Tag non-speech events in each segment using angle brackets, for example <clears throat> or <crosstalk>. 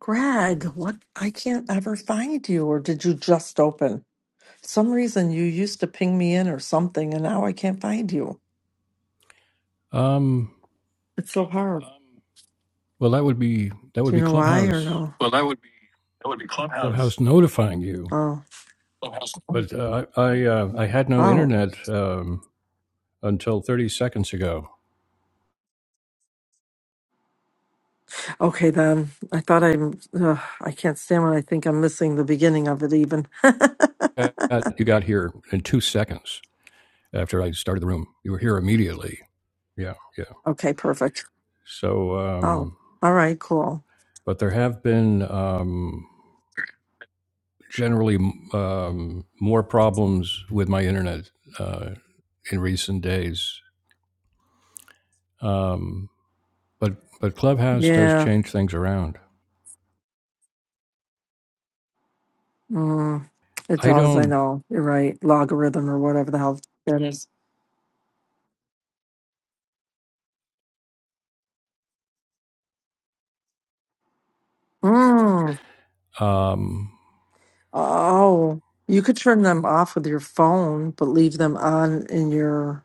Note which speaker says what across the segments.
Speaker 1: Greg, what? I can't ever find you. Or did you just open? Some reason you used to ping me in or something, and now I can't find you.
Speaker 2: Um,
Speaker 1: It's so hard.
Speaker 2: well, that would be that would
Speaker 1: Do
Speaker 2: be
Speaker 1: you know why or
Speaker 2: Clubhouse.
Speaker 1: no?
Speaker 2: Clubhouse notifying you.
Speaker 1: Oh,
Speaker 2: But uh, I I, uh, I had no
Speaker 1: oh.
Speaker 2: internet um, until 30 seconds ago.
Speaker 1: Okay, then. I thought I'm. Ugh, I can't stand when I think I'm missing the beginning of it. Even. <laughs>
Speaker 2: Uh, You got here in two seconds after I started the room. You were here immediately. Yeah, yeah.
Speaker 1: okay, perfect.
Speaker 2: So,
Speaker 1: Oh,
Speaker 2: um,
Speaker 1: all right, cool.
Speaker 2: but there have been um, generally um, more problems with my internet uh, in recent days. Um, but but Clubhouse does
Speaker 1: Yeah.
Speaker 2: change things around.
Speaker 1: Mm, it
Speaker 2: I
Speaker 1: does. I
Speaker 2: don't.
Speaker 1: know. You're right. Logarithm or whatever the hell that is. Mm.
Speaker 2: Um,
Speaker 1: Oh, you could turn them off with your phone, but leave them on in your.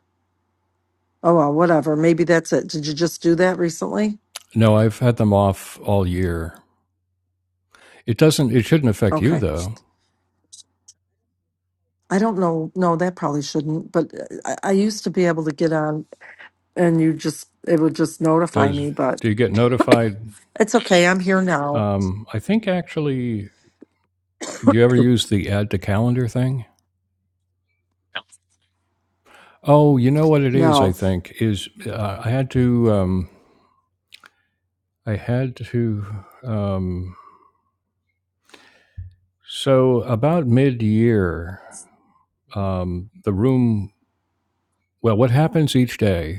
Speaker 1: Oh, well, whatever. Maybe that's it. Did you just do that recently?
Speaker 2: no, I've had them off all year. It doesn't. It shouldn't affect you
Speaker 1: Okay.
Speaker 2: though.
Speaker 1: I don't know. No, that probably shouldn't. But uh, I, I used to be able to get on and you just, it would just notify
Speaker 2: Does
Speaker 1: me, but
Speaker 2: do you get notified?
Speaker 1: it's okay. I'm here now.
Speaker 2: Um, I think actually. Do you ever use the add to calendar thing? Oh, you know what it is. I
Speaker 1: No.
Speaker 2: think is uh, I had to. Um, I had to. Um, so about mid year, um, the room. Well, what happens each day?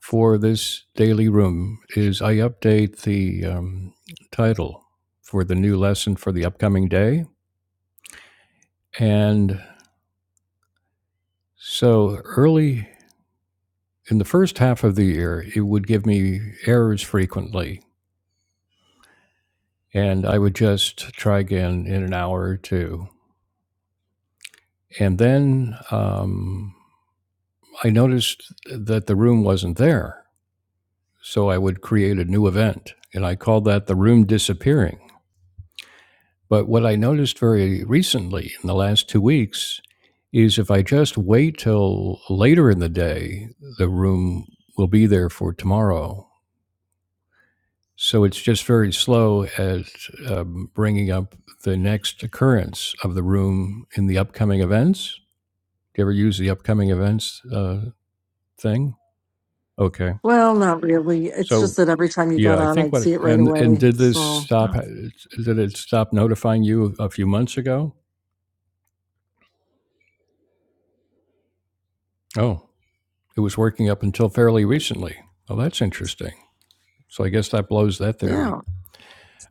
Speaker 2: for this daily room is I update the um, title for the new lesson for the upcoming day. And so early in the first half of the year, it would give me errors frequently. And I would just try again in an hour or two. And then um, I noticed that the room wasn't there. So I would create a new event. And I called that the room disappearing. But what I noticed very recently in the last two weeks is if I just wait till later in the day, the room will be there for tomorrow. So it's just very slow at um, bringing up the next occurrence of the room in the upcoming events. Do you ever use the upcoming events uh, thing? Okay.
Speaker 1: Well, not really. It's just
Speaker 2: So
Speaker 1: that every time you got
Speaker 2: yeah, I
Speaker 1: on,
Speaker 2: think
Speaker 1: I'd
Speaker 2: what
Speaker 1: see
Speaker 2: it,
Speaker 1: it right
Speaker 2: and and
Speaker 1: away.
Speaker 2: did this
Speaker 1: So,
Speaker 2: stop? Did it stop notifying you a few months ago? Oh, It was working up until fairly recently. Well, that's interesting. So I guess that blows that theory.
Speaker 1: yeah.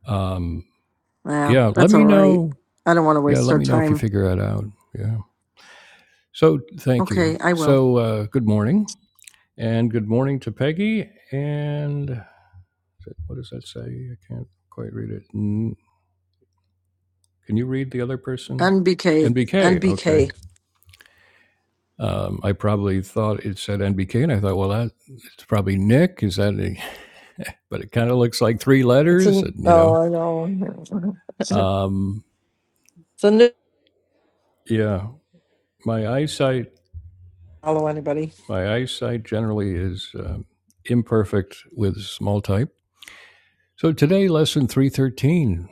Speaker 2: Um,
Speaker 1: Yeah,
Speaker 2: yeah, let
Speaker 1: that's all
Speaker 2: me
Speaker 1: right.
Speaker 2: know.
Speaker 1: I don't want to
Speaker 2: Yeah,
Speaker 1: waste
Speaker 2: let
Speaker 1: our
Speaker 2: me know if you
Speaker 1: time.
Speaker 2: figure that out. Yeah. So thank you.
Speaker 1: Okay, I will.
Speaker 2: So uh, good morning, and good morning to Peggy. And what does that say? I can't quite read it. Can you read the other person?
Speaker 1: NBK.
Speaker 2: NBK. Okay.
Speaker 1: NBK.
Speaker 2: Um, I probably thought it said NBK, and I thought, well, that it's probably Nick. Is that? A, but it kind of looks like three
Speaker 1: It's
Speaker 2: letters,
Speaker 1: a
Speaker 2: and you know.
Speaker 1: oh I know. <laughs> It's
Speaker 2: Um,
Speaker 1: a new
Speaker 2: Yeah, my eyesight
Speaker 1: follow anybody.
Speaker 2: my eyesight generally is um imperfect with small type. So today, lesson three thirteen.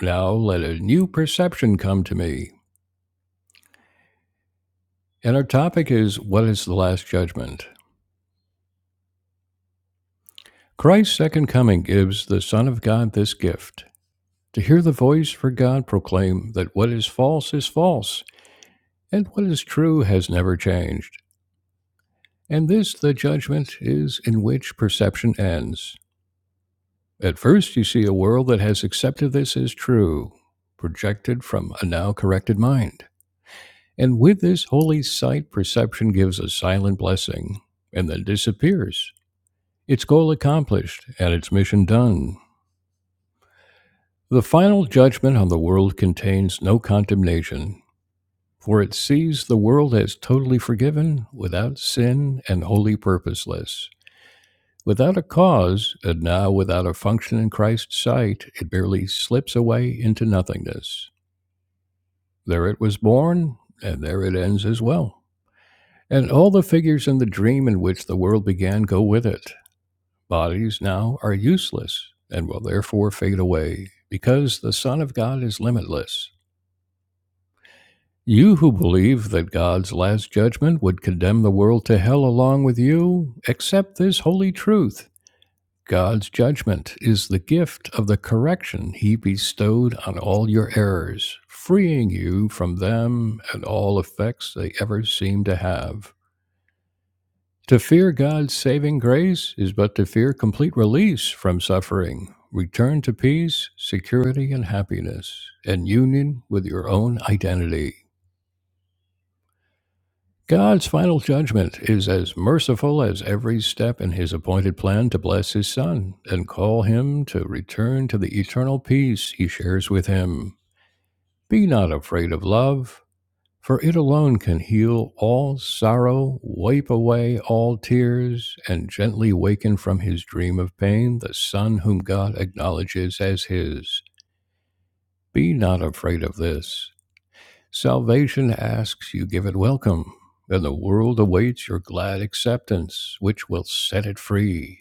Speaker 2: Now let a new perception come to me, and our topic is what is the last judgment. Christ's second coming gives the Son of God this gift to hear the voice for God proclaim that what is false is false, and what is true has never changed. And this, the judgment, is in which perception ends. At first, you see a world that has accepted this as true, projected from a now corrected mind. And with this holy sight, perception gives a silent blessing and then disappears, its goal accomplished and its mission done. The final judgment on the world contains no condemnation, for it sees the world as totally forgiven, without sin, and wholly purposeless. Without a cause, and now without a function in Christ's sight, it merely slips away into nothingness. There it was born, and there it ends as well. And all the figures in the dream in which the world began go with it. Bodies now are useless, and will therefore fade away, because the Son of God is limitless. You who believe that God's last judgment would condemn the world to hell along with you, accept this holy truth God's judgment is the gift of the correction he bestowed on all your errors, freeing you from them and all effects they ever seem to have. To fear God's saving grace is but to fear complete release from suffering, return to peace, security, and happiness, and union with your own identity. God's final judgment is as merciful as every step in his appointed plan to bless his son and call him to return to the eternal peace he shares with him. Be not afraid of love, for it alone can heal all sorrow, wipe away all tears, and gently waken from his dream of pain the son whom God acknowledges as his. Be not afraid of this. Salvation asks, you give it welcome, and the world awaits your glad acceptance, which will set it free.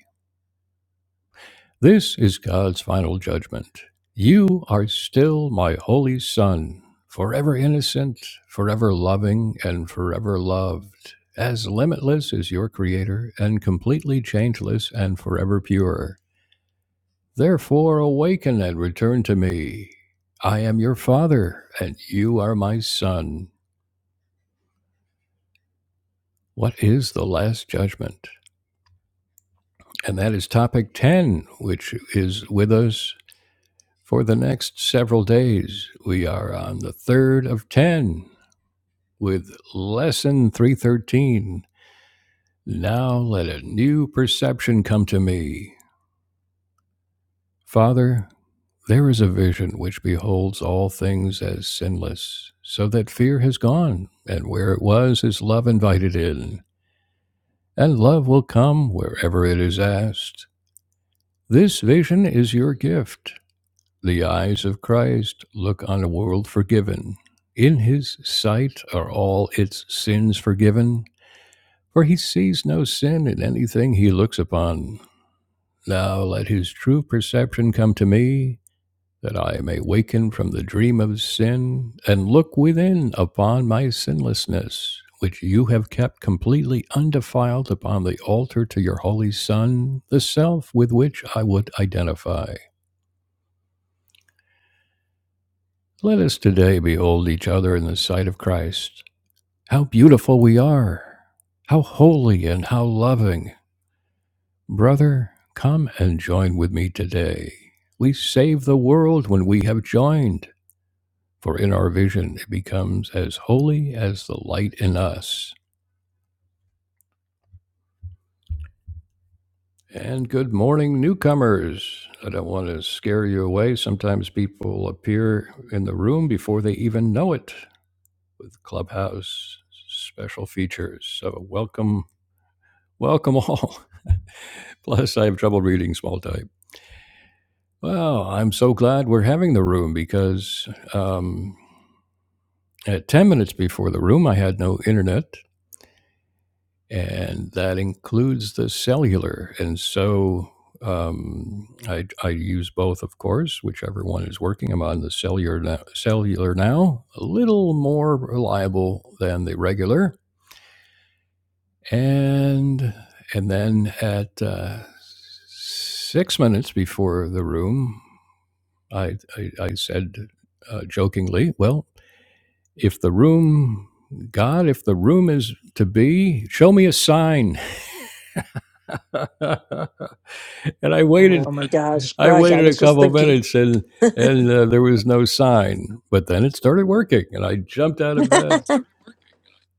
Speaker 2: This is God's final judgment. You are still my holy son, forever innocent, forever loving, and forever loved. As limitless as your Creator, and completely changeless and forever pure. Therefore, awaken and return to me. I am your Father, and you are my Son. What is the last judgment? And that is topic 10, which is with us for the next several days. We are on the third of 10 with lesson 313. Now let a new perception come to me. Father, there is a vision which beholds all things as sinless, so that fear has gone, and where it was is love invited in, and love will come wherever it is asked. This vision is your gift The eyes of Christ look on a world forgiven. In his sight are all its sins forgiven, for he sees no sin in anything he looks upon. Now let his true perception come to me, that I may waken from the dream of sin and look within upon my sinlessness, which you have kept completely undefiled upon the altar to your holy Son, the self with which I would identify. Let us today behold each other in the sight of Christ. How beautiful we are! How holy and how loving! Brother, come and join with me today. We save the world when we have joined, for in our vision it becomes as holy as the light in us. And good morning, newcomers. I don't want to scare you away. Sometimes people appear in the room before they even know it with Clubhouse special features. So, welcome Welcome all. <laughs> Plus, I have trouble reading small type. Well, I'm so glad we're having the room because um, at 10 minutes before the room, I had no internet, and that includes the cellular. And so um, I, I use both, of course, whichever one is working. I'm on the cellular now, cellular now, a little more reliable than the regular. And and then at uh, six minutes before the room, I, I, I said uh, jokingly, Well, if the room, God, if the room is to be, show me a sign. <laughs> and I
Speaker 1: Oh
Speaker 2: waited,
Speaker 1: my gosh,
Speaker 2: I
Speaker 1: Greg, I
Speaker 2: waited a
Speaker 1: was just
Speaker 2: couple of
Speaker 1: thinking.
Speaker 2: minutes and, and uh, there was no sign. But then it started working and I jumped out of bed
Speaker 1: <laughs>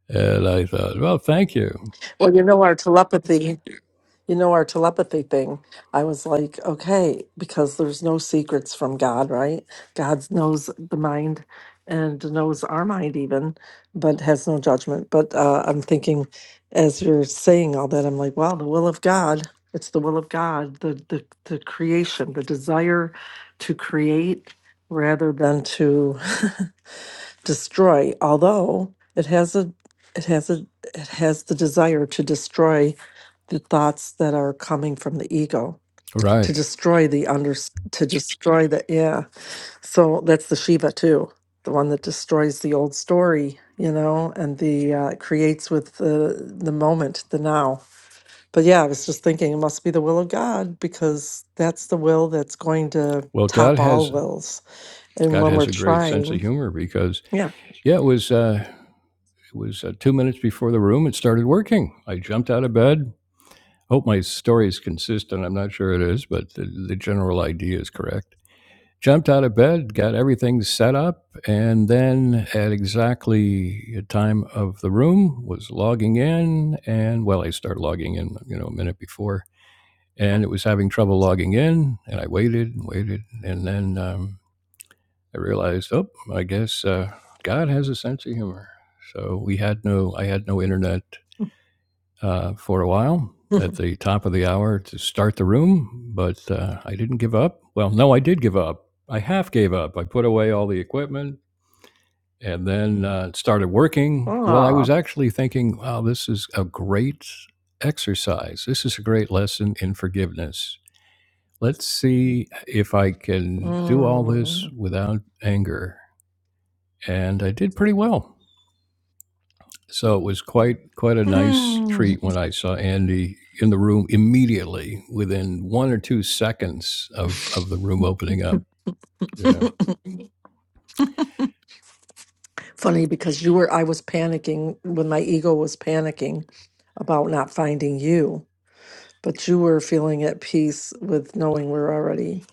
Speaker 2: and I thought, Well, thank you.
Speaker 1: well, you know our telepathy. you know, our telepathy thing, I was like, okay, because there's no secrets from God, right? God knows the mind and knows our mind even, but has no judgment. But uh, I'm thinking, as you're saying all that, I'm like, wow, the will of God. It's the will of God, the the, the creation, the desire to create rather than to <laughs> destroy, although it has a it has a it has the desire to destroy the thoughts that are coming from the ego, to
Speaker 2: Right.
Speaker 1: destroy the under to destroy the yeah. So that's the Shiva too, the one that destroys the old story, you know, and the uh, creates with the the moment, the now. But yeah, I was just thinking it must be the will of God because that's the will that's going to
Speaker 2: Well, God
Speaker 1: top all
Speaker 2: has,
Speaker 1: wills. And
Speaker 2: God
Speaker 1: when we're
Speaker 2: has a great sense of
Speaker 1: trying,
Speaker 2: humor because,
Speaker 1: yeah.
Speaker 2: yeah, it was, uh, it was uh, two minutes before the room. It started working. I jumped out of bed Hope my story is consistent. I'm not sure it is, but the, the general idea is correct. Jumped out of bed, got everything set up, and then at exactly the time of the room was logging in. And well, I started logging in, you know, a minute before, and it was having trouble logging in. And I waited and waited, and then um, I realized, oh, I guess uh, God has a sense of humor. So we had no, I had no internet uh, for a while at
Speaker 1: <laughs>
Speaker 2: the top of the hour to start the room, but uh, I didn't give up. Well, no, I did give up. I half gave up. I put away all the equipment and then uh, started working. Well, I
Speaker 1: ah.
Speaker 2: was actually thinking, wow, this is a great exercise. This is a great lesson in forgiveness. Let's see if I can do all this
Speaker 1: Mm.
Speaker 2: without anger. And I did pretty well. So it was quite quite a nice treat
Speaker 1: Mm.
Speaker 2: when I saw Andy in the room immediately within one or two seconds of of the room opening up. Yeah.
Speaker 1: <laughs> Funny because you were, I was panicking when my ego was panicking about not finding you, but you were feeling at peace with knowing we're already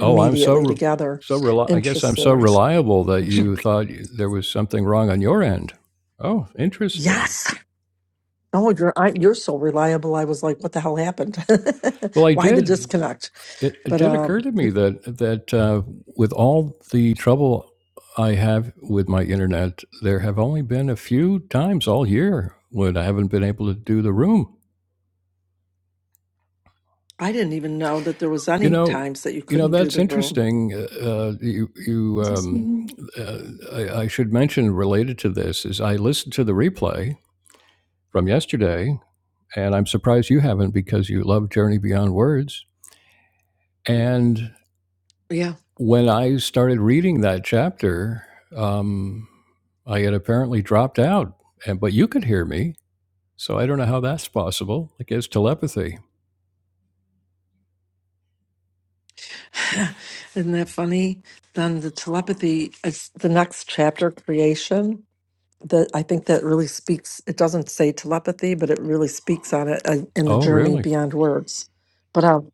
Speaker 2: Oh, I'm so re-
Speaker 1: together.
Speaker 2: so reli- I guess I'm
Speaker 1: Interesting.
Speaker 2: so
Speaker 1: Right.
Speaker 2: reliable that you thought you- there was something wrong on your end. Oh, interesting.
Speaker 1: Yes. Oh, you're I, you're so reliable. I was like, what the hell happened?
Speaker 2: Well,
Speaker 1: <laughs>
Speaker 2: I
Speaker 1: Why the
Speaker 2: did.
Speaker 1: disconnect?
Speaker 2: It, it
Speaker 1: But
Speaker 2: did
Speaker 1: um,
Speaker 2: occur to me that that uh, with all the trouble I have with my internet, there have only been a few times all year when I haven't been able to do the room.
Speaker 1: I didn't even know that there was
Speaker 2: You
Speaker 1: any
Speaker 2: know,
Speaker 1: times that you
Speaker 2: you know
Speaker 1: couldn't do
Speaker 2: that's
Speaker 1: the room.
Speaker 2: interesting. Uh, uh, you, you, um,
Speaker 1: Mhm.
Speaker 2: uh, I, I should mention related to this is I listened to the replay from yesterday, and I'm surprised you haven't because you love Journey Beyond Words. And
Speaker 1: Yeah.
Speaker 2: when I started reading that chapter, um, I had apparently dropped out, and but you could hear me, so I don't know how that's possible. I guess telepathy.
Speaker 1: <laughs> Isn't that funny? Then the telepathy is the next chapter, creation. That I think that really speaks. It doesn't say telepathy, but it really speaks on it uh, in the
Speaker 2: Oh,
Speaker 1: journey
Speaker 2: really?
Speaker 1: beyond words. But um,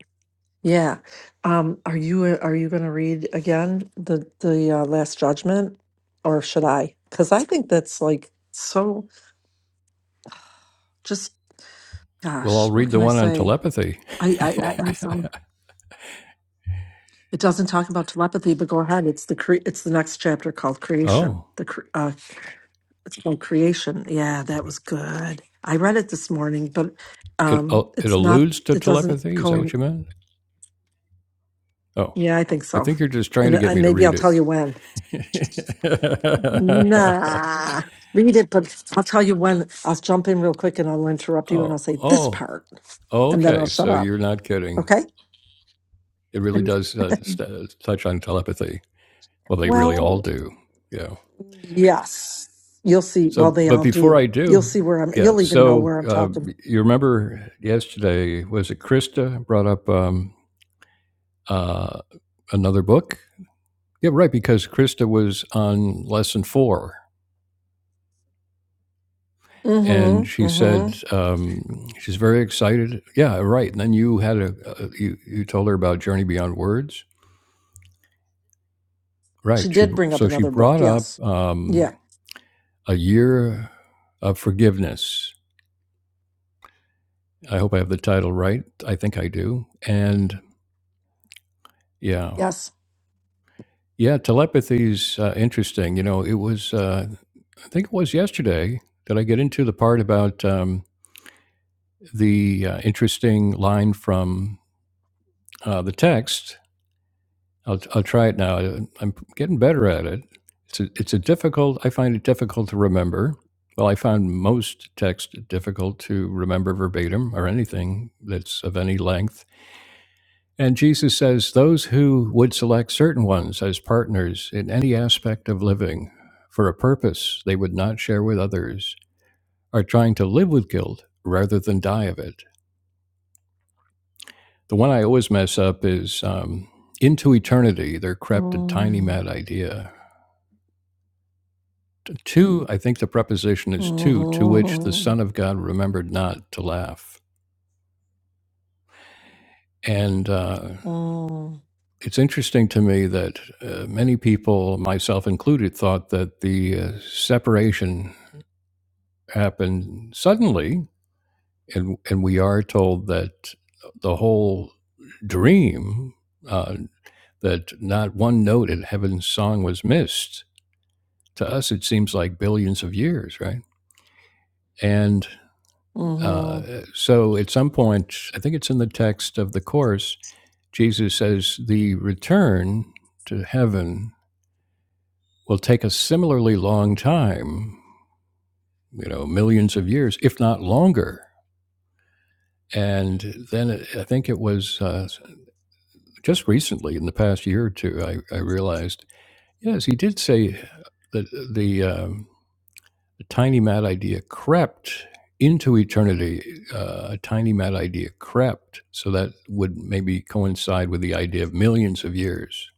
Speaker 1: yeah, um, are you uh, are you going to read again the the uh, Last Judgment, or should I? Because I think that's like so. Just
Speaker 2: Well,
Speaker 1: gosh,
Speaker 2: I'll read
Speaker 1: what
Speaker 2: the
Speaker 1: can I
Speaker 2: one on
Speaker 1: say?
Speaker 2: telepathy. <laughs>
Speaker 1: I I, I Sure. It doesn't talk about telepathy, but go ahead. It's the cre- it's the next chapter called creation.
Speaker 2: Oh.
Speaker 1: The cre- uh, it's called creation. Yeah, that was good. I read it this morning, but
Speaker 2: It
Speaker 1: um,
Speaker 2: al- it
Speaker 1: it's not.
Speaker 2: alludes to
Speaker 1: It doesn't
Speaker 2: telepathy. Is that
Speaker 1: co.
Speaker 2: what you meant? Oh,
Speaker 1: Yeah, I think
Speaker 2: I
Speaker 1: so.
Speaker 2: think you're just trying to
Speaker 1: And
Speaker 2: get
Speaker 1: I,
Speaker 2: me to
Speaker 1: maybe I'll
Speaker 2: read
Speaker 1: tell you when.
Speaker 2: it.
Speaker 1: Nah, read it, but I'll tell you when. I'll jump in real quick and I'll
Speaker 2: <laughs>
Speaker 1: interrupt you and
Speaker 2: oh,
Speaker 1: I'll say this
Speaker 2: oh,
Speaker 1: part, and then I'll
Speaker 2: okay.
Speaker 1: shut
Speaker 2: So
Speaker 1: up.
Speaker 2: you're not kidding.
Speaker 1: Okay.
Speaker 2: It really does uh, st- uh, touch on telepathy. Well, they really all
Speaker 1: Well,
Speaker 2: do. Yeah.
Speaker 1: yes, you'll see. Well,
Speaker 2: So,
Speaker 1: they
Speaker 2: but
Speaker 1: all
Speaker 2: before
Speaker 1: do.
Speaker 2: I
Speaker 1: You'll see
Speaker 2: do,
Speaker 1: where I'm.
Speaker 2: yeah.
Speaker 1: You'll even know
Speaker 2: So
Speaker 1: where I'm
Speaker 2: uh,
Speaker 1: talking
Speaker 2: you remember yesterday was it Krista brought up um, uh, another book? Yeah, right. Because Krista was on lesson four And
Speaker 1: Mm-hmm.
Speaker 2: she
Speaker 1: Mm-hmm.
Speaker 2: said um, she's very excited. Yeah, right. And then you had a uh, you you told her about Journey Beyond Words, right?
Speaker 1: She
Speaker 2: She
Speaker 1: did
Speaker 2: br-
Speaker 1: bring up
Speaker 2: so she
Speaker 1: another book.
Speaker 2: brought up
Speaker 1: Yes.
Speaker 2: um,
Speaker 1: Yeah.
Speaker 2: a year of forgiveness. I hope I have the title right. I think I do. And yeah,
Speaker 1: Yes.
Speaker 2: yeah, telepathy's uh, interesting. You know, it was uh, I think it was yesterday that I get into the part about um, the uh, interesting line from uh, the text I'll I'll try it now. I- am getting better at it. It's a, it's a difficult. I find it difficult to remember. Well, I found most text difficult to remember verbatim or anything that's of any length. And Jesus says those who would select certain ones as partners in any aspect of living for a purpose they would not share with others are trying to live with guilt rather than die of it. The one I always mess up is um, into eternity. There crept a tiny
Speaker 1: Mm-hmm.
Speaker 2: mad idea to i think the preposition is to to which the
Speaker 1: Mm-hmm.
Speaker 2: son of god remembered not to laugh and uh, it's interesting to me that uh, many people myself included thought that the uh, separation happened suddenly and and we are told that the whole dream uh, that not one note in heaven's song was missed to us it seems like billions of years right and
Speaker 1: Mm-hmm.
Speaker 2: Uh, so at some point, I think it's in the text of the Course, Jesus says, The return to heaven will take a similarly long time, you know, millions of years, if not longer. And then it, I think it was uh, just recently, in the past year or two, I, I realized, yes, he did say that the um, the tiny mad idea crept into eternity. Uh, a tiny mad idea crept. So that would maybe coincide with the idea of millions of years,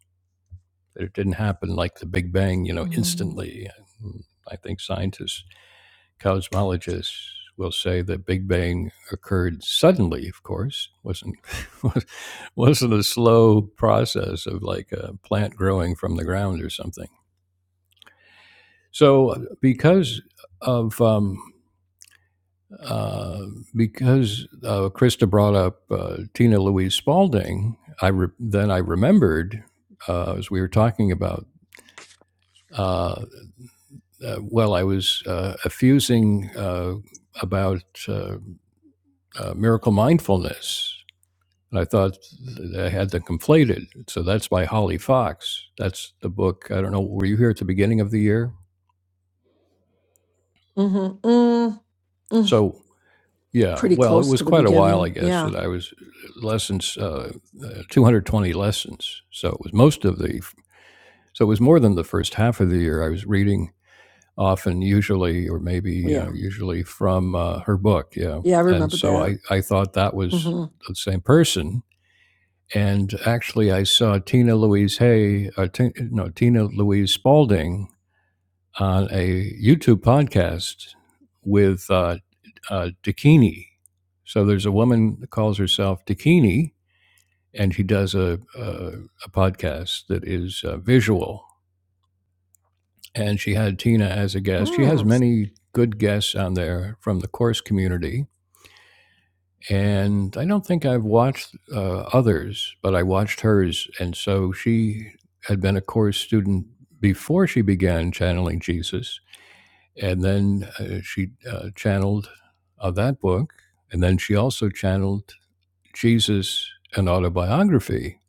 Speaker 2: that it didn't happen like the Big Bang, you know, instantly. I think scientists, cosmologists, will say that Big Bang occurred suddenly. Of course, wasn't <laughs> wasn't a slow process of like a plant growing from the ground or something. So, because of um, uh, because uh, Krista brought up uh, Tina Louise Spalding, I re- then I remembered uh, as we were talking about. Uh, uh, well, I was uh, effusing uh, about uh, uh, miracle mindfulness. And I thought I had them conflated. So that's by Holly Fox. That's the book. I don't know. Were you here at the beginning of the year?
Speaker 1: Mm-hmm. Mm-hmm.
Speaker 2: So Yeah,
Speaker 1: Pretty
Speaker 2: well, it
Speaker 1: close to
Speaker 2: was
Speaker 1: the
Speaker 2: quite a while, I
Speaker 1: beginning.
Speaker 2: guess,
Speaker 1: Yeah.
Speaker 2: that I was uh, lessons, uh, uh, 220 lessons. So it was most of the, so it was more than the first half of the year. I was reading often, usually, or maybe
Speaker 1: Yeah.
Speaker 2: uh, usually from uh, her book. Yeah.
Speaker 1: Yeah, I
Speaker 2: And
Speaker 1: remember
Speaker 2: so
Speaker 1: that.
Speaker 2: I, I thought that was
Speaker 1: Mm-hmm.
Speaker 2: the same person. And actually, I saw Tina Louise Hay, uh, Ti- no, Tina Louise Spalding on a YouTube podcast with uh, uh, Dakini. So there's a woman that calls herself Dakini, and she does a, a, a podcast that is uh, visual. And she had Tina as a guest. She has
Speaker 1: Hmm.
Speaker 2: many good guests on there from the course community. And I don't think I've watched uh, others, but I watched hers. And so she had been a course student before she began channeling Jesus and then uh, she uh, channeled uh, that book, and then she also channeled Jesus an autobiography.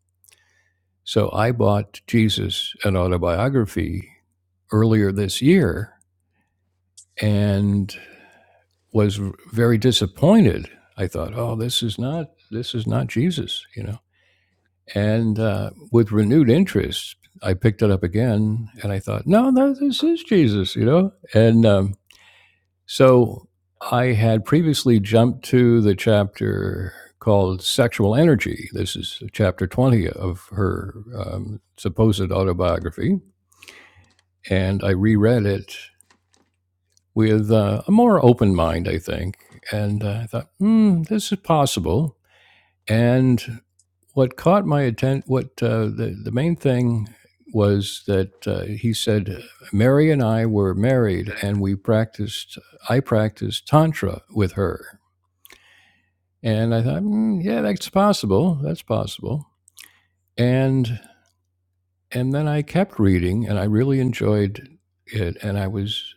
Speaker 2: So I bought Jesus an autobiography earlier this year and was very disappointed. I thought, oh, this is not this is not Jesus, you know. And uh, with renewed interest, I picked it up again, and I thought, no, no, this is Jesus, you know. And um, So I had previously jumped to the chapter called Sexual Energy. This is chapter 20 of her um, supposed autobiography. And I reread it with uh, a more open mind, I think. And uh, I thought, hmm, this is possible. And what caught my attention, what uh, the, the main thing was that uh, he said, Mary and I were married and we practiced, I practiced Tantra with her. And I thought, "Hmm, yeah, that's possible. That's possible. And and then I kept reading, and I really enjoyed it, and I was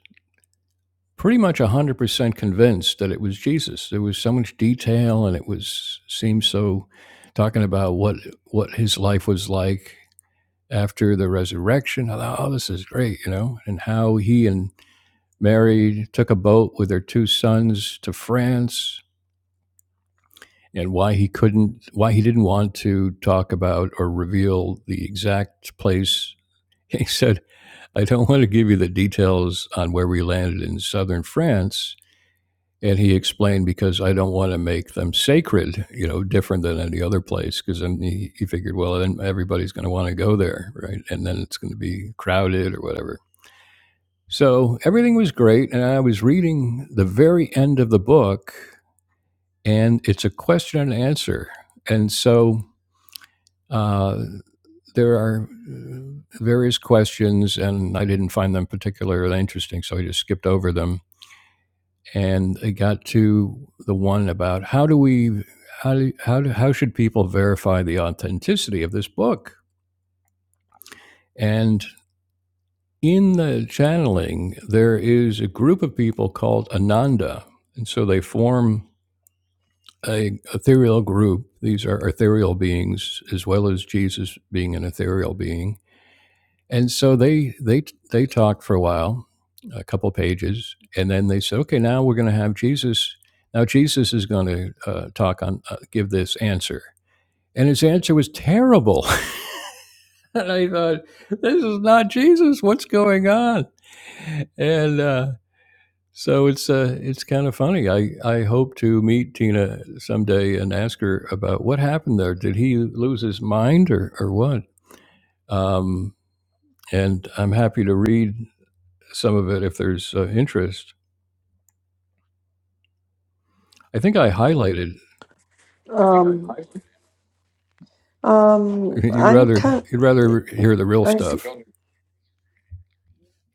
Speaker 2: pretty much one hundred percent convinced that it was Jesus. There was so much detail, and it was seemed so talking about what what his life was like after the resurrection. I thought, oh, this is great, you know, and how he and Mary took a boat with their two sons to France and why he couldn't, why he didn't want to talk about or reveal the exact place. <laughs> He said, I don't want to give you the details on where we landed in southern France. And he explained because I don't want to make them sacred, you know, different than any other place. Because then he, he figured, well, then everybody's going to want to go there, right? And then it's going to be crowded or whatever. So everything was great. And I was reading the very end of the book, and it's a question and answer. And so Uh, there are various questions, and I didn't find them particularly interesting, so I just skipped over them. And I got to the one about how do we, how do, how, do, how should people verify the authenticity of this book? And in the channeling, there is a group of people called Ananda, and so they form a ethereal group. These are ethereal beings, as well as Jesus being an ethereal being And so they they they talked for a while, a couple pages, and then they said, "Okay, now we're going to have Jesus. Now Jesus is going to uh, talk on uh, give this answer." And his answer was terrible. <laughs> and I thought, "This is not Jesus. What's going on?" And uh, so it's uh, it's kind of funny. I I hope to meet Tina someday and ask her about what happened there. Did he lose his mind or or what? Um, and I'm happy to read. some of it if there's uh, interest. I think I highlighted.
Speaker 1: Um, um,
Speaker 2: You'd
Speaker 1: I'm
Speaker 2: rather
Speaker 1: kind
Speaker 2: you'd rather hear the real
Speaker 1: I, s-
Speaker 2: stuff.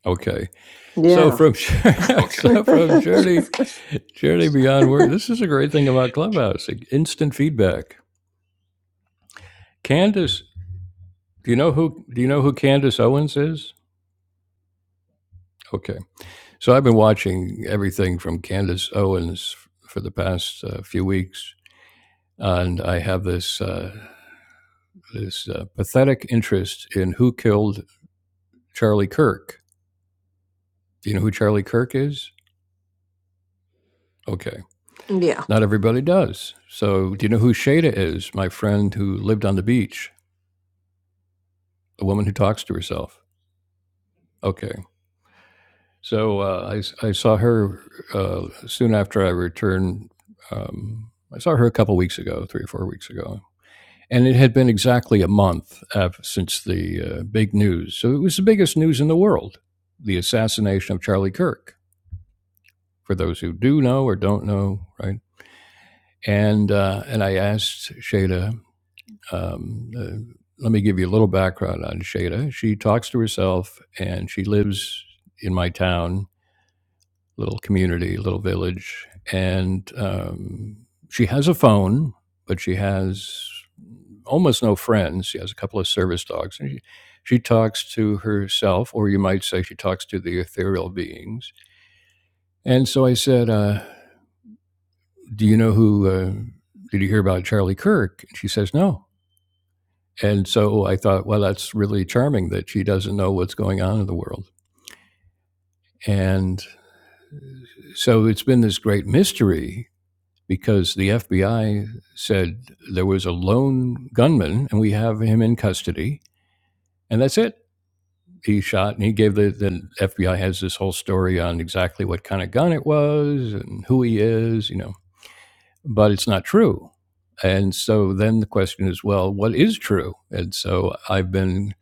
Speaker 2: Okay, so
Speaker 1: yeah.
Speaker 2: from <laughs> so from journey journey beyond worry. This is a great thing about Clubhouse: like instant feedback. Candace, do you know who do you know who Candace Owens is? Okay, so I've been watching everything from Candace Owens for the past uh, few weeks, and I have this uh, this uh, pathetic interest in who killed Charlie Kirk Do you know who Charlie Kirk is? Okay.
Speaker 1: <laughs> yeah.
Speaker 2: Not everybody does. So, do you know who Shada is? My friend who lived on the beach, a woman who talks to herself. Okay. So, uh, I, I saw her uh, soon after I returned. Um, I saw her a couple weeks ago, three or four weeks ago. And it had been exactly a month since the uh, big news. So, it was the biggest news in the world the assassination of Charlie Kirk, for those who do know or don't know, right? And, uh, and I asked Shada, Um, uh, let me give you a little background on Shada. She talks to herself and she lives in my town, little community, little village. And um, she has a phone, but she has almost no friends. She has a couple of service dogs. And she, she talks to herself, or you might say she talks to the ethereal beings. And so I said, uh, Do you know who? Uh, did you hear about Charlie Kirk? And she says, No. And so I thought, well, that's really charming that she doesn't know what's going on in the world. And so it's been this great mystery because the FBI said there was a lone gunman and we have him in custody. And that's it. He shot and he gave the, the FBI has this whole story on exactly what kind of gun it was and who he is, you know, but it's not true. And so then the question is, well, what is true? And so I've been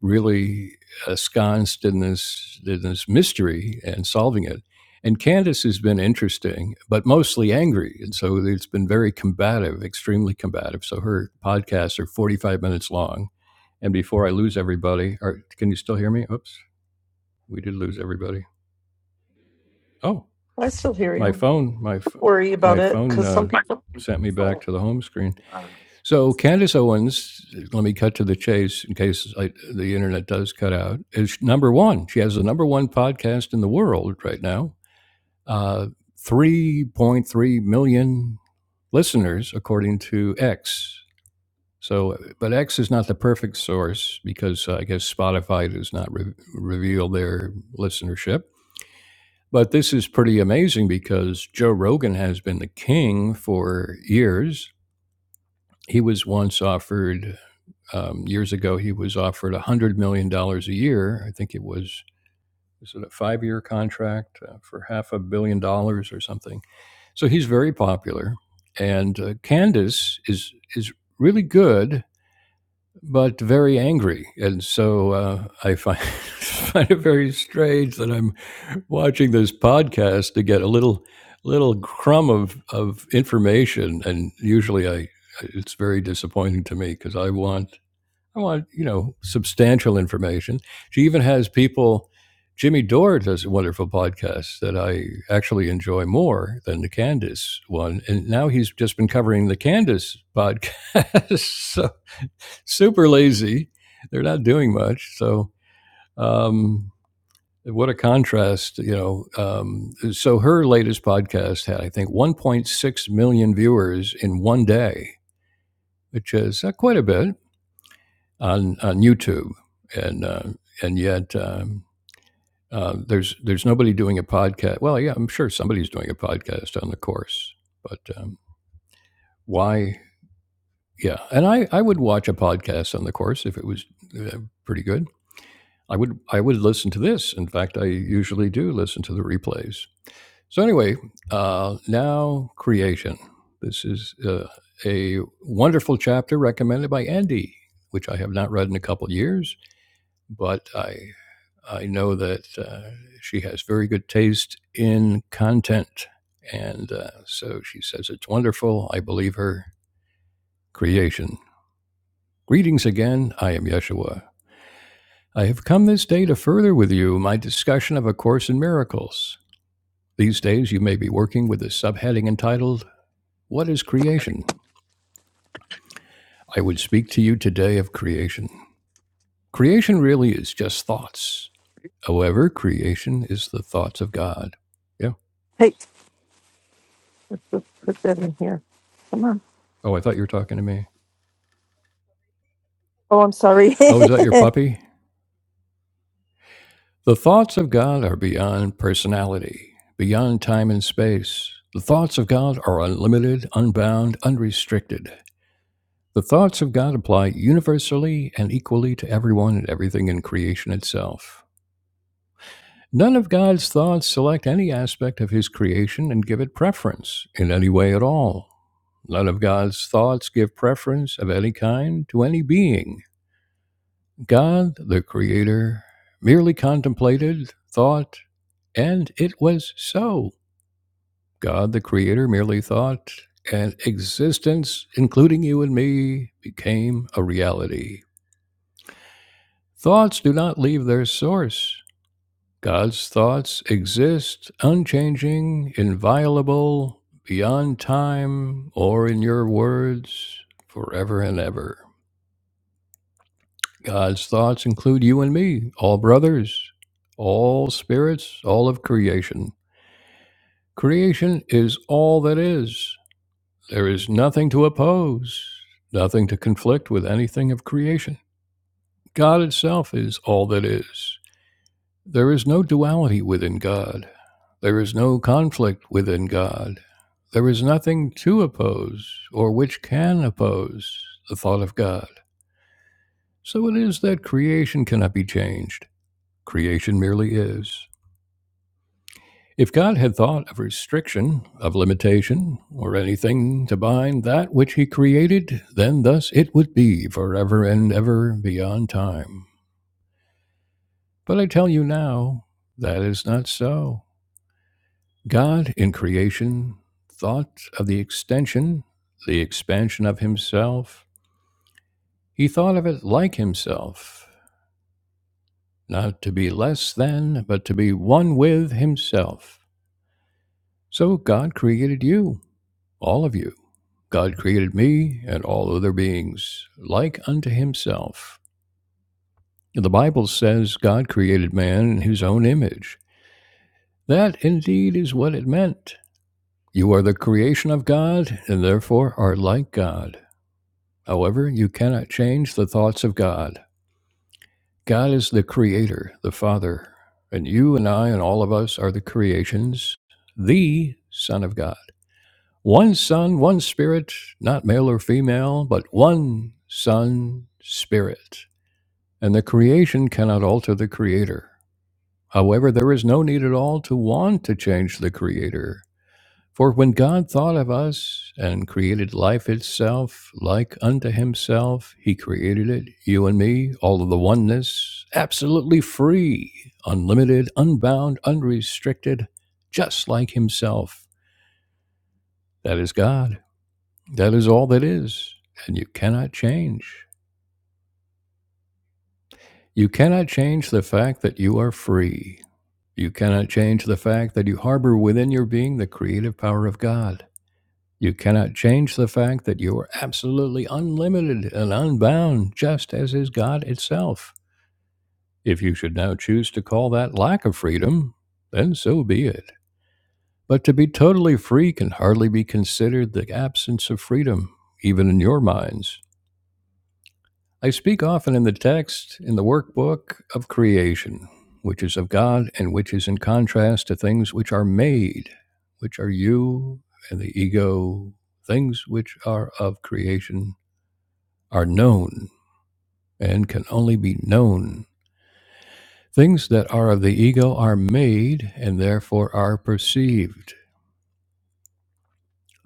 Speaker 2: really ensconced in this in this mystery and solving it. And Candace has been interesting, but mostly angry, and so it's been very combative, extremely combative. So her podcasts are forty-five minutes long. And before I lose everybody, or can you still hear me? Oops, we did lose everybody. Oh,
Speaker 1: I still hear you.
Speaker 2: my
Speaker 1: Don't
Speaker 2: phone, my
Speaker 1: worry about
Speaker 2: my
Speaker 1: it
Speaker 2: phone
Speaker 1: because some
Speaker 2: uh,
Speaker 1: people.
Speaker 2: sent me back to the home screen. So Candace Owens, let me cut to the chase in case I, the internet does cut out, is number one. She has the number one podcast in the world right now. Uh, 3.3 million listeners, according to X. So, but X is not the perfect source because uh, I guess Spotify does not re- reveal their listenership. But this is pretty amazing because Joe Rogan has been the king for years. He was once offered um, years ago, he was offered $100 million dollars a year. I think it was, was it a five year contract uh, for half a billion dollars or something. So he's very popular. And uh, Candace is, is really good, but very angry. And so uh, I find, <laughs> find it very strange that I'm watching this podcast to get a little little crumb of, of information. And usually I, it's very disappointing to me because I want I want, you know, substantial information. She even has people. Jimmy Dore does a wonderful podcast that I actually enjoy more than the Candace one. And now he's just been covering the Candace podcast. <laughs> so super lazy. They're not doing much. So, um, what a contrast, you know. Um, so her latest podcast had, I think, 1.6 million viewers in one day, which is uh, quite a bit. on, on YouTube, and uh, and yet um, uh, there's there's nobody doing a podcast. Well, yeah, I'm sure somebody's doing a podcast on the course, but um, why? Yeah, and I, I would watch a podcast on the course if it was uh, pretty good. I would I would listen to this. In fact, I usually do listen to the replays. So anyway, uh, now creation. This is uh, a wonderful chapter recommended by Andy, which I have not read in a couple of years, but I I know that uh, she has very good taste in content. And uh, so she says it's wonderful. I believe her creation. Greetings again. I am Yeshua. I have come this day to further with you my discussion of A Course in Miracles. These days you may be working with a subheading entitled, What is Creation? I would speak to you today of creation. Creation really is just thoughts. However, creation is the thoughts of God. Yeah.
Speaker 1: Hey. Put put that in here. Come on.
Speaker 2: Oh, I thought you were talking to me.
Speaker 1: Oh, I'm sorry. <laughs>
Speaker 2: Oh, is that your puppy? The thoughts of God are beyond personality, beyond time and space. The thoughts of God are unlimited, unbound, unrestricted. The thoughts of God apply universally and equally to everyone and everything in creation itself. None of God's thoughts select any aspect of His creation and give it preference in any way at all. None of God's thoughts give preference of any kind to any being. God, the Creator, merely contemplated, thought, And it was so. God the Creator merely thought, and existence, including you and me, became a reality. Thoughts do not leave their source. God's thoughts exist, unchanging, inviolable, beyond time, or in your words, forever and ever. God's thoughts include you and me, all brothers, all spirits, all of creation. Creation is all that is. There is nothing to oppose, nothing to conflict with anything of creation. God itself is all that is. There is no duality within God. There is no conflict within God. There is nothing to oppose or which can oppose the thought of God. So it is that creation cannot be changed. Creation merely is. If God had thought of restriction, of limitation, or anything to bind that which he created, then thus it would be forever and ever beyond time. But I tell you now, that is not so. God in creation thought of the extension, the expansion of himself. He thought of it like himself, not to be less than, but to be one with himself. So God created you, all of you God created me and all other beings like unto himself. The Bible says God created man in his own image. That indeed is what it meant. You are the creation of God and therefore are like God. However, you cannot change the thoughts of God. God is the creator, the Father, and you and I and all of us are the creations, the Son of God. One Son, one Spirit, not male or female, but one Son, Spirit. and the creation cannot alter the creator. However, there is no need at all to want to change the creator. For when God thought of us and created life itself, like unto himself, he created it, you and me, all of the oneness, absolutely free, unlimited, unbound, unrestricted, just like himself. That is God. That is all that is. And you cannot change. You cannot change the fact that you are free. You cannot change the fact that you harbor within your being the creative power of God. You cannot change the fact that you are absolutely unlimited and unbound, just as is God itself. If you should now choose to call that lack of freedom, then so be it. But to be totally free can hardly be considered the absence of freedom, even in your minds. I speak often in the text, in the workbook of creation, which is of God and which is in contrast to things which are made, which are you and the ego. Things which are of creation are known and can only be known. Things that are of the ego are made and therefore are perceived.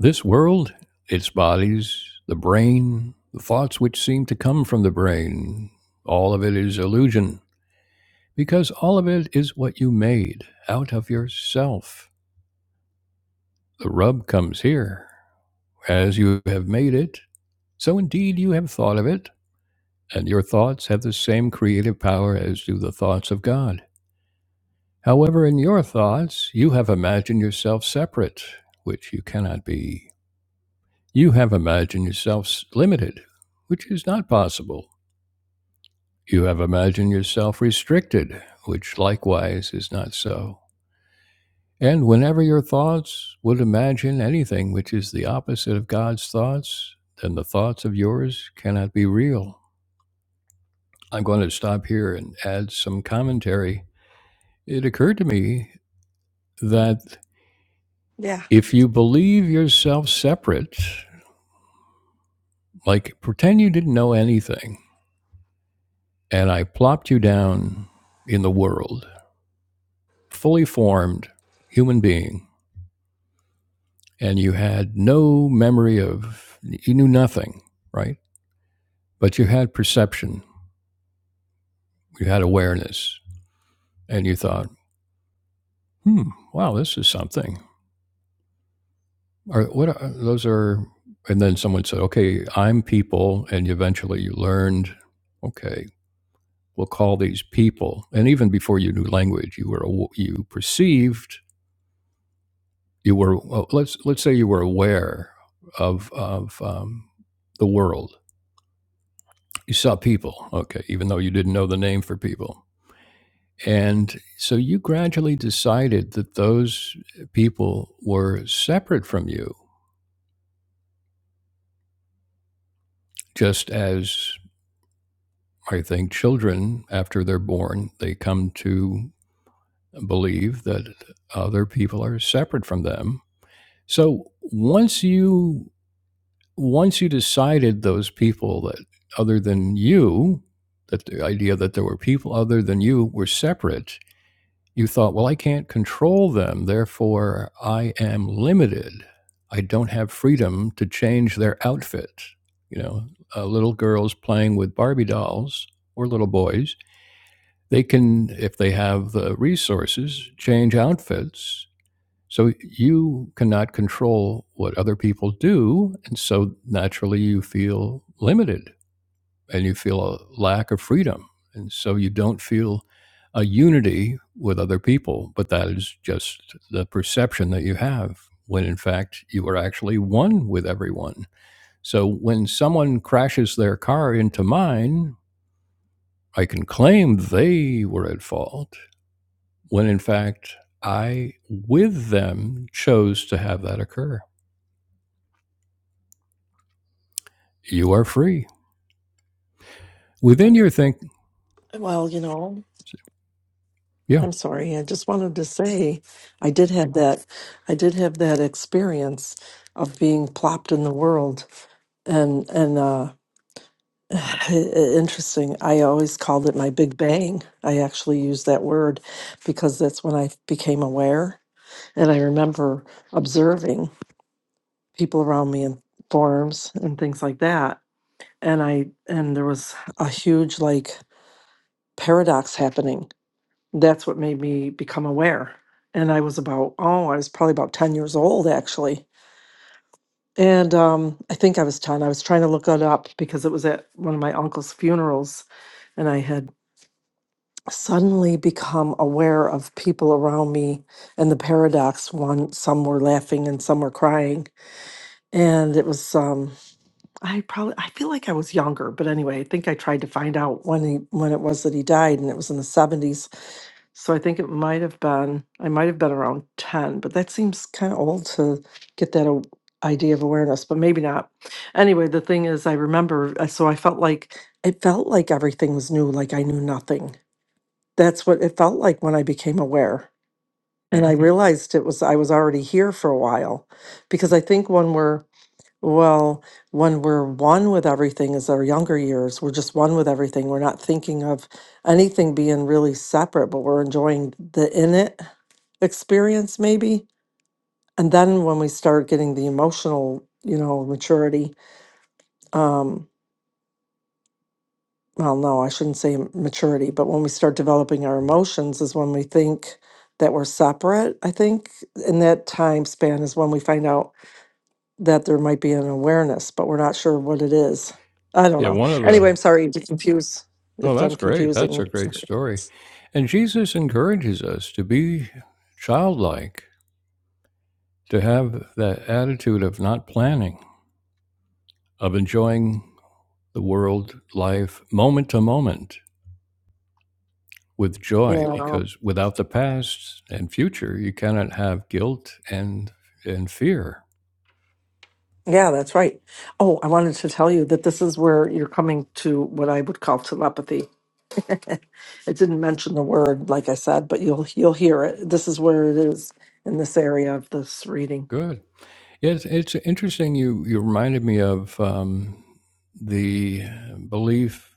Speaker 2: This world, its bodies, the brain, the thoughts which seem to come from the brain, all of it is illusion. Because all of it is what you made out of yourself. The rub comes here. As you have made it, so indeed you have thought of it, and your thoughts have the same creative power as do the thoughts of God. However, in your thoughts, you have imagined yourself separate, which you cannot be. You have imagined yourself limited, which is not possible. You have imagined yourself restricted, which likewise is not so. And whenever your thoughts would imagine anything which is the opposite of God's thoughts, then the thoughts of yours cannot be real. I'm going to stop here and add some commentary. It occurred to me that
Speaker 1: Yeah.
Speaker 2: if you believe yourself separate, like pretend you didn't know anything, and I plopped you down in the world, fully formed human being, and you had no memory of, you knew nothing, right? But you had perception you had awareness and you thought, hmm, wow, this is something. Or what are, those are, and then someone said, okay, I'm people. And eventually you learned, okay, we'll call these people. And even before you knew language, you were, you perceived, you were, well, let's, let's say you were aware of, of um, the world. You saw people, okay, even though you didn't know the name for people. And so you gradually decided that those people were separate from you, just as I think children, after they're born, they come to believe that other people are separate from them. So once you once you decided those people that other than you, that the idea that there were people other than you were separate, you thought, well, I can't control them, therefore I am limited. I don't have freedom to change their outfit. You know, uh, little girls playing with Barbie dolls or little boys, they can, if they have the resources, change outfits. So you cannot control what other people do. And so naturally you feel limited and you feel a lack of freedom. And so you don't feel a unity with other people, but that is just the perception that you have when in fact you are actually one with everyone. So when someone crashes their car into mine, I can claim they were at fault when in fact I, with them, chose to have that occur. You are free within your think.
Speaker 1: Well, you know,
Speaker 2: Yeah.
Speaker 1: I'm sorry. I just wanted to say I did have that I did have that experience of being plopped in the world and and uh <sighs> i- interesting. I always called it my big bang. I actually use that word because that's when I became aware and I remember observing people around me in forums and things like that. And I and there was a huge like paradox happening. That's what made me become aware. And I was about, oh, I was probably about 10 years old actually. And um, I think I was 10. I was trying to look it up because it was at one of my uncle's funerals. And I had suddenly become aware of people around me and the paradox one some were laughing and some were crying and it was um I probably I feel like I was younger, but anyway, I think I tried to find out when he when it was that he died, and it was in the seventies. So I think it might have been I might have been around ten, but that seems kind of old to get that a, idea of awareness, but maybe not. Anyway, the thing is, I remember, uh, so I felt like it felt like everything was new, like I knew nothing. That's what it felt like when I became aware, and I Mhm. realized it was I was already here for a while, because I think when we're well, when we're one with everything is our younger years. We're just one with everything. We're not thinking of anything being really separate, but we're enjoying the in it experience maybe. And then when we start getting the emotional, you know, maturity, um, well, no, I shouldn't say m- maturity, but when we start developing our emotions is when we think that we're separate, I think. In that time span is when we find out that there might be an awareness, but we're not sure what it is. I don't
Speaker 2: Yeah.
Speaker 1: know.
Speaker 2: One of
Speaker 1: Anyway, I'm
Speaker 2: the
Speaker 1: sorry to confuse
Speaker 2: Oh,
Speaker 1: if I'm
Speaker 2: that's great. That's
Speaker 1: confusing.
Speaker 2: a great story. And Jesus encourages us to be childlike, to have that attitude of not planning, of enjoying the world, life, moment to moment with
Speaker 1: Yeah.
Speaker 2: joy,
Speaker 1: Um,
Speaker 2: because without the past and future, you cannot have guilt and, and fear.
Speaker 1: Yeah, that's right. Oh, I wanted to tell you that this is where you're coming to what I would call telepathy. it didn't mention the word, like I said, but you'll you'll hear it. This is where it is in this area of this reading.
Speaker 2: Good. Yes, it's interesting. You, you reminded me of um, the belief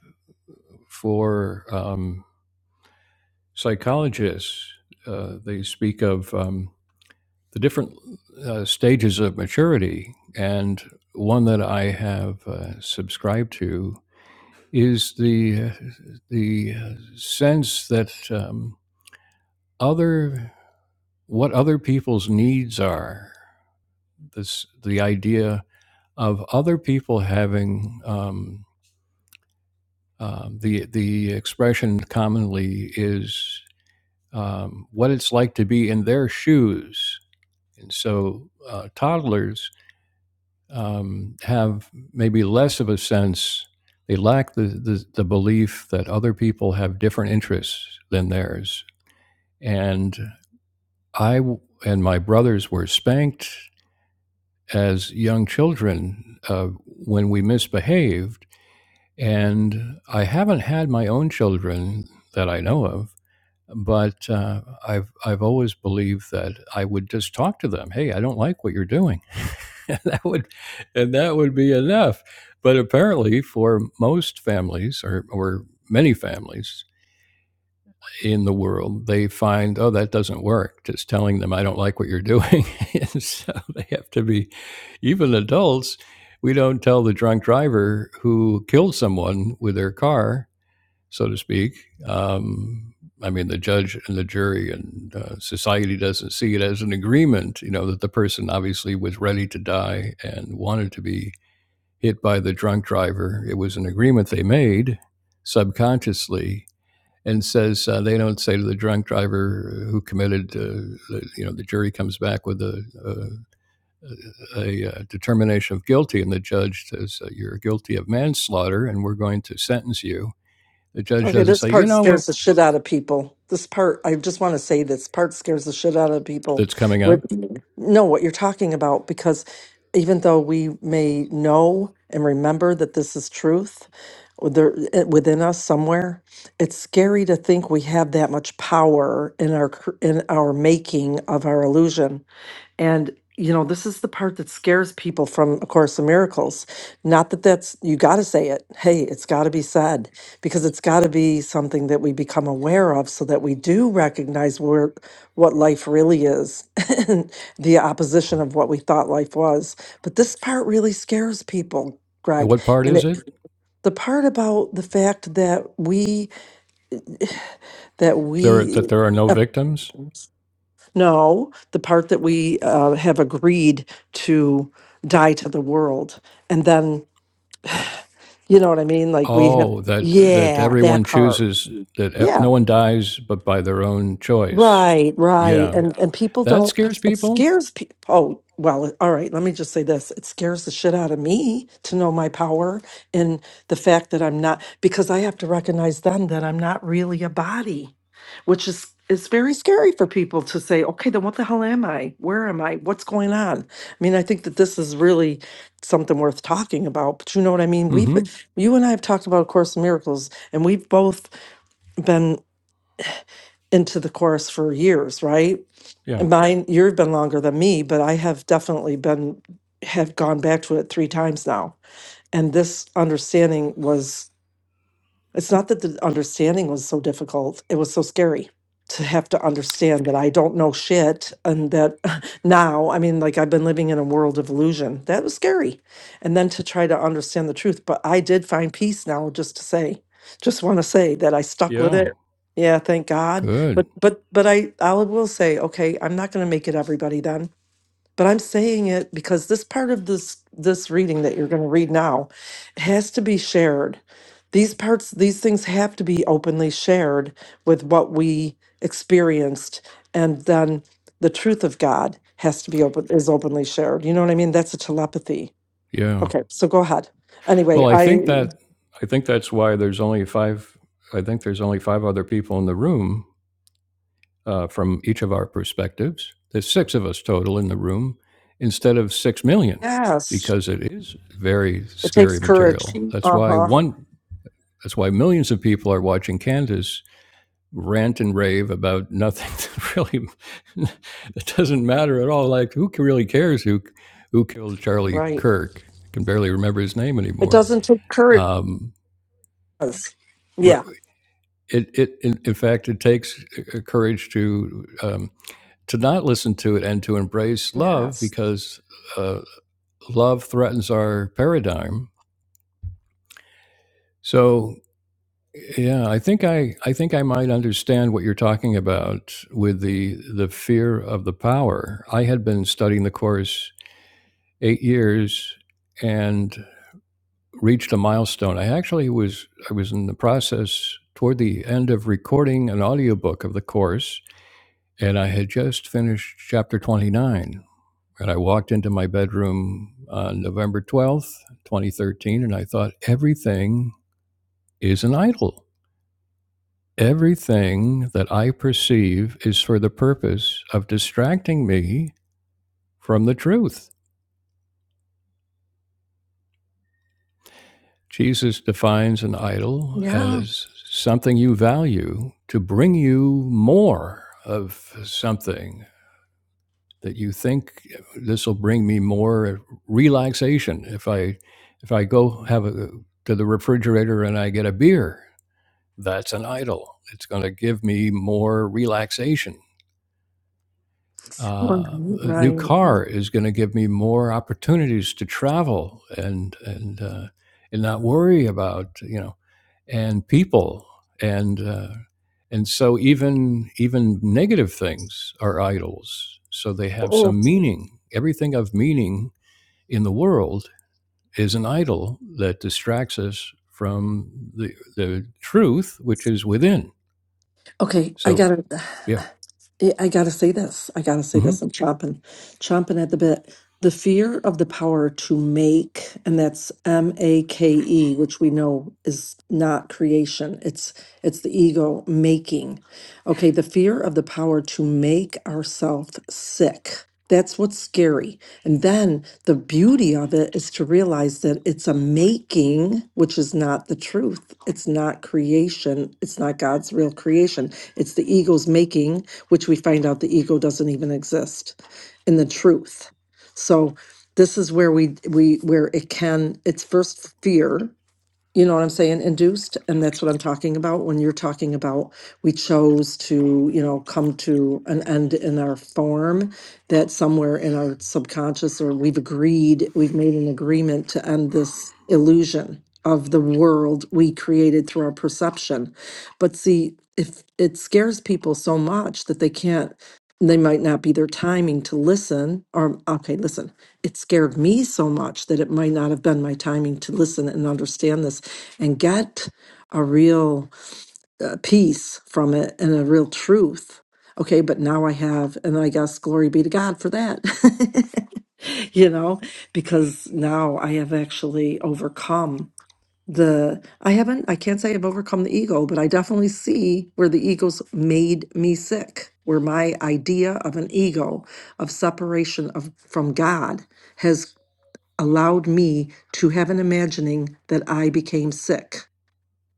Speaker 2: for. Um, psychologists, uh, they speak of um, the different uh, stages of maturity. And one that I have uh, subscribed to is the, the sense that um, other, what other people's needs are, this, the idea of other people having um, uh, the, the expression commonly is um, what it's like to be in their shoes And so uh, toddlers um, have maybe less of a sense, they lack the, the, the belief that other people have different interests than theirs. And I and my brothers were spanked as young children uh, when we misbehaved. And I haven't had my own children that I know of But uh, I've I've always believed that I would just talk to them. Hey, I don't like what you're doing. <laughs> and that would and that would be enough. But apparently, for most families or or many families in the world, they find oh that doesn't work. Just telling them I don't like what you're doing, <laughs> and so they have to be even adults. We don't tell the drunk driver who killed someone with their car so to speak. Um, I mean, the judge and the jury and uh, society doesn't see it as an agreement, you know, that the person obviously was ready to die and wanted to be hit by the drunk driver. It was an agreement they made subconsciously and says uh, they don't say to the drunk driver who committed, uh, you know, the jury comes back with a, a, a uh, determination of guilty and the judge says, uh, you're guilty of manslaughter and we're going to sentence you the judge
Speaker 1: Okay,
Speaker 2: doesn't
Speaker 1: this
Speaker 2: say, you
Speaker 1: part
Speaker 2: know what,
Speaker 1: scares the shit out of people. This part, I just want to say this part scares the shit out of people.
Speaker 2: that's coming
Speaker 1: What,
Speaker 2: up?
Speaker 1: know what you're talking about because even though we may know and remember that this is truth there eh, within us somewhere, it's scary to think we have that much power in our cr- in our making of our illusion and, you know, this is the part that scares people from A Course in Miracles. Not that that's, you got to say it. Hey, it's got to be said because it's got to be something that we become aware of so that we do recognize where, what life really is <laughs> and the opposition of what we thought life was. But this part really scares people.
Speaker 2: And
Speaker 1: Greg,
Speaker 2: what part
Speaker 1: and
Speaker 2: is
Speaker 1: it,
Speaker 2: it?
Speaker 1: the part about the fact that we that
Speaker 2: There that
Speaker 1: we
Speaker 2: there are no victims.
Speaker 1: No, the part that we uh, have agreed to die to the world. And then, you know what I mean? Like we have,
Speaker 2: Oh, that that
Speaker 1: yeah, that
Speaker 2: everyone
Speaker 1: part.
Speaker 2: chooses that e-
Speaker 1: Yeah,
Speaker 2: no one dies but by their own choice.
Speaker 1: right, right.
Speaker 2: Yeah,
Speaker 1: And and people
Speaker 2: that
Speaker 1: don't
Speaker 2: scares
Speaker 1: It
Speaker 2: people.
Speaker 1: scares people. Oh, well, all right. Let me just say this. It scares the shit out of me to know my power and the fact that I'm not, because I have to recognize then that I'm not really a body, which is, is very scary for people to say, okay, then what the hell am I? Where am I? What's going on? I mean, I think that this is really something worth talking about, but you know what I mean? We've,
Speaker 2: Mm-hmm.
Speaker 1: you and I have talked about A Course in Miracles, and we've both been into the chorus for years, right?
Speaker 2: Yeah.
Speaker 1: And mine, you've been longer than me, but I have definitely been, have gone back to it three times now. And this understanding was it's not that the understanding was so difficult, it was so scary to have to understand that I don't know shit and that <laughs> now, I mean, like I've been living in a world of illusion. That was scary. And then to try to understand the truth. But I did find peace now, just to say, just want to say that I stuck with
Speaker 2: Yeah.
Speaker 1: it. Yeah, thank God.
Speaker 2: Good.
Speaker 1: But but but I I will say, okay, I'm not going to make it everybody then but I'm saying it because this part of this this reading that you're going to read now has to be shared. These parts these things have to be openly shared with what we experienced and then the truth of God has to be open is openly shared. You know what I mean? That's a telepathy.
Speaker 2: Yeah.
Speaker 1: Okay, so go ahead. Anyway,
Speaker 2: Well, I think
Speaker 1: I
Speaker 2: that I think that's why there's only five. I think there's only five other people in the room uh, from each of our perspectives. There's six of us total in the room instead of six million
Speaker 1: yes,
Speaker 2: because it is very
Speaker 1: it takes
Speaker 2: scary
Speaker 1: courage.
Speaker 2: material. That's why
Speaker 1: Uh-huh.
Speaker 2: one. That's why millions of people are watching Candace rant and rave about <laughs> nothing that really <laughs> that doesn't matter at all. Like who really cares who who killed Charlie
Speaker 1: Right.
Speaker 2: Kirk? I can barely remember his name
Speaker 1: It
Speaker 2: anymore.
Speaker 1: doesn't take courage.
Speaker 2: Um,
Speaker 1: Yeah.
Speaker 2: it, it in, in fact it takes uh, courage to um, to not listen to it and to embrace love
Speaker 1: Yes.
Speaker 2: because uh, love threatens our paradigm. So yeah, I think I I think I might understand what you're talking about with the the fear of the power. I had been studying the course eight years and reached a milestone. I actually was I was in the process toward the end of recording an audiobook of the course and I had just finished chapter 29 And I walked into my bedroom on November 12th, 2013, and I thought, everything is an idol. Everything that I perceive is for the purpose of distracting me from the truth. Jesus defines an idol
Speaker 1: Yeah.
Speaker 2: as something you value to bring you more of something that you think this will bring me more relaxation if I if I go have a, to the refrigerator and I get a beer. That's an idol. It's going to give me more relaxation uh,
Speaker 1: Mhm,
Speaker 2: a new
Speaker 1: Right.
Speaker 2: car is going to give me more opportunities to travel and and uh, and not worry about you know and people and uh, and so even even negative things are idols so they have some meaning everything of meaning in the world is an idol that distracts us from the the truth which is within
Speaker 1: Okay, I
Speaker 2: so
Speaker 1: gotta,
Speaker 2: yeah
Speaker 1: yeah, I gotta say this. I gotta say
Speaker 2: hmm
Speaker 1: this. I'm chomping, chomping at the bit. The fear of the power to make, and that's M A K E, which we know is not creation. It's it's the ego making. Okay, the fear of the power to make ourselves sick. That's what's scary. And then the beauty of it is to realize that it's a making, which is not the truth. It's not creation. It's not God's real creation. It's the ego's making, which we find out the ego doesn't even exist in the truth. So this is where we we where it can it's first fear you know what I'm saying, induced. And that's what I'm talking about when you're talking about we chose to, you know, come to an end in our form that somewhere in our subconscious or we've agreed, we've made an agreement to end this illusion of the world we created through our perception. But see, if it scares people so much that they can't, they might not be their timing to listen or, okay, listen it scared me so much that it might not have been my timing to listen and understand this and get a real uh, peace from it and a real truth. Okay, but now I have, and I guess glory be to God for that, <laughs> you know, because now I have actually overcome the, I haven't, I can't say I've overcome the ego, but I definitely see where the ego's made me sick, where my idea of an ego, of separation of, from God, has allowed me to have an imagining that I became sick.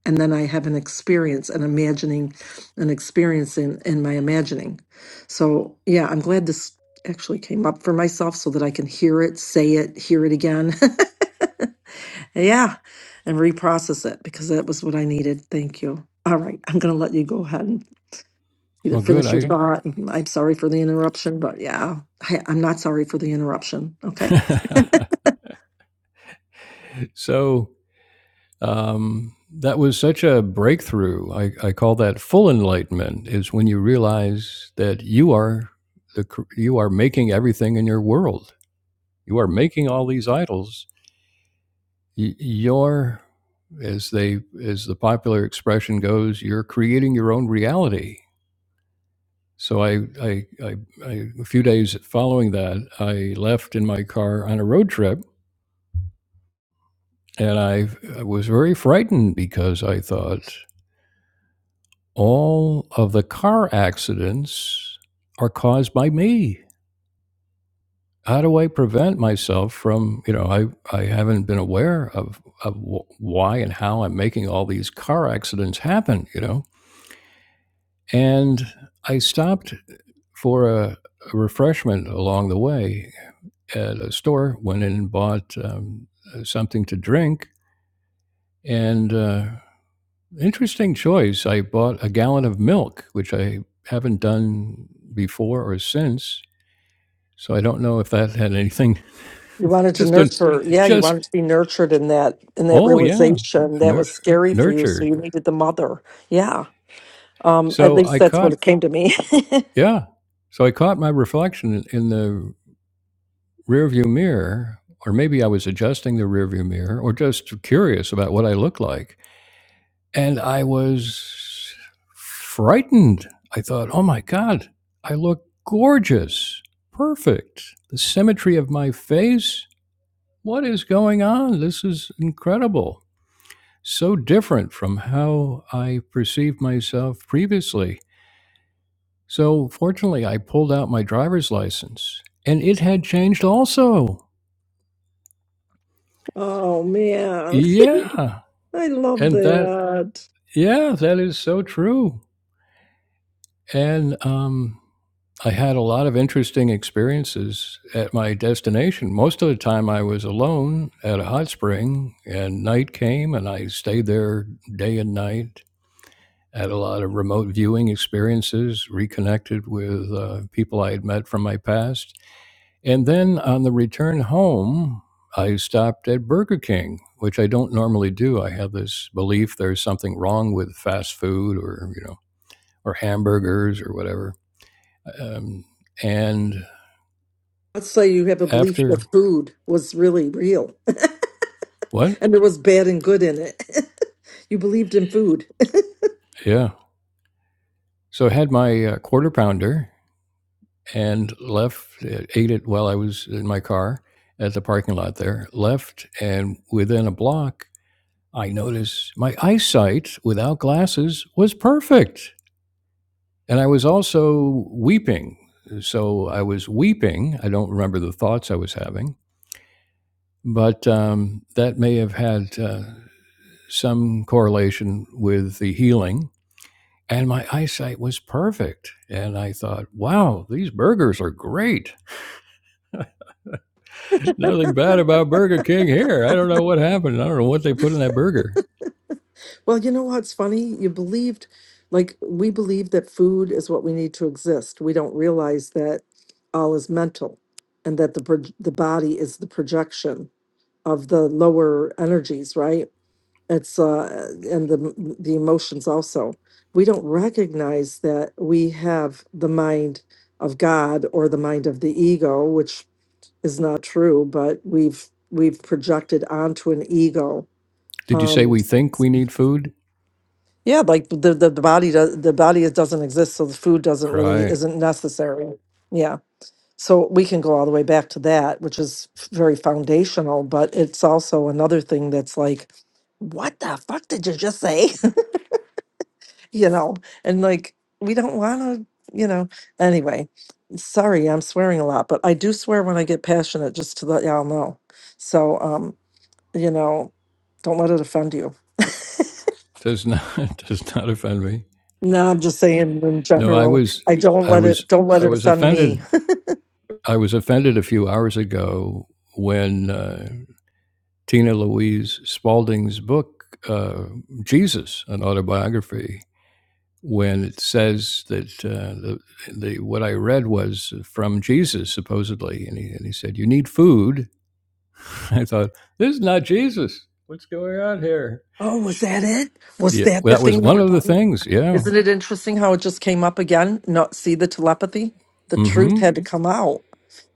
Speaker 1: And then I have an experience, an imagining, an experience in, in my imagining. So, yeah, I'm glad this actually came up for myself so that I can hear it, say it, hear it again. <laughs> yeah, and reprocess it because that was what I needed. Thank you. All right, I'm going to let you go ahead and either
Speaker 2: well good
Speaker 1: finish your thought. I'm sorry for the interruption, but yeah, I, I'm not sorry for the interruption. Okay.
Speaker 2: i <laughs> so um, that was such a breakthrough. I, I call that full enlightenment is when you realize that you are the you are making everything in your world. You are making all these idols. You're as they as the popular expression goes, you're creating your own reality. So I, I, I, I a few days following that, I left in my car on a road trip, and I, I was very frightened because I thought all of the car accidents are caused by me. How do I prevent myself from, you know, I, I haven't been aware of, of why and how I'm making all these car accidents happen, you know? And I stopped for a, a refreshment along the way at a store, went in and bought um, something to drink. And uh, interesting choice. I bought a gallon of milk, which I haven't done before or since So I don't know if that had anything.
Speaker 1: You wanted to
Speaker 2: Just a,
Speaker 1: nurture, yeah, you
Speaker 2: just
Speaker 1: wanted to be nurtured in that in that
Speaker 2: oh yeah,
Speaker 1: realization that
Speaker 2: nur-
Speaker 1: was scary for you, so
Speaker 2: nurtured.
Speaker 1: you needed the mother. Yeah. Um, at
Speaker 2: So
Speaker 1: least
Speaker 2: I
Speaker 1: that's what
Speaker 2: caught
Speaker 1: it came to me. <laughs>
Speaker 2: yeah. So I caught my reflection in, the rearview mirror, or maybe I was adjusting the rearview mirror, or just curious about what I looked like, and I was frightened. I thought, oh my god, I look gorgeous, perfect. The symmetry of my face. What is going on? This is incredible. so different from how I perceived myself previously. So, fortunately, I pulled out my driver's license and it had changed also.
Speaker 1: Oh man,
Speaker 2: Yeah.
Speaker 1: I love
Speaker 2: And that,
Speaker 1: that.
Speaker 2: yeah, that is so true. And um, I had a lot of interesting experiences at my destination. Most of the time, I was alone at a hot spring and night came and I stayed there day and night at a lot of remote viewing experiences, reconnected with uh, people I had met from my past. And then on the return home, I stopped at Burger King, which I don't normally do. I have this belief there's something wrong with fast food or, you know, or hamburgers or whatever. Um, and
Speaker 1: I'd say you have a belief
Speaker 2: after
Speaker 1: that food was really real <laughs>
Speaker 2: what?
Speaker 1: and there was bad and good in it. <laughs> you believed in food. <laughs>
Speaker 2: Yeah. So I had my uh, quarter pounder and left, uh, ate it while I was in my car at the parking lot there, left, and within a block, I noticed my eyesight without glasses was perfect. And I was also weeping. So I was weeping. I don't remember the thoughts I was having, but um, that may have had uh, some correlation with the healing. And my eyesight was perfect. And I thought, wow, these burgers are great. nothing bad about Burger King here. I don't know what happened. I don't know what they put in that burger.
Speaker 1: Well, you know what's funny? You believed, like, we believe that food is what we need to exist. We don't realize that all is mental and that the proj- the body is the projection of the lower energies, right? It's uh and the the emotions also. We don't recognize that we have the mind of God or the mind of the ego, which is not true, but we've we've projected onto an ego.
Speaker 2: Did you say
Speaker 1: Um
Speaker 2: we think we need food?
Speaker 1: yeah, like the the, the body does the body is- doesn't exist, so the food doesn't really
Speaker 2: Right.
Speaker 1: isn't necessary. Yeah. So we can go all the way back to that, which is f- very foundational, but it's also another thing that's like, what the fuck did you just say? <laughs> you know, and like we don't wanna, you know. Anyway, sorry, I'm swearing a lot, but I do swear when I get passionate, just to let y'all know. So um, you know, don't let it offend you. <laughs>
Speaker 2: Does <laughs> not does not offend me.
Speaker 1: No, I'm just saying in
Speaker 2: No, I
Speaker 1: general.
Speaker 2: was
Speaker 1: I don't
Speaker 2: I
Speaker 1: let
Speaker 2: was
Speaker 1: it don't let
Speaker 2: I
Speaker 1: it
Speaker 2: was
Speaker 1: offend me.
Speaker 2: offended. I was offended a few hours ago when uh, Tina Louise Spalding's book uh, Jesus, an autobiography, when it says that uh, the, the what I read was from Jesus supposedly, and he, and he said, "You need food <laughs> I thought, this is not Jesus. What's going on here?
Speaker 1: Oh, was that it? Was
Speaker 2: Yeah,
Speaker 1: that
Speaker 2: well,
Speaker 1: the
Speaker 2: that was
Speaker 1: thing that
Speaker 2: one
Speaker 1: we're
Speaker 2: of the
Speaker 1: talking about?
Speaker 2: things. Yeah.
Speaker 1: Isn't it interesting how it just came up again? Not see the telepathy? The
Speaker 2: mm
Speaker 1: truth
Speaker 2: hmm
Speaker 1: had to come out.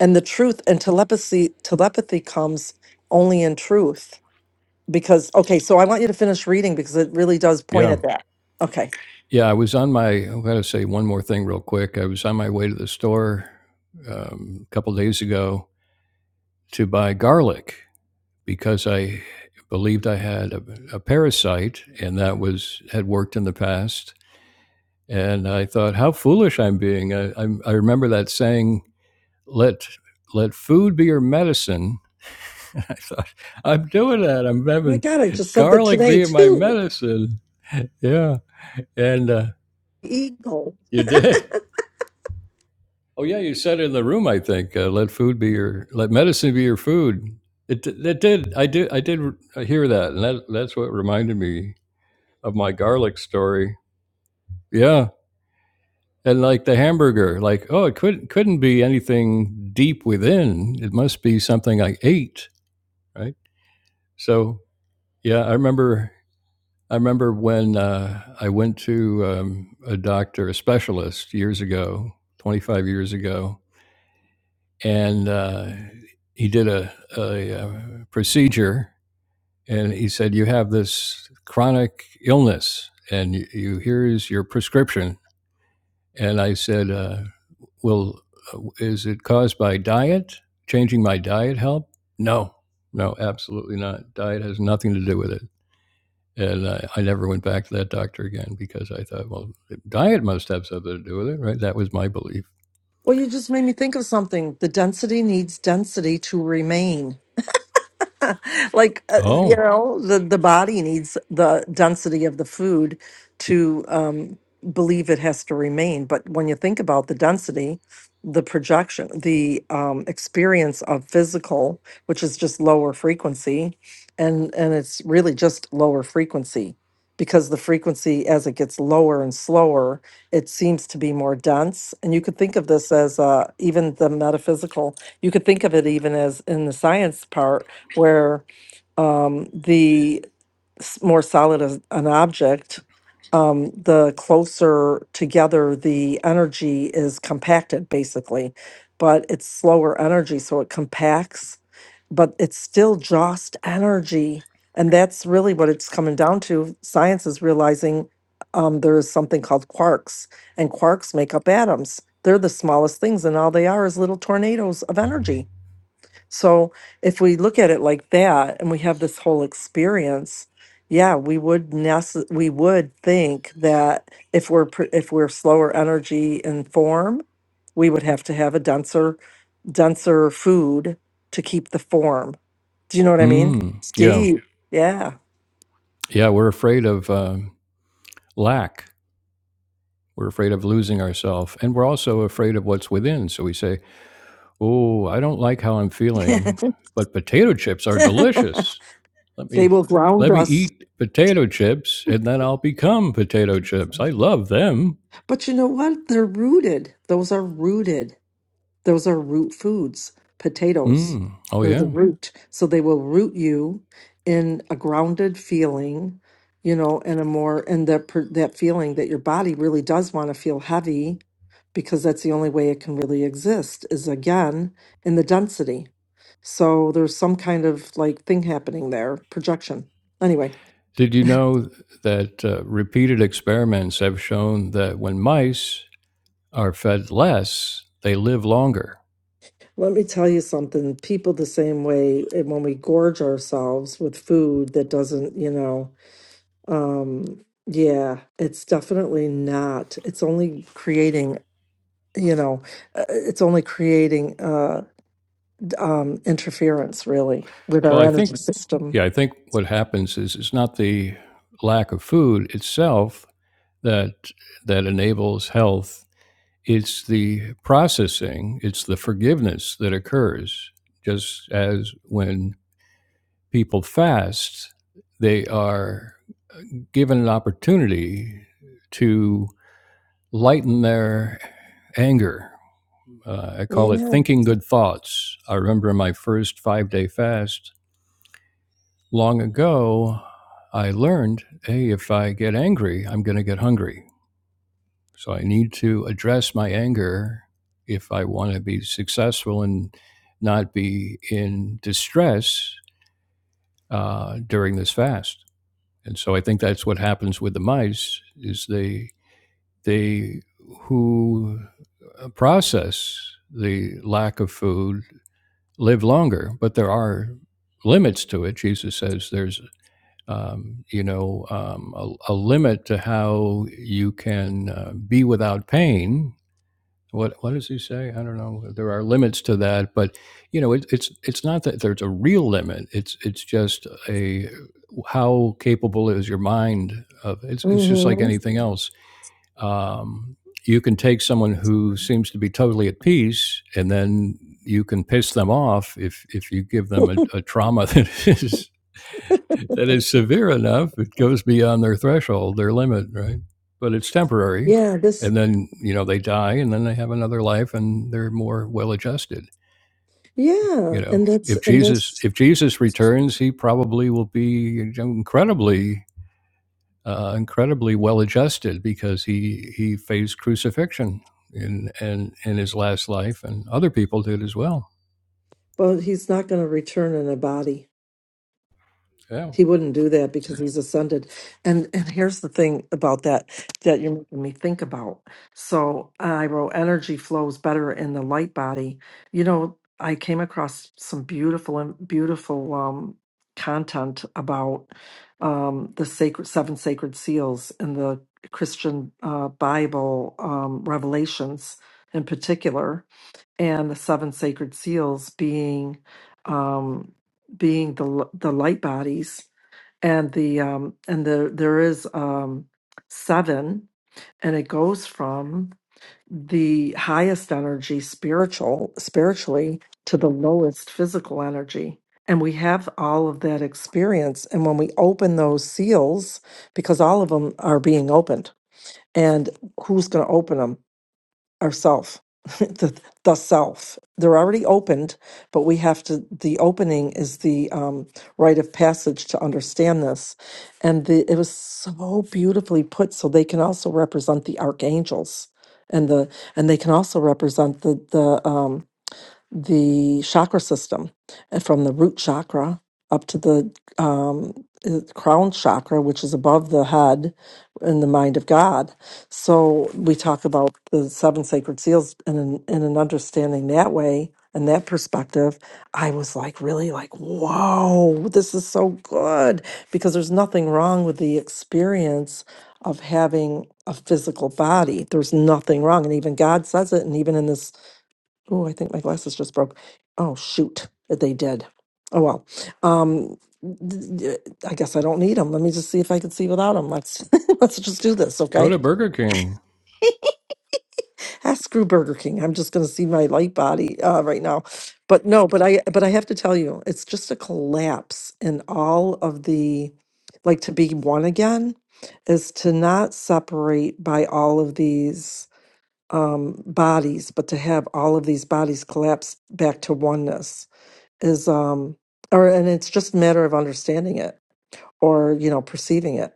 Speaker 1: And the truth and telepathy telepathy comes only in truth. Because, okay, so I want you to finish reading because it really does point
Speaker 2: Yeah.
Speaker 1: at that. Okay.
Speaker 2: Yeah. I was on my, I've got to say one more thing real quick. I was on my way to the store um, a couple of days ago to buy garlic because I believed I had a, a parasite and that was, had worked in the past. And I thought, how foolish I'm being. I, I, I remember that saying, let, let food be your medicine <laughs> And I thought, I'm doing that. I'm
Speaker 1: My
Speaker 2: having
Speaker 1: God, I just said that
Speaker 2: garlic
Speaker 1: today
Speaker 2: being my
Speaker 1: too.
Speaker 2: medicine. Yeah. And uh,
Speaker 1: Eagle.
Speaker 2: you did. Oh, yeah. You said in the room, I think, uh, let food be your, let medicine be your food. It, it did. I did. I did hear that. And that, that's what reminded me of my garlic story. Yeah. And like the hamburger, like, oh, it couldn't, couldn't be anything deep within. It must be something I ate. Right. So, yeah, I remember I remember when uh, I went to um, a doctor, a specialist, years ago, 25 years ago, and uh, he did a, a, a procedure and he said, You have this chronic illness, and you, you here's your prescription. And I said, uh, Well, uh, is it caused by diet? Changing my diet help? No, no, absolutely not. Diet has nothing to do with it. And I, I never went back to that doctor again because I thought, well, diet must have something to do with it, right? That was my belief.
Speaker 1: Well, you just made me think of something. The density needs density to remain. <laughs> like uh, you
Speaker 2: Oh,
Speaker 1: know the the body needs the density of the food to um believe it has to remain but when you think about the density the projection the um experience of physical which is just lower frequency and and it's really just lower frequency because the frequency as it gets lower and slower it seems to be more dense and you could think of this as uh even the metaphysical you could think of it even as in the science part where um, the s- more solid is an object, um, the closer together the energy is compacted, basically. But it's slower energy, so it compacts, but it's still just energy. And that's really what it's coming down to. Science is realizing um, there is something called quarks, and quarks make up atoms. They're the smallest things, and all they are is little tornadoes of energy so if we look at it like that and we have this whole experience, yeah, we would nece- we would think that if we're pr- if we're slower energy and form, we would have to have a denser denser food to keep the form. Do you know what I mean?
Speaker 2: mm, yeah.
Speaker 1: Steve, yeah.
Speaker 2: Yeah, we're afraid of um, lack. We're afraid of losing ourselves. And we're also afraid of what's within. So we say, oh, I don't like how I'm feeling,
Speaker 1: <laughs>
Speaker 2: but potato chips are delicious. Let
Speaker 1: They
Speaker 2: me.
Speaker 1: will ground
Speaker 2: Let me
Speaker 1: us.
Speaker 2: eat potato chips and then I'll become potato chips. I love them.
Speaker 1: But you know what? They're rooted. Those are rooted. Those are root foods, potatoes.
Speaker 2: Mm. Oh,
Speaker 1: They're the
Speaker 2: yeah.
Speaker 1: root. So they will root you in a grounded feeling, you know, and a more, and that, per- that feeling that your body really does want to feel heavy because that's the only way it can really exist is again in the density. So there's some kind of like thing happening there, projection. Anyway,
Speaker 2: Did you know that uh, repeated experiments have shown that when mice are fed less, they live longer?
Speaker 1: let me tell you something. People the same way eh, when we gorge ourselves with food that doesn't, you know, Um, yeah, it's definitely not. It's only creating, you know, uh, it's only creating uh d- um interference really with
Speaker 2: Well,
Speaker 1: our
Speaker 2: I think,
Speaker 1: energy system.
Speaker 2: yeah, I think what happens is it's not the lack of food itself that that enables health. It's the processing, it's the forgiveness that occurs. Just as when people fast, they are given an opportunity to lighten their anger. Uh, I call it
Speaker 1: Yeah.
Speaker 2: thinking good thoughts. I remember my first five day fast long ago. I learned, hey, if I get angry, I'm going to get hungry. So I need to address my anger if I want to be successful and not be in distress uh, during this fast. And so I think that's what happens with the mice is they They who uh, process the lack of food live longer, but there are limits to it. Jesus says there's, um, you know, um, a, a limit to how you can uh, be without pain. What what does he say? I don't know. There are limits to that, but you know, it, it's it's not that there's a real limit. It's it's just a how capable is your mind of it's it's just like
Speaker 1: hmm
Speaker 2: anything else um, you can take someone who seems to be totally at peace and then you can piss them off if if you give them a,
Speaker 1: <laughs>
Speaker 2: a trauma <laughs> that is that is severe enough it goes beyond their threshold their limit right but it's temporary
Speaker 1: Yeah, this
Speaker 2: and then you know they die and then they have another life and they're more well adjusted you
Speaker 1: yeah,
Speaker 2: know
Speaker 1: and that's
Speaker 2: if
Speaker 1: and
Speaker 2: jesus
Speaker 1: that's
Speaker 2: if jesus returns he probably will be incredibly uh, incredibly well adjusted because he he faced crucifixion in in, in his last life, and other people did as well.
Speaker 1: well, he's not going to return in a body.
Speaker 2: Yeah,
Speaker 1: He wouldn't do that because he's ascended. And and here's the thing about that that you're making me think about. So I wrote energy flows better in the light body. You know, I came across some beautiful and beautiful um content about um the sacred seven sacred seals in the Christian uh Bible um revelations in particular and the seven sacred seals being um being the l- the light bodies and the um and the there is um seven and it goes from the highest energy spiritual spiritually to the lowest physical energy and we have all of that experience and when we open those seals because all of them are being opened and who's going to open them ourself <laughs> the the self they're already opened but we have to the opening is the um rite of passage to understand this and the it was so beautifully put so they can also represent the archangels and the and they can also represent the the um the chakra system and from the root chakra up to the um, uh, crown chakra, which is above the head in the mind of God. So we talk about the seven sacred seals and an, and an understanding that way and that perspective. I was like, really, like, whoa, this is so good because there's nothing wrong with the experience of having a physical body. There's nothing wrong. And even God says it. And even in this Oh, I think my glasses just broke. Oh, shoot. They did. Oh, well. Um, th- th- I guess I don't need them. Let me just see if I can see without them. Let's <laughs> let's just do this,
Speaker 2: go
Speaker 1: okay?
Speaker 2: to Burger King.
Speaker 1: <laughs> Ah, screw Burger King. I'm just going to see my light body uh, right now. But no, but I but I have to tell you, it's just a collapse in all of the like to be one again is to not separate by all of these um bodies, but to have all of these bodies collapse back to oneness is um or and it's just a matter of understanding it or you know perceiving it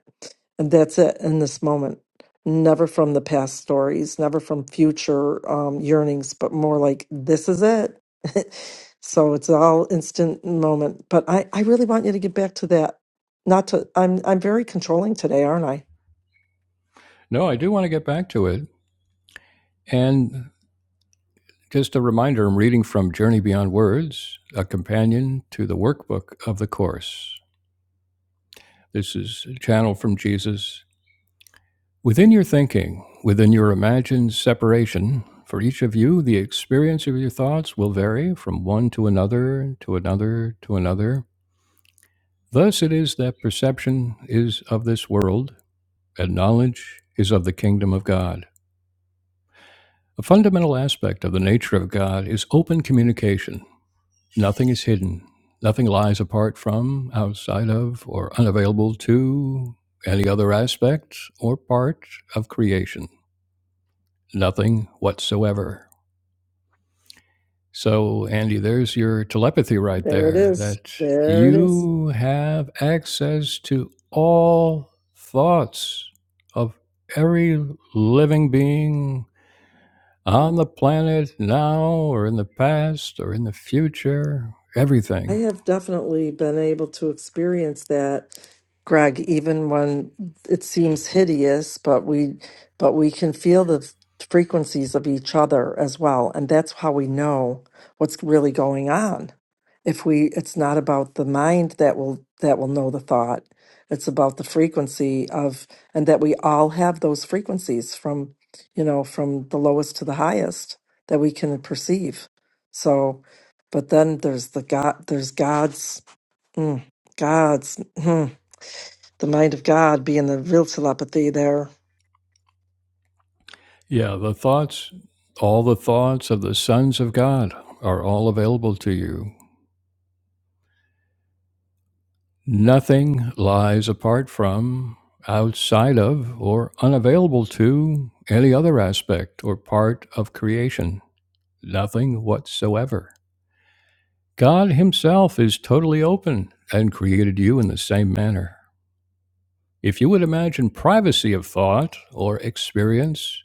Speaker 1: and that's it in this moment never from the past stories never from future um yearnings but more like this is it <laughs> so it's all instant moment but i i really want you to get back to that not to i'm i'm very controlling today aren't i
Speaker 2: No, I do want to get back to it. And just a reminder, I'm reading from Journey Beyond Words, a companion to the workbook of the course. This is a channel from Jesus. Within your thinking, within your imagined separation, for each of you, the experience of your thoughts will vary from one to another, to another, to another. Thus it is that perception is of this world, and knowledge is of the kingdom of God. A fundamental aspect of the nature of God is open communication. Nothing is hidden, nothing lies apart from, outside of, or unavailable to any other aspect or part of creation. Nothing whatsoever. So, Andy, there's your telepathy right
Speaker 1: there it
Speaker 2: there
Speaker 1: is
Speaker 2: that
Speaker 1: there it is
Speaker 2: you have access to all thoughts of every living being on the planet now, or in the past, or in the future,
Speaker 1: I
Speaker 2: everything.
Speaker 1: have definitely been able to experience that, Greg, even when it seems hideous, but we but we can feel the f- frequencies of each other as well, and that's how we know what's really going on. If we it's not about the mind that will that will know the thought. It's about the frequency of and that we all have those frequencies from, you know, from the lowest to the highest that we can perceive. So, but then there's the God, there's God's, mm, God's, mm, the mind of God being the real telepathy there.
Speaker 2: Yeah, the thoughts, all the thoughts of the sons of God are all available to you. Nothing lies apart from, outside of, or unavailable to any other aspect or part of creation. Nothing whatsoever. God Himself is totally open and created you in the same manner. If you would imagine privacy of thought or experience,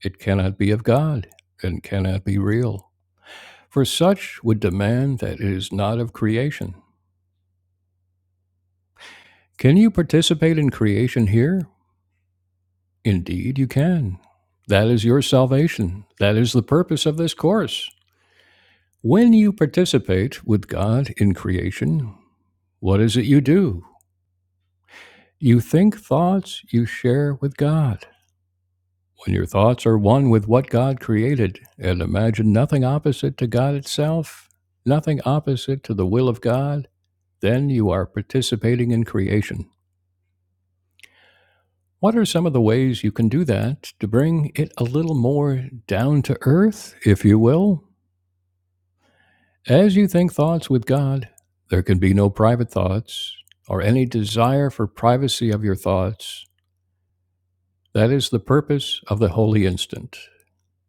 Speaker 2: it cannot be of God and cannot be real. For such would demand that it is not of creation. Can you participate in creation here? Indeed, you can. That is your salvation. That is the purpose of this course. When you participate with God in creation, what is it you do? You think thoughts you share with God. When your thoughts are one with what God created and imagine nothing opposite to God itself, nothing opposite to the will of God, then you are participating in creation. What are some of the ways you can do that to bring it a little more down to earth, if you will? As you think thoughts with God, there can be no private thoughts or any desire for privacy of your thoughts. That is the purpose of the holy instant.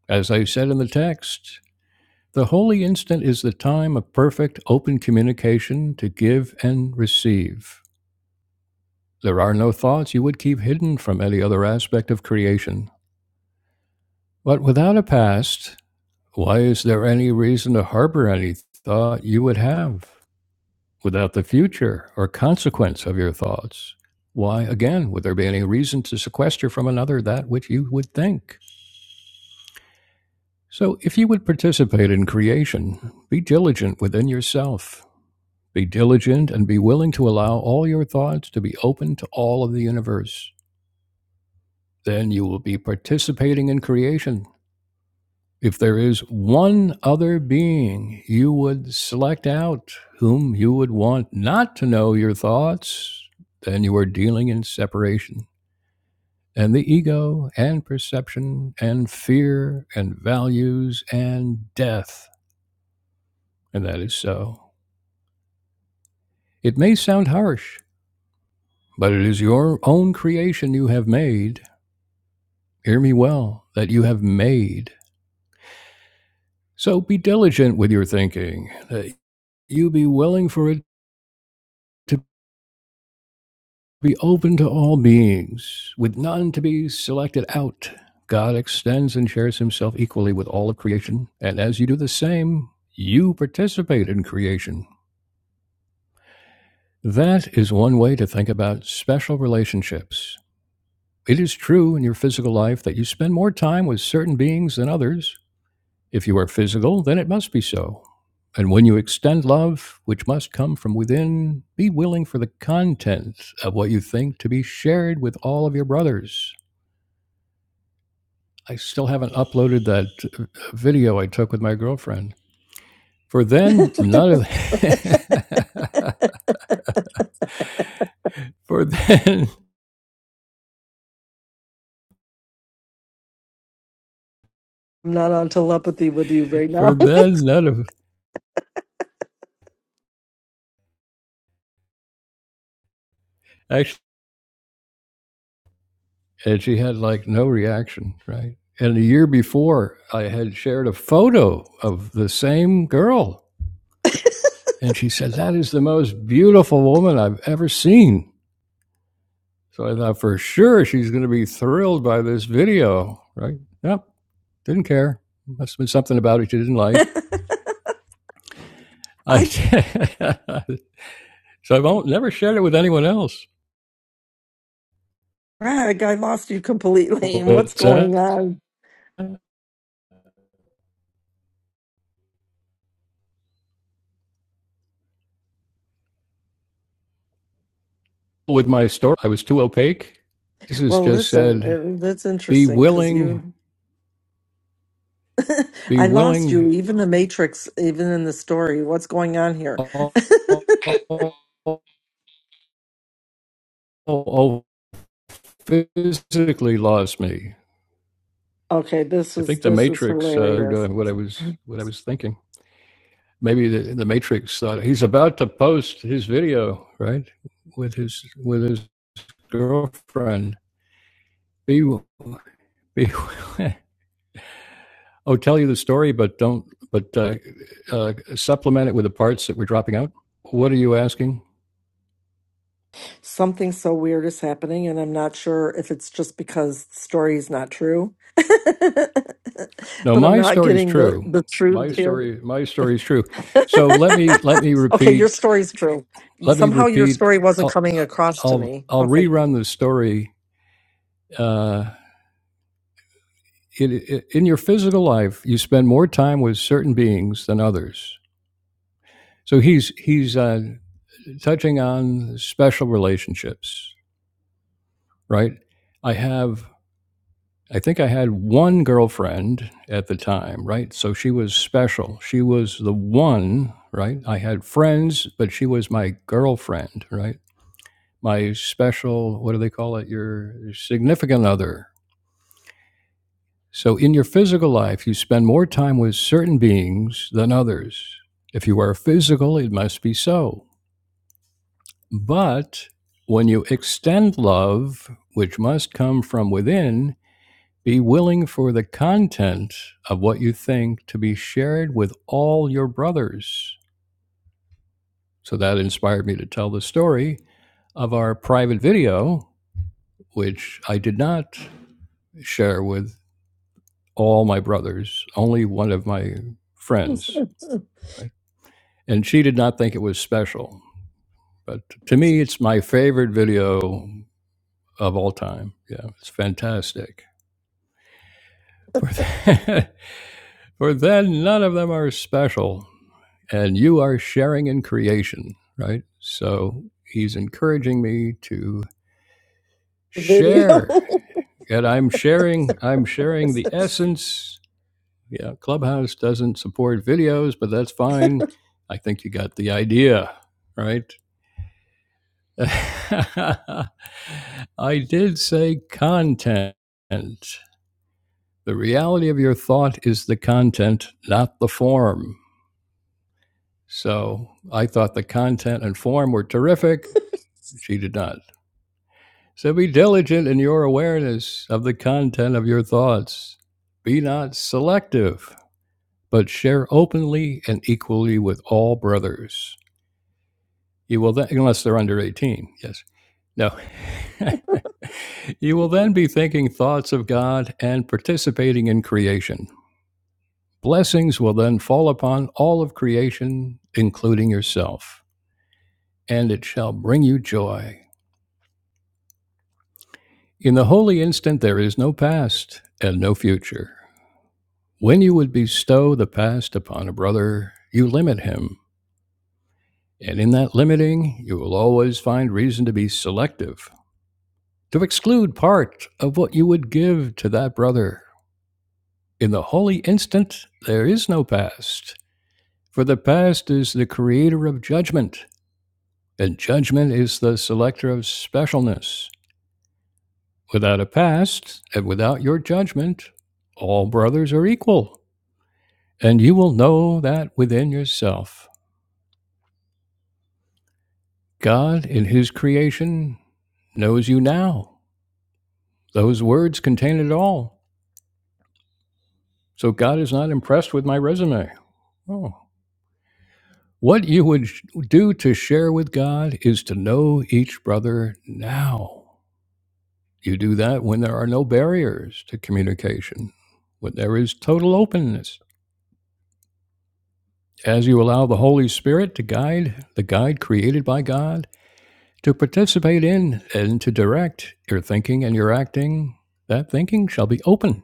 Speaker 2: As I said in the text, the holy instant is the time of perfect open communication to give and receive. There are no thoughts you would keep hidden from any other aspect of creation. But without a past, why is there any reason to harbor any thought you would have? without the future or consequence of your thoughts, why again would there be any reason to sequester from another that which you would think? So, if you would participate in creation, be diligent within yourself. Be diligent and be willing to allow all your thoughts to be open to all of the universe. Then you will be participating in creation If there is one other being you would select out whom you would want not to know your thoughts, then you are dealing in separation. And the ego and perception and fear and values and death. And that is so. It may sound harsh, but it is your own creation you have made. Hear me well, that you have made. So be diligent with your thinking, that you be willing for it to. be open to all beings, with none to be selected out. God extends and shares himself equally with all of creation, and as you do the same, you participate in creation. That is one way to think about special relationships. It is true in your physical life that you spend more time with certain beings than others. If you are physical, then it must be so. And when you extend love, which must come from within, be willing for the content of what you think to be shared with all of your brothers. I still haven't uploaded that uh, video I took with my girlfriend. For
Speaker 1: <laughs>
Speaker 2: then,
Speaker 1: I'm
Speaker 2: none of <laughs> for then
Speaker 1: not on telepathy with you right
Speaker 2: for
Speaker 1: now.
Speaker 2: then none of actually, and she had like no reaction, right? And the year before, I had shared a photo of the same girl, and she said, "That is the most beautiful woman I've ever seen." So I thought for sure she's going to be thrilled by this video, right? Yep, didn't care. Must have been something about it she didn't like.
Speaker 1: <laughs>
Speaker 2: I <laughs>
Speaker 1: I,
Speaker 2: so I won't never shared it with anyone else.
Speaker 1: Greg, I lost you completely. <laughs> What's
Speaker 2: But uh,
Speaker 1: going on?
Speaker 2: with my story, I was too opaque. This is
Speaker 1: Well,
Speaker 2: just
Speaker 1: listen,
Speaker 2: said,
Speaker 1: it, that's
Speaker 2: be
Speaker 1: interesting because
Speaker 2: willing,
Speaker 1: you, <laughs>
Speaker 2: be
Speaker 1: I lost you.
Speaker 2: willing,
Speaker 1: Even the Matrix, even in the story, what's going on here?
Speaker 2: oh, oh, oh, oh, oh, physically lost me.
Speaker 1: Okay, this
Speaker 2: I
Speaker 1: is
Speaker 2: think the
Speaker 1: this is
Speaker 2: Matrix uh, heard,
Speaker 1: hilarious.
Speaker 2: uh, what I
Speaker 1: <laughs>
Speaker 2: was what I was thinking. Maybe the, the Matrix thought he's about to post his video right with his with his girlfriend. Be be <laughs> oh, tell you the story, but don't, but uh, uh, supplement it with the parts that we're dropping out? What are you asking?
Speaker 1: something so weird is happening and i'm not sure if it's just because the story is not true <laughs>
Speaker 2: No,
Speaker 1: but i'm
Speaker 2: my
Speaker 1: not
Speaker 2: story is
Speaker 1: getting the
Speaker 2: true.
Speaker 1: the truth
Speaker 2: My
Speaker 1: here
Speaker 2: story, my story is true. So let me let me
Speaker 1: <laughs> okay your
Speaker 2: repeat.
Speaker 1: story's true
Speaker 2: Let me
Speaker 1: somehow your
Speaker 2: repeat.
Speaker 1: story wasn't
Speaker 2: I'll
Speaker 1: coming across to
Speaker 2: I'll,
Speaker 1: me
Speaker 2: I'll
Speaker 1: okay
Speaker 2: rerun the story. Uh, in, in your physical life, you spend more time with certain beings than others. So he's he's uh, touching on special relationships, right? I have I think I had one girlfriend at the time, right? So she was special. She was the one, right? I had friends, but she was my girlfriend, right? My special, what do they call it? Your significant other. So in your physical life, you spend more time with certain beings than others. If you are physical, it must be so. But when you extend love, which must come from within, Be willing for the content of what you think to be shared with all your brothers. So that inspired me to tell the story of our private video, which I did not share with all my brothers, only one of my
Speaker 1: <laughs>
Speaker 2: friends,
Speaker 1: the
Speaker 2: right? And she did not think it was special. But to me, it's my favorite video of all time. Yeah, it's fantastic. For, <laughs> for then, none of them are special. and you are sharing in creation, right? So he's encouraging me to
Speaker 1: video
Speaker 2: share, and I'm sharing. I'm sharing the
Speaker 1: <laughs>
Speaker 2: essence. Yeah, Clubhouse doesn't support videos, but that's fine. I think you got the idea, right? <laughs> I did say content. The reality of your thought is the content, not the form. So I thought the content and form were terrific She did not. So be diligent in your awareness of the content of your thoughts. Be not selective, but share openly and equally with all brothers. You will then, unless they're under 18, yes. No. <laughs> you will then be thinking thoughts of God and participating in creation. Blessings will then fall upon all of creation, including yourself, and it shall bring you joy. In the holy instant, there is no past and no future. When you would bestow the past upon a brother, you limit him, and in that limiting, you will always find reason to be selective, to exclude part of what you would give to that brother. In the holy instant, there is no past, for the past is the creator of judgment, and judgment is the selector of specialness. Without a past, and without your judgment, all brothers are equal, and you will know that within yourself. God, in His creation, knows you now. Those words contain it all. So God is not impressed with my resume. Oh. What you would do to share with God is to know each brother now. You do that when there are no barriers to communication, when there is total openness. As you allow the Holy Spirit to guide, the guide created by God, to participate in and to direct your thinking and your acting, that thinking shall be open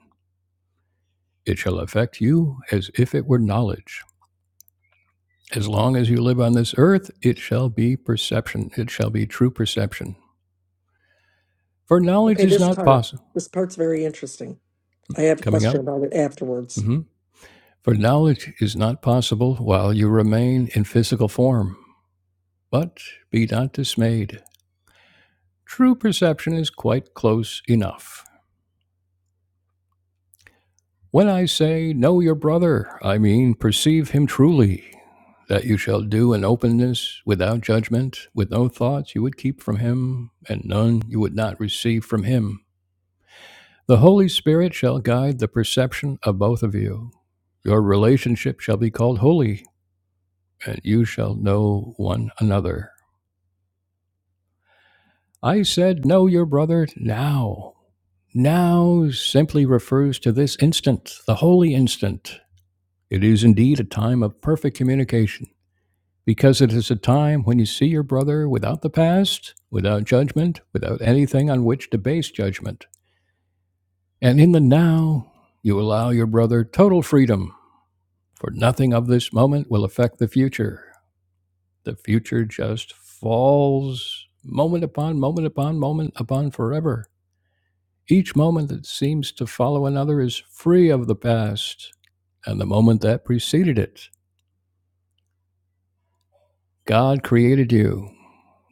Speaker 2: It shall affect you as if it were knowledge. As long as you live on this earth, it shall be perception. It shall be true perception. For knowledge
Speaker 1: okay
Speaker 2: is
Speaker 1: this
Speaker 2: not
Speaker 1: part
Speaker 2: possible.
Speaker 1: this part's very interesting i have a
Speaker 2: Coming
Speaker 1: question
Speaker 2: up.
Speaker 1: about it afterwards
Speaker 2: hmm For knowledge is not possible while you remain in physical form. But be not dismayed. True perception is quite close enough. When I say know your brother, I mean perceive him truly, that you shall do in openness, without judgment, with no thoughts you would keep from him, and none you would not receive from him. The Holy Spirit shall guide the perception of both of you. Your relationship shall be called holy, and you shall know one another. I said, Know your brother now. Now simply refers to this instant, the holy instant. It is indeed a time of perfect communication. because it is a time when you see your brother without the past, without judgment, without anything on which to base judgment. And in the now, you allow your brother total freedom, for nothing of this moment will affect the future. The future just falls moment upon moment upon moment upon forever. Each moment that seems to follow another is free of the past and the moment that preceded it. God created you.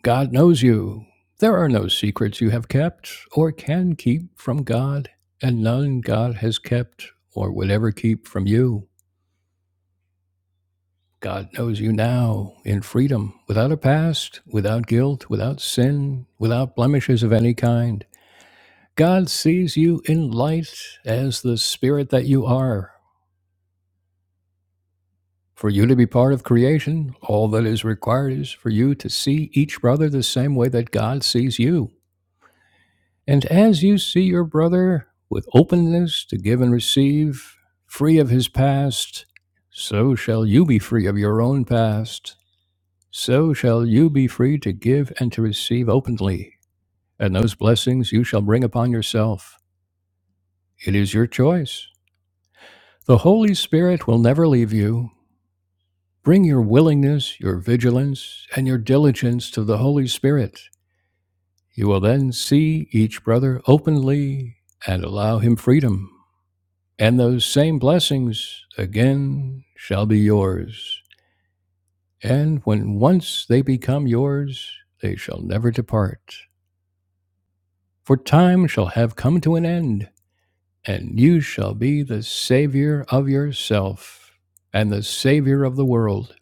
Speaker 2: God knows you. There are no secrets you have kept or can keep from God, and none God has kept or would ever keep from you. God knows you now in freedom, without a past, without guilt, without sin, without blemishes of any kind. God sees you in light as the spirit that you are. For you to be part of creation, all that is required is for you to see each brother the same way that God sees you. And as you see your brother with openness to give and receive, free of his past, so shall you be free of your own past. So shall you be free to give and to receive openly, and those blessings you shall bring upon yourself. It is your choice. The Holy Spirit will never leave you. Bring your willingness, your vigilance, and your diligence to the Holy Spirit. You will then see each brother openly and allow him freedom. and those same blessings again shall be yours. And when once they become yours, they shall never depart. For time shall have come to an end, and you shall be the Savior of yourself and the Savior of the world.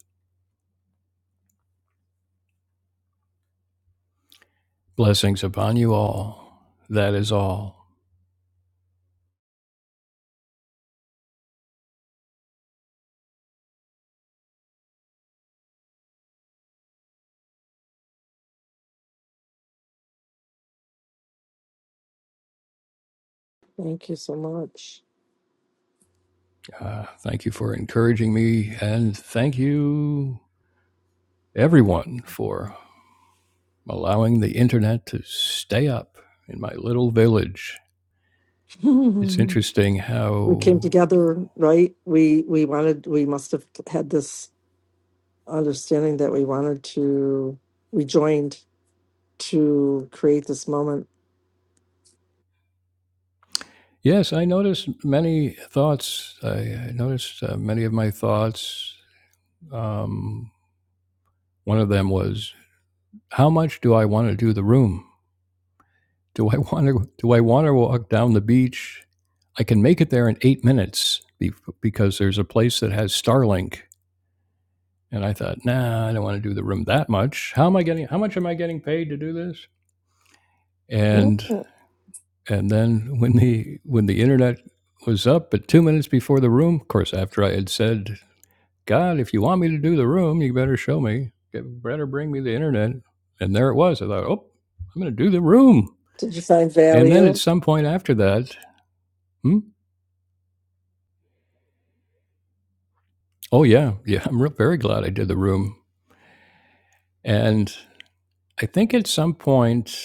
Speaker 2: Blessings upon you all. That is all.
Speaker 1: thank you so much
Speaker 2: Uh, thank you for encouraging me, and thank you, everyone, for allowing the internet to stay up in my little village. It's
Speaker 1: <laughs>
Speaker 2: interesting
Speaker 1: we came
Speaker 2: how,
Speaker 1: together, right? We we wanted we must have had this understanding that we wanted to we joined to create this moment.
Speaker 2: yes, I noticed many thoughts. I noticed uh, many of my thoughts. Um, one of them was, how much do I want to do the room? Do I <laughs> want to? Do I want to walk down the beach? I can make it there in eight minutes be- because there's a place that has Starlink. And I thought, nah, I don't want to do the room that much. How am I getting? How much am I getting paid to do this? And
Speaker 1: Oh,
Speaker 2: And then when the when the internet was up at two minutes before the room, of course, after I had said, "God, if you want me to do the room, you better show me, Get- better bring me the internet." And there it was. I thought, "Oh, I'm going to do the room."
Speaker 1: did you find
Speaker 2: And then at
Speaker 1: value?
Speaker 2: some point after that, hmm, oh yeah, yeah, I'm real, very glad I did the room. And I think at some point,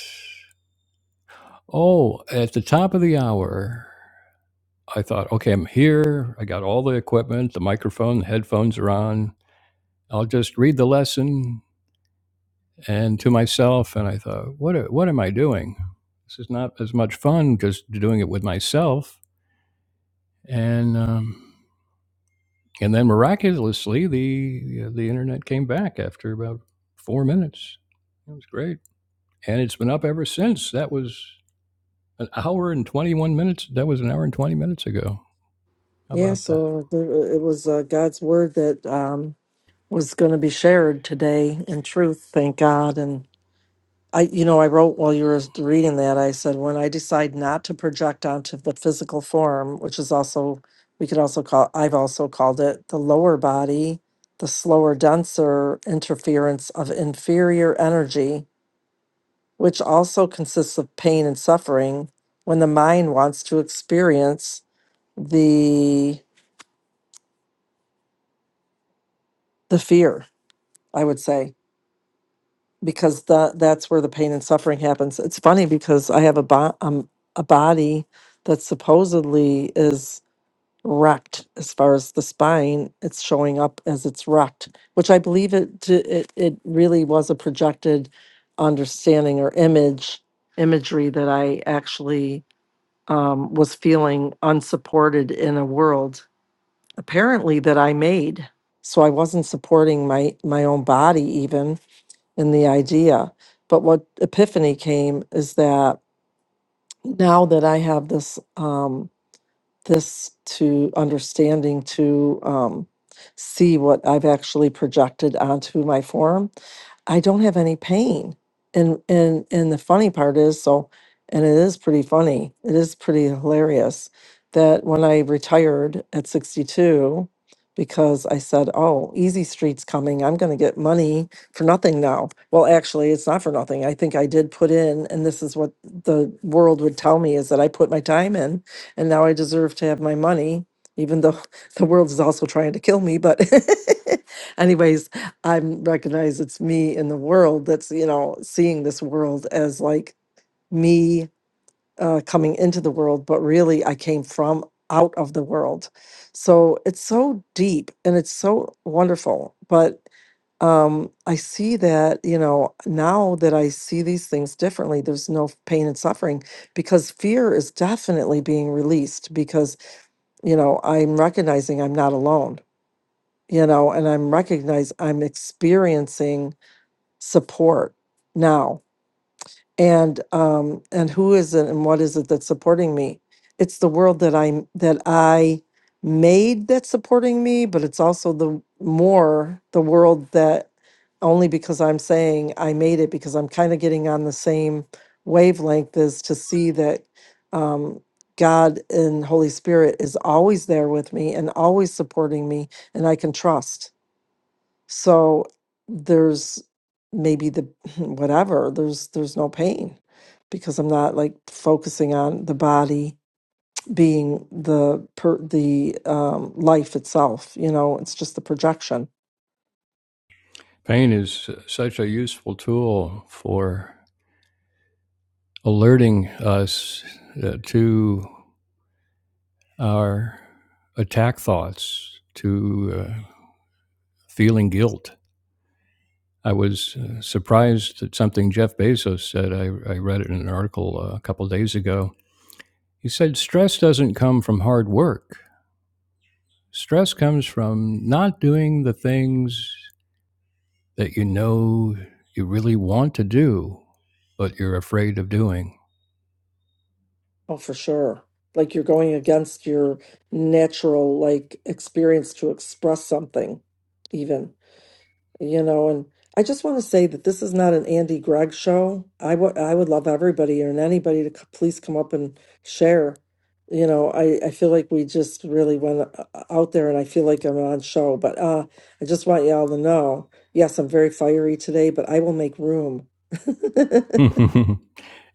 Speaker 2: oh, at the top of the hour, I thought, okay, I'm here. I got all the equipment, the microphone, the headphones are on I'll just read the lesson and to myself. And I thought, what, what am I doing? This is not as much fun just doing it with myself. And, um, and then miraculously, the, uh, the internet came back after about four minutes. It was great. And it's been up ever since. That was an hour and 21 minutes. That was an hour and 20 minutes ago. How
Speaker 1: Yeah,
Speaker 2: about that?
Speaker 1: so there, it was uh, God's word that um, was going to be shared today in truth. Thank God, and I, you know, I wrote while you were reading that, I said, when I decide not to project onto the physical form, which is also, we could also call, I've also called it the lower body, the slower, denser interference of inferior energy, which also consists of pain and suffering when the mind wants to experience the the fear i would say because the, that's where the pain and suffering happens. It's funny because I have a, bo- um, a body that supposedly is wrecked as far as the spine. It's showing up as it's wrecked, which I believe it to, it, it really was a projected understanding or image imagery that I actually um, was feeling unsupported in a world apparently that I made. So I wasn't supporting my my own body even in the idea. But what epiphany came is that now that I have this um, this to understanding to um, see what I've actually projected onto my form. I don't have any pain. And and and the funny part is so and it is pretty funny. It is pretty hilarious that when I retired at 62 because I said, "Oh, Easy Street's coming. I'm going to get money for nothing now." Well, actually, it's not for nothing. I think I did put in and this is what the world would tell me is that I put my time in and now I deserve to have my money, even though <laughs> the world is also trying to kill me. But, <laughs> anyways, I recognize it's me in the world that's, you know, seeing this world as like me uh, coming into the world, but really I came from out of the world. So it's so deep and it's so wonderful. But um, I see that, you know, now that I see these things differently, there's no pain and suffering because fear is definitely being released because you know, I'm recognizing I'm not alone, you know, and I'm recognize I'm experiencing support now and um and who is it and what is it that's supporting me it's the world that i that i made that's supporting me but it's also the more the world that only because i'm saying i made it because i'm kind of getting on the same wavelength as to see that um god and holy spirit is always there with me and always supporting me and i can trust so there's maybe the <laughs> whatever, there's there's no pain because I'm not like focusing on the body being the per, the um life itself, you know, it's just the projection.
Speaker 2: Pain is such a useful tool for alerting us uh, to our attack thoughts to uh, feeling guilt. I was uh, surprised at something Jeff Bezos said. I, I read it in an article uh, a couple of days ago. He said, Stress doesn't come from hard work, stress comes from not doing the things that you know you really want to do, but you're afraid of doing.
Speaker 1: Oh, for sure. Like you're going against your natural like experience to express something even. you know, and I just want to say that this is not an Andy Gregg show. I would I would love everybody and anybody to c- please come up and share. You know, I I feel like we just really went uh, out there, and I feel like I'm on show. But uh, I just want y'all to know, yes, I'm very fiery today, but I will make room. <laughs> yeah,
Speaker 2: <laughs>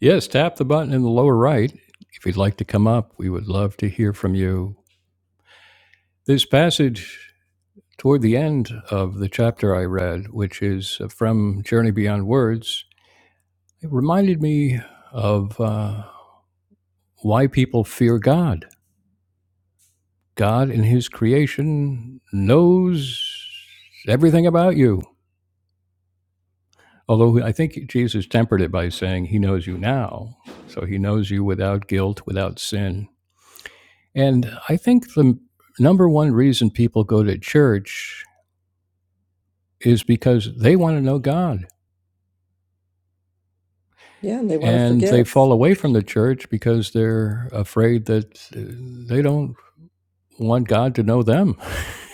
Speaker 2: yes, tap the button in the lower right. If you'd like to come up, we would love to hear from you. This passage toward the end of the chapter I read, which is uh, from Journey Beyond Words, it reminded me of uh, why people fear God. God in His creation knows everything about you. Although I think Jesus tempered it by saying He knows you now. So He knows you without guilt, without sin. And I think the number one reason people go to church is because they want to know God
Speaker 1: and they want to
Speaker 2: and they
Speaker 1: forgive,
Speaker 2: fall away from the church because they're afraid that uh, they don't want God to know them.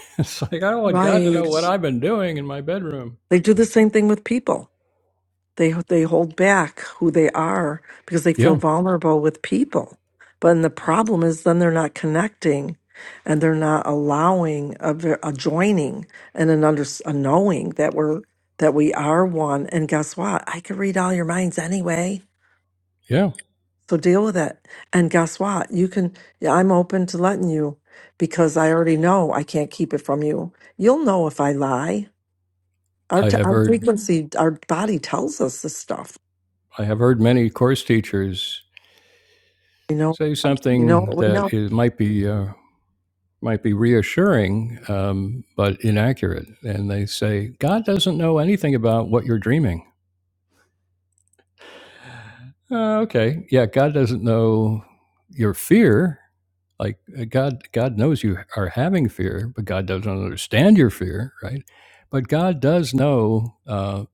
Speaker 2: <laughs> it's like I don't want God to
Speaker 1: right?
Speaker 2: know what I've been doing in my bedroom.
Speaker 1: They do the same thing with people. They they hold back who they are because they feel
Speaker 2: Yeah,
Speaker 1: vulnerable with people. But and the problem is then they're not connecting, and they're not allowing a, v- a joining and an under a knowing that we're that we are one. And guess what? I can read all your minds anyway.
Speaker 2: yeah.
Speaker 1: So deal with it. And guess what? You can. Yeah, I'm open to letting you because I already know I can't keep it from you. You'll know if I lie. Our,
Speaker 2: I
Speaker 1: t-
Speaker 2: have
Speaker 1: our
Speaker 2: heard
Speaker 1: frequency, our body tells us this stuff.
Speaker 2: I have heard many course teachers say
Speaker 1: You know
Speaker 2: something
Speaker 1: what we
Speaker 2: that
Speaker 1: know?
Speaker 2: is, might be uh, might be reassuring, um, but inaccurate. And they say God doesn't know anything about what you're dreaming. Uh, okay, yeah, God doesn't know your fear like uh, god god knows you are having fear but god doesn't understand your fear right but god does know uh,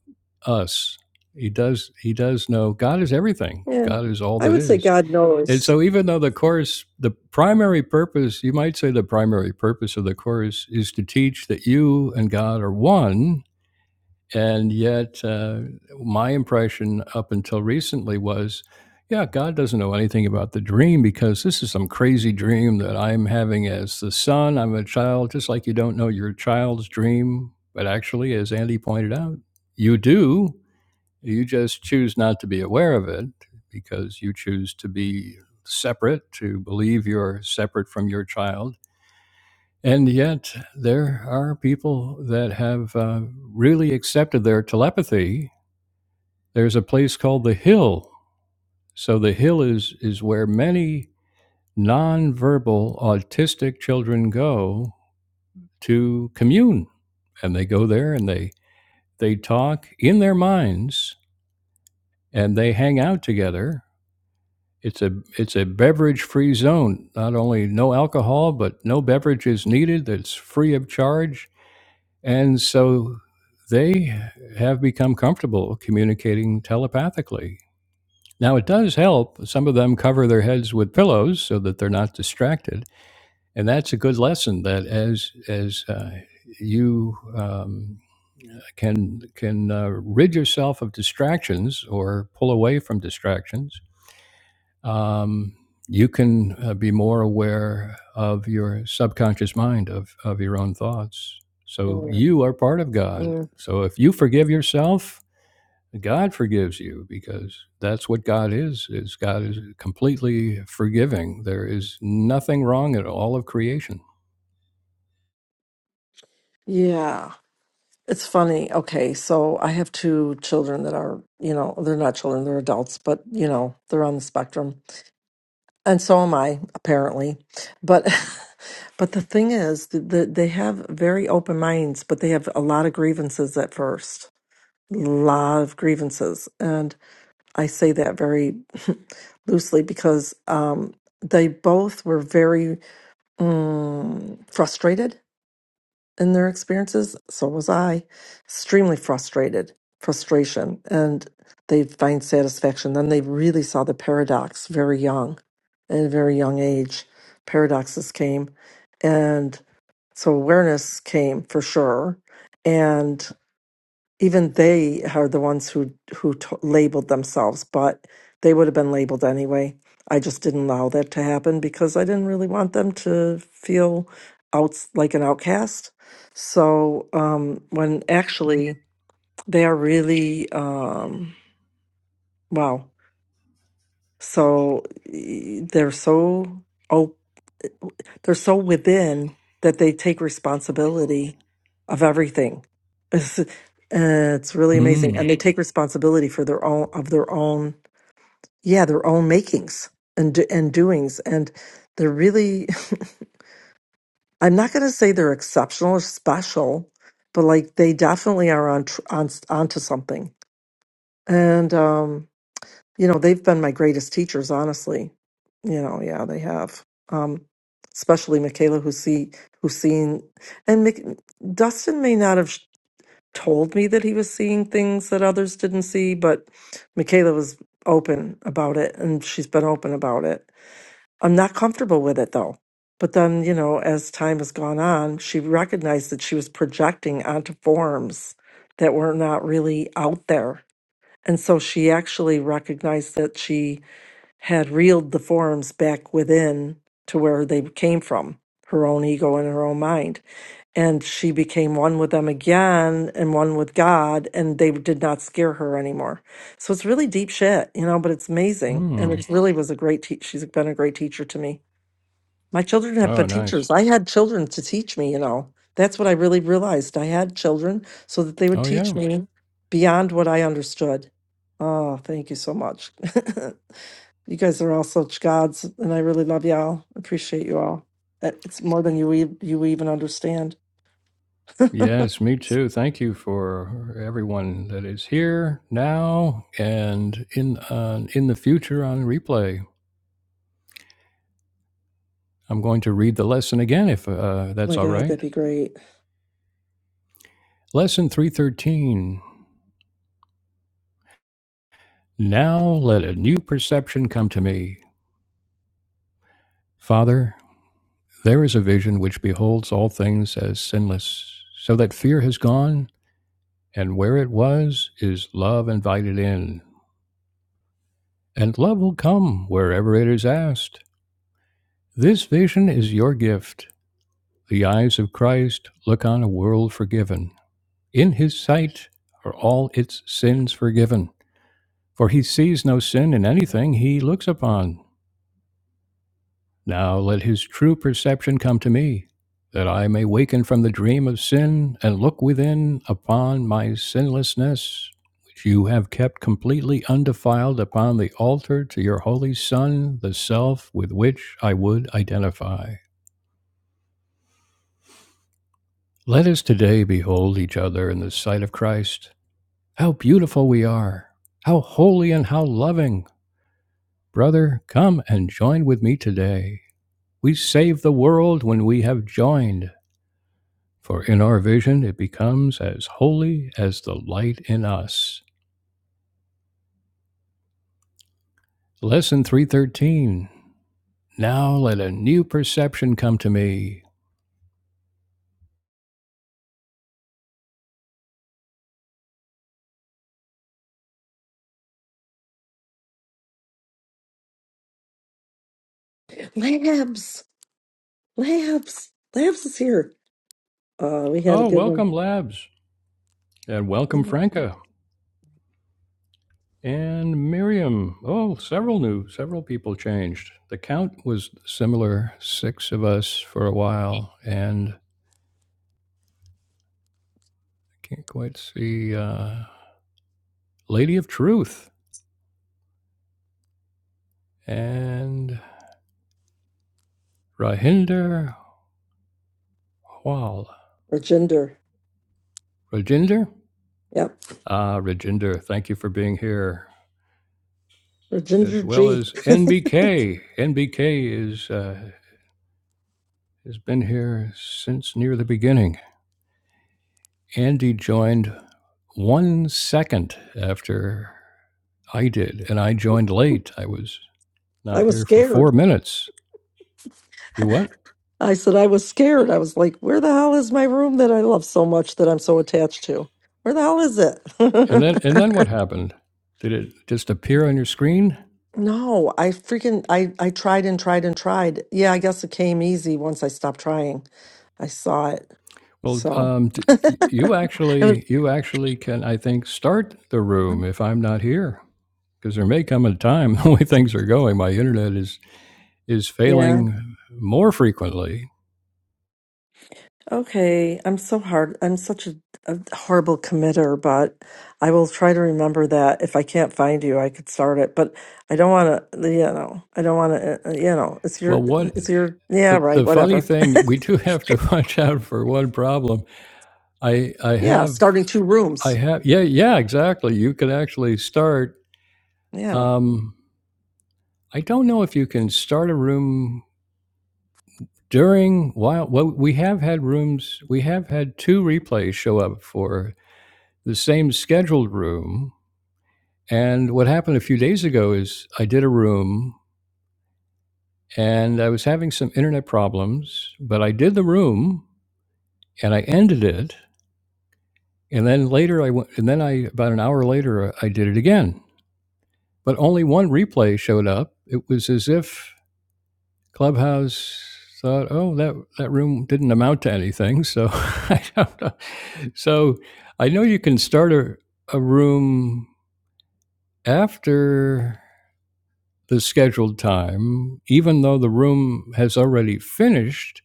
Speaker 2: us he does he does know god is everything
Speaker 1: Yeah.
Speaker 2: god is all
Speaker 1: I
Speaker 2: that
Speaker 1: would say
Speaker 2: is
Speaker 1: God
Speaker 2: and
Speaker 1: knows.
Speaker 2: so even though the course the primary purpose you might say the primary purpose of the course is to teach that you and god are one and yet, uh, my impression up until recently was, yeah, God doesn't know anything about the dream because this is some crazy dream that I'm having as the son. I'm a child, just like you don't know your child's dream. But actually, as Andy pointed out, you do. You just choose not to be aware of it because you choose to be separate, to believe you're separate from your child and yet, there are people that have uh, really accepted their telepathy. There's a place called the Hill. So the Hill is is where many nonverbal autistic children go to commune, and they go there and they they talk in their minds and they hang out together. It's a it's a beverage free zone. Not only no alcohol, but no beverage is needed. It's free of charge And so they have become comfortable communicating telepathically. Now, it does help. Some of them cover their heads with pillows so that they're not distracted. And that's a good lesson that as, as, uh, you um, can can uh, rid yourself of distractions or pull away from distractions um, you can uh, be more aware of your subconscious mind of of your own thoughts so
Speaker 1: Mm,
Speaker 2: you are part of god
Speaker 1: mm.
Speaker 2: so if you forgive yourself god forgives you because that's what god is is god is completely forgiving there is nothing wrong at all of creation
Speaker 1: Yeah. It's funny. Okay. So I have two children that are, you know, they're not children, they're adults, but, you know, they're on the spectrum. And so am I, apparently. But. <laughs> But the thing is, th- th- they have very open minds, but they have a lot of grievances at first. A lot of grievances. And I say that very <laughs> loosely because um, they both were very mm, frustrated in their experiences. So was I, extremely frustrated, frustration, and they find satisfaction. Then they really saw the paradox very young, at a very young age. Paradoxes came, and so awareness came for sure. and even they are the ones who who t- labeled themselves, but they would have been labeled anyway. I just didn't allow that to happen because I didn't really want them to feel out like an outcast. So um, when actually they are really um, wow, so e- they're so They're so within that they take responsibility of everything. <laughs> It's, uh, it's really amazing,
Speaker 2: mm.
Speaker 1: and they take responsibility for their own of their own, yeah, their own makings and do- and doings. And they're really, <laughs> I'm not going to say they're exceptional or special, but like they definitely are on tr- on onto something. And um, you know they've been my greatest teachers honestly you know yeah they have um especially michaela who see who's seen and Mc, dustin may not have told me that he was seeing things that others didn't see but michaela was open about it and she's been open about it i'm not comfortable with it though but then you know as time has gone on she recognized that she was projecting onto forms that were not really out there and so she actually recognized that she had reeled the forms back within to where they came from her own ego and her own mind. And she became one with them again and one with God, and they did not scare her anymore. So it's really deep shit, you know, but it's amazing. And
Speaker 2: Mm.
Speaker 1: it really was a great teacher. She's been a great teacher to me. My children have
Speaker 2: oh
Speaker 1: been
Speaker 2: nice
Speaker 1: teachers. I had children to teach me, you know. That's what I really realized. I had children so that they would
Speaker 2: oh yeah
Speaker 1: teach me beyond what I understood. Oh, thank you so much. <laughs> you guys are all such gods, and I really love y'all. Appreciate you all. Uh, It's more than you e- you even understand. <laughs>
Speaker 2: Yes, me too. Thank you for everyone that is here now and in uh, in the future on replay. I'm going to read the lesson again if uh,
Speaker 1: Oh
Speaker 2: that's
Speaker 1: my
Speaker 2: all
Speaker 1: God, that'd
Speaker 2: right.
Speaker 1: be great.
Speaker 2: Lesson 313. Now let a new perception come to me. Father, there is a vision which beholds all things as sinless, so that fear has gone, and where it was is love invited in. And love will come wherever it is asked. This vision is your gift. The eyes of Christ look on a world forgiven. In his sight are all its sins forgiven. For he sees no sin in anything he looks upon. Now let his true perception come to me, that I may waken from the dream of sin and look within upon my sinlessness, which you have kept completely undefiled upon the altar to your holy Son, the self with which I would identify. Let us today behold each other in the sight of Christ How beautiful we are! How holy and how loving! Brother, come and join with me today. We save the world when we have joined, for in our vision it becomes as holy as the light in us. Lesson 313. Now let a new perception come to me.
Speaker 1: Labs, labs, labs is here. Uh, we had a
Speaker 2: Oh,
Speaker 1: good one.
Speaker 2: welcome, Labs, and welcome, Franca, and Miriam. Oh, several new, several people changed. The count was similar, six of us for a while, and Can't quite see. Uh, Lady of Truth and Rajinder Hwal.
Speaker 1: Or Ginger.
Speaker 2: Rajinder?
Speaker 1: Yep.
Speaker 2: Ah, Rajinder, thank you for being here,
Speaker 1: Or
Speaker 2: as
Speaker 1: Ginger
Speaker 2: well
Speaker 1: G.
Speaker 2: as NBK. NBK is uh, has been here since near the beginning. Andy joined one second after I did, and I joined late. I was
Speaker 1: I
Speaker 2: not
Speaker 1: was
Speaker 2: here for
Speaker 1: scared.
Speaker 2: four minutes. You what?
Speaker 1: I said I was scared. I was like, where the hell is my room that I love so much that I'm so attached to? Where the hell is it?
Speaker 2: And then and then
Speaker 1: <laughs>
Speaker 2: what happened? Did it just appear on your screen?
Speaker 1: no, I freaking I I tried and tried and tried. Yeah, I guess it came easy once I stopped trying. I saw it.
Speaker 2: Well,
Speaker 1: So
Speaker 2: um, d- y- you
Speaker 1: it was
Speaker 2: actually, you actually can, I think, start the room if I'm not here, because there may come a time <laughs> the way things are going, my internet is is
Speaker 1: yeah.
Speaker 2: failing more frequently.
Speaker 1: Okay. I'm so hard. I'm such a, a horrible committer, but I will try to remember that if I can't find you, I could start it. But I don't want to, you know, I don't want to, you know, it's
Speaker 2: Well,
Speaker 1: your,
Speaker 2: what
Speaker 1: it's your, yeah,
Speaker 2: the,
Speaker 1: right,
Speaker 2: the funny
Speaker 1: whatever.
Speaker 2: thing we do have to <laughs> watch out for one problem. I I
Speaker 1: Yeah,
Speaker 2: have
Speaker 1: starting two
Speaker 2: I
Speaker 1: rooms.
Speaker 2: have yeah yeah exactly. You can actually start.
Speaker 1: Yeah.
Speaker 2: Um, I don't know if you can start a room during while well we have had rooms we have had two replays show up for the same scheduled room. And what happened a few days ago is I did a room and I was having some internet problems, but I did the room and I ended it. And then later I went, and then I, about an hour later, I did it again. But only one replay showed up. It was as if Clubhouse thought, oh, that, that room didn't amount to anything. So <laughs> I don't know. So I know you can start a, a room after the scheduled time, even though the room has already finished.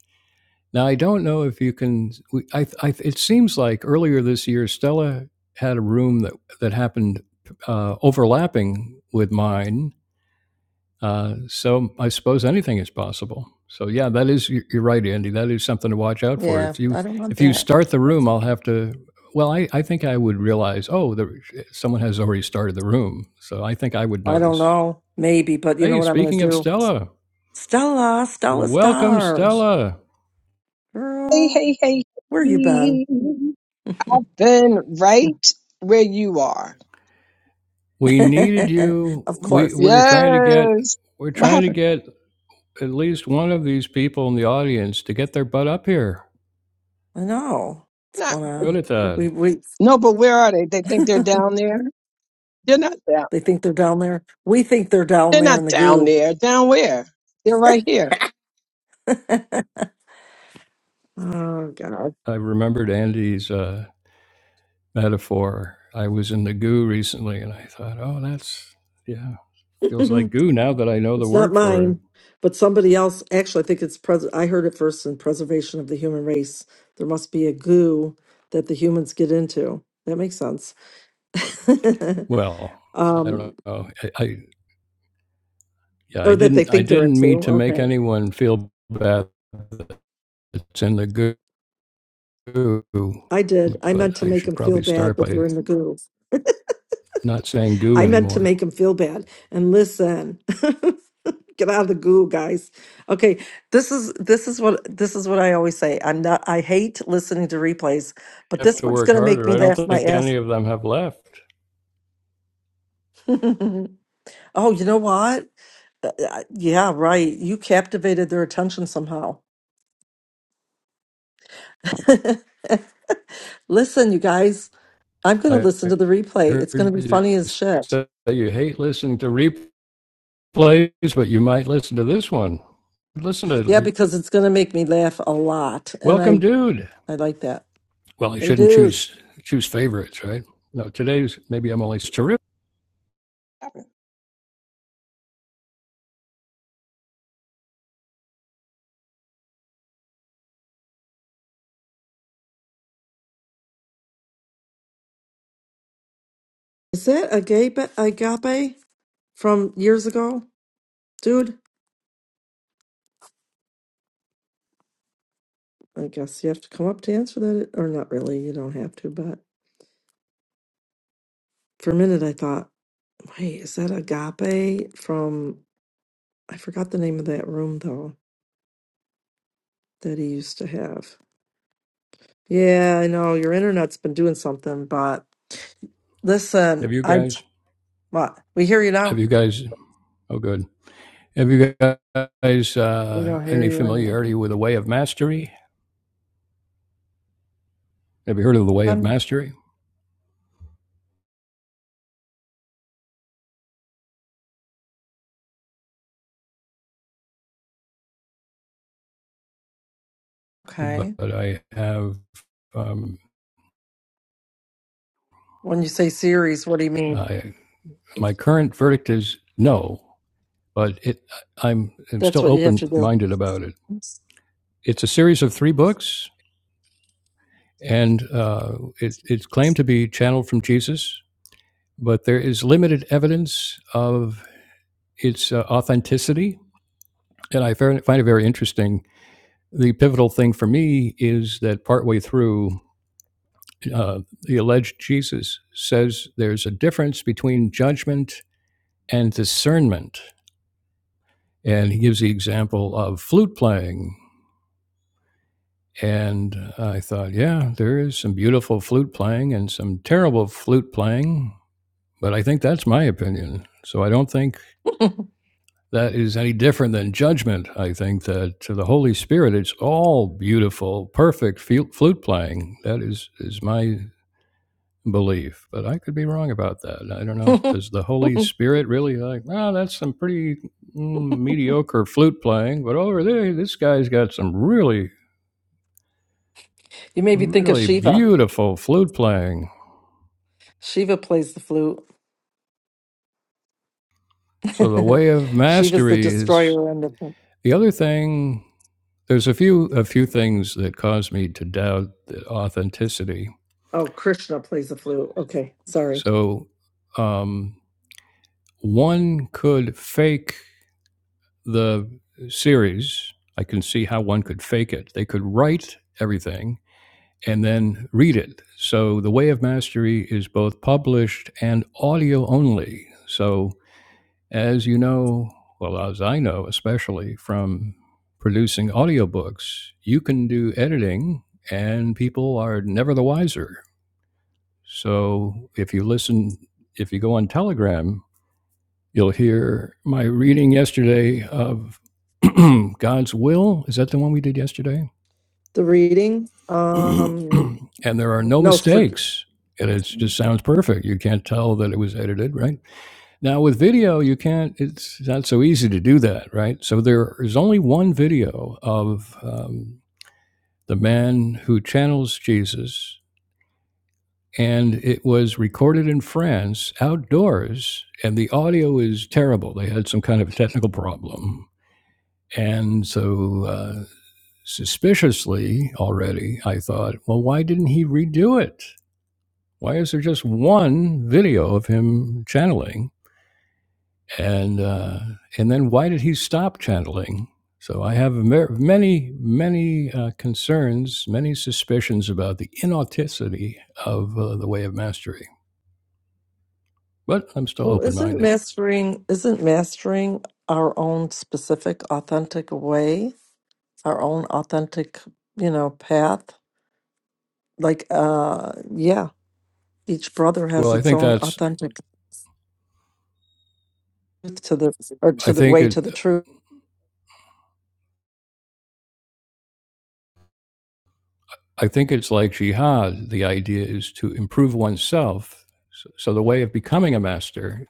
Speaker 2: Now, I don't know if you can. I, I, it seems like earlier this year, Stella had a room that, that happened uh, overlapping with mine. Uh, so I suppose anything is possible. So yeah, that is you- you're right, Andy. That is something to watch out for.
Speaker 1: Yeah.
Speaker 2: If you
Speaker 1: I don't want
Speaker 2: if you
Speaker 1: that.
Speaker 2: start the room, I'll have to. Well, I, I think I would realize. Oh, there, someone has already started the room, so I think I would
Speaker 1: I don't
Speaker 2: notice.
Speaker 1: know. Maybe, but you know
Speaker 2: Hey,
Speaker 1: what I'm going to
Speaker 2: speaking of
Speaker 1: do?
Speaker 2: Stella,
Speaker 1: Stella, Stella
Speaker 2: Welcome,
Speaker 1: Star.
Speaker 2: Stella.
Speaker 3: Hey,
Speaker 1: Girl,
Speaker 3: hey, hey,
Speaker 1: where you been?
Speaker 3: hey.
Speaker 1: <laughs>
Speaker 3: I've been
Speaker 1: <laughs>
Speaker 3: right where you are.
Speaker 2: We needed you.
Speaker 1: of
Speaker 2: We
Speaker 1: course.
Speaker 2: we're trying to get
Speaker 3: Yes.
Speaker 2: we're
Speaker 3: What
Speaker 2: trying to
Speaker 3: happened?
Speaker 2: get at least one of these people in the audience to get their butt up here.
Speaker 1: I know. What's
Speaker 3: Not,
Speaker 1: going on?
Speaker 2: Good at
Speaker 1: We,
Speaker 2: that.
Speaker 1: we,
Speaker 3: no, but where are they? They think
Speaker 1: <laughs>
Speaker 3: they're down there. They're not down.
Speaker 1: they think they're down there. We think they're down
Speaker 3: They're
Speaker 1: there in
Speaker 3: not
Speaker 1: the
Speaker 3: down
Speaker 1: goo.
Speaker 3: there. Down where? They're right here.
Speaker 1: <laughs> oh, God.
Speaker 2: I remembered Andy's uh, metaphor. I was in the goo recently, and I thought, oh, that's yeah, feels
Speaker 1: <laughs>
Speaker 2: like goo now that I know the
Speaker 1: It's not
Speaker 2: word for it.
Speaker 1: mine, but somebody else. Actually, I think it's pres. I heard it first in Preservation of the Human Race. There must be a goo that the humans get into. That makes sense. <laughs>
Speaker 2: Well, I
Speaker 1: um,
Speaker 2: don't know. I, I yeah, I
Speaker 1: or that they
Speaker 2: didn't I
Speaker 1: think they're
Speaker 2: didn't
Speaker 1: into.
Speaker 2: mean to make
Speaker 1: Okay.
Speaker 2: anyone feel bad. It's in the goo,
Speaker 1: I did. I
Speaker 2: but
Speaker 1: meant to
Speaker 2: I
Speaker 1: make
Speaker 2: should
Speaker 1: them feel
Speaker 2: probably
Speaker 1: bad,
Speaker 2: start
Speaker 1: but
Speaker 2: by
Speaker 1: they're in the goo.
Speaker 2: not saying goo
Speaker 1: I meant to
Speaker 2: anymore.
Speaker 1: make them feel bad. And listen, <laughs> get out of the goo, guys. Okay, this is this is what this is what I always say. I'm not. I hate listening to replays, but
Speaker 2: I Have
Speaker 1: this
Speaker 2: to
Speaker 1: one's
Speaker 2: work
Speaker 1: gonna make
Speaker 2: harder.
Speaker 1: me
Speaker 2: I don't
Speaker 1: laugh my
Speaker 2: think
Speaker 1: ass.
Speaker 2: any of them have left.
Speaker 1: <laughs> Oh, you know what? Uh, uh, Yeah, right. You captivated their attention somehow. <laughs> Listen, you guys, I'm going to
Speaker 2: I
Speaker 1: listen to the replay. It's going
Speaker 2: heard
Speaker 1: to be
Speaker 2: you
Speaker 1: funny as shit.
Speaker 2: say that you hate listening to replays, but you might listen to this one. Listen
Speaker 1: Yeah,
Speaker 2: to
Speaker 1: because it's going to make me laugh a lot, and
Speaker 2: Welcome,
Speaker 1: I
Speaker 2: dude.
Speaker 1: I like that.
Speaker 2: Well, I
Speaker 1: They
Speaker 2: shouldn't
Speaker 1: do.
Speaker 2: choose choose favorites, right? No, today's maybe I'm only terrific.
Speaker 1: Is that agape agape from years ago, dude? I guess you have to come up to answer that, or not really. You don't have to, but for a minute I thought, wait, is that agape from? I forgot the name of that room though. that he used to have. Yeah, I know your internet's been doing something, but listen,
Speaker 2: Have you
Speaker 1: I
Speaker 2: guys?
Speaker 1: what we hear you
Speaker 2: Have
Speaker 1: now.
Speaker 2: you guys? Oh, good. Have you guys
Speaker 1: We
Speaker 2: uh,
Speaker 1: don't hear
Speaker 2: any
Speaker 1: you anyway.
Speaker 2: familiarity with the Way of Mastery? Have you heard of the Way of
Speaker 1: Um,
Speaker 2: Mastery? But
Speaker 1: okay.
Speaker 2: but I have um,
Speaker 1: When you say series, what do you mean?
Speaker 2: I, my current verdict is no, but it, I'm, I'm
Speaker 1: That's
Speaker 2: still
Speaker 1: what you have to
Speaker 2: open minded about it. It's a series of three books, and uh, it, it's claimed to be channeled from Jesus, but there is limited evidence of its uh, authenticity. And I find it very interesting. The pivotal thing for me is that partway through, uh, the alleged Jesus says there's a difference between judgment and discernment. And he gives the example of flute playing And I thought, yeah, there is some beautiful flute playing and some terrible flute playing, but I think that's my opinion. So I don't think that is any different than judgment. I think that to the Holy Spirit, it's all beautiful, perfect flute playing. That is, is my belief, but I could be wrong about that. I don't know.
Speaker 1: do.
Speaker 2: Does the
Speaker 1: <laughs>
Speaker 2: Holy Spirit really like, oh, that's some pretty mm, mediocre flute playing, but over there, this guy's got some really,
Speaker 1: you made me think of
Speaker 2: really
Speaker 1: Shiva.
Speaker 2: beautiful flute playing.
Speaker 1: Shiva plays the flute.
Speaker 2: So the
Speaker 1: <laughs>
Speaker 2: way of
Speaker 1: Shiva's the
Speaker 2: mastery is
Speaker 1: destroyer and the
Speaker 2: the other thing. There's a few a few things that cause me to doubt the authenticity.
Speaker 1: oh Krishna plays the flute. Okay, sorry.
Speaker 2: So um, one could fake the series. I can see how one could fake it. They could write everything and then read it. So the way of mastery is both published and audio only. So As you know, well, as I know, especially from producing audiobooks, you can do editing and people are never the wiser. So if you listen, if you go on Telegram, you'll hear my reading yesterday of <clears throat> God's Will. Is that the one we did yesterday?
Speaker 1: The reading.
Speaker 2: <clears throat>
Speaker 1: Um,
Speaker 2: and there are no
Speaker 1: no,
Speaker 2: mistakes. And it just sounds perfect. You can't tell that it was edited, right? Now with video, you can't. It's not so easy to do that, right? So there is only one video of um, the man who channels Jesus, and it was recorded in France outdoors, and the audio is terrible. They had some kind of technical problem, and so uh, suspiciously already, I thought, well, why didn't he redo it? Why is there just one video of him channeling? and uh, and then why did he stop channeling? So I have many many uh, concerns, many suspicions about the inauthenticity of uh, the way of mastery. But I'm still
Speaker 1: Well,
Speaker 2: open
Speaker 1: isn't
Speaker 2: minded.
Speaker 1: mastering isn't mastering our own specific authentic way, our own authentic, you know, path? Like uh yeah, each brother
Speaker 2: Well,
Speaker 1: has
Speaker 2: I
Speaker 1: its
Speaker 2: think
Speaker 1: own
Speaker 2: that's
Speaker 1: authentic truth to the or
Speaker 2: I
Speaker 1: to the
Speaker 2: think
Speaker 1: way to
Speaker 2: it
Speaker 1: the truth.
Speaker 2: I think it's like jihad. The idea is to improve oneself. So, so the way of becoming a master.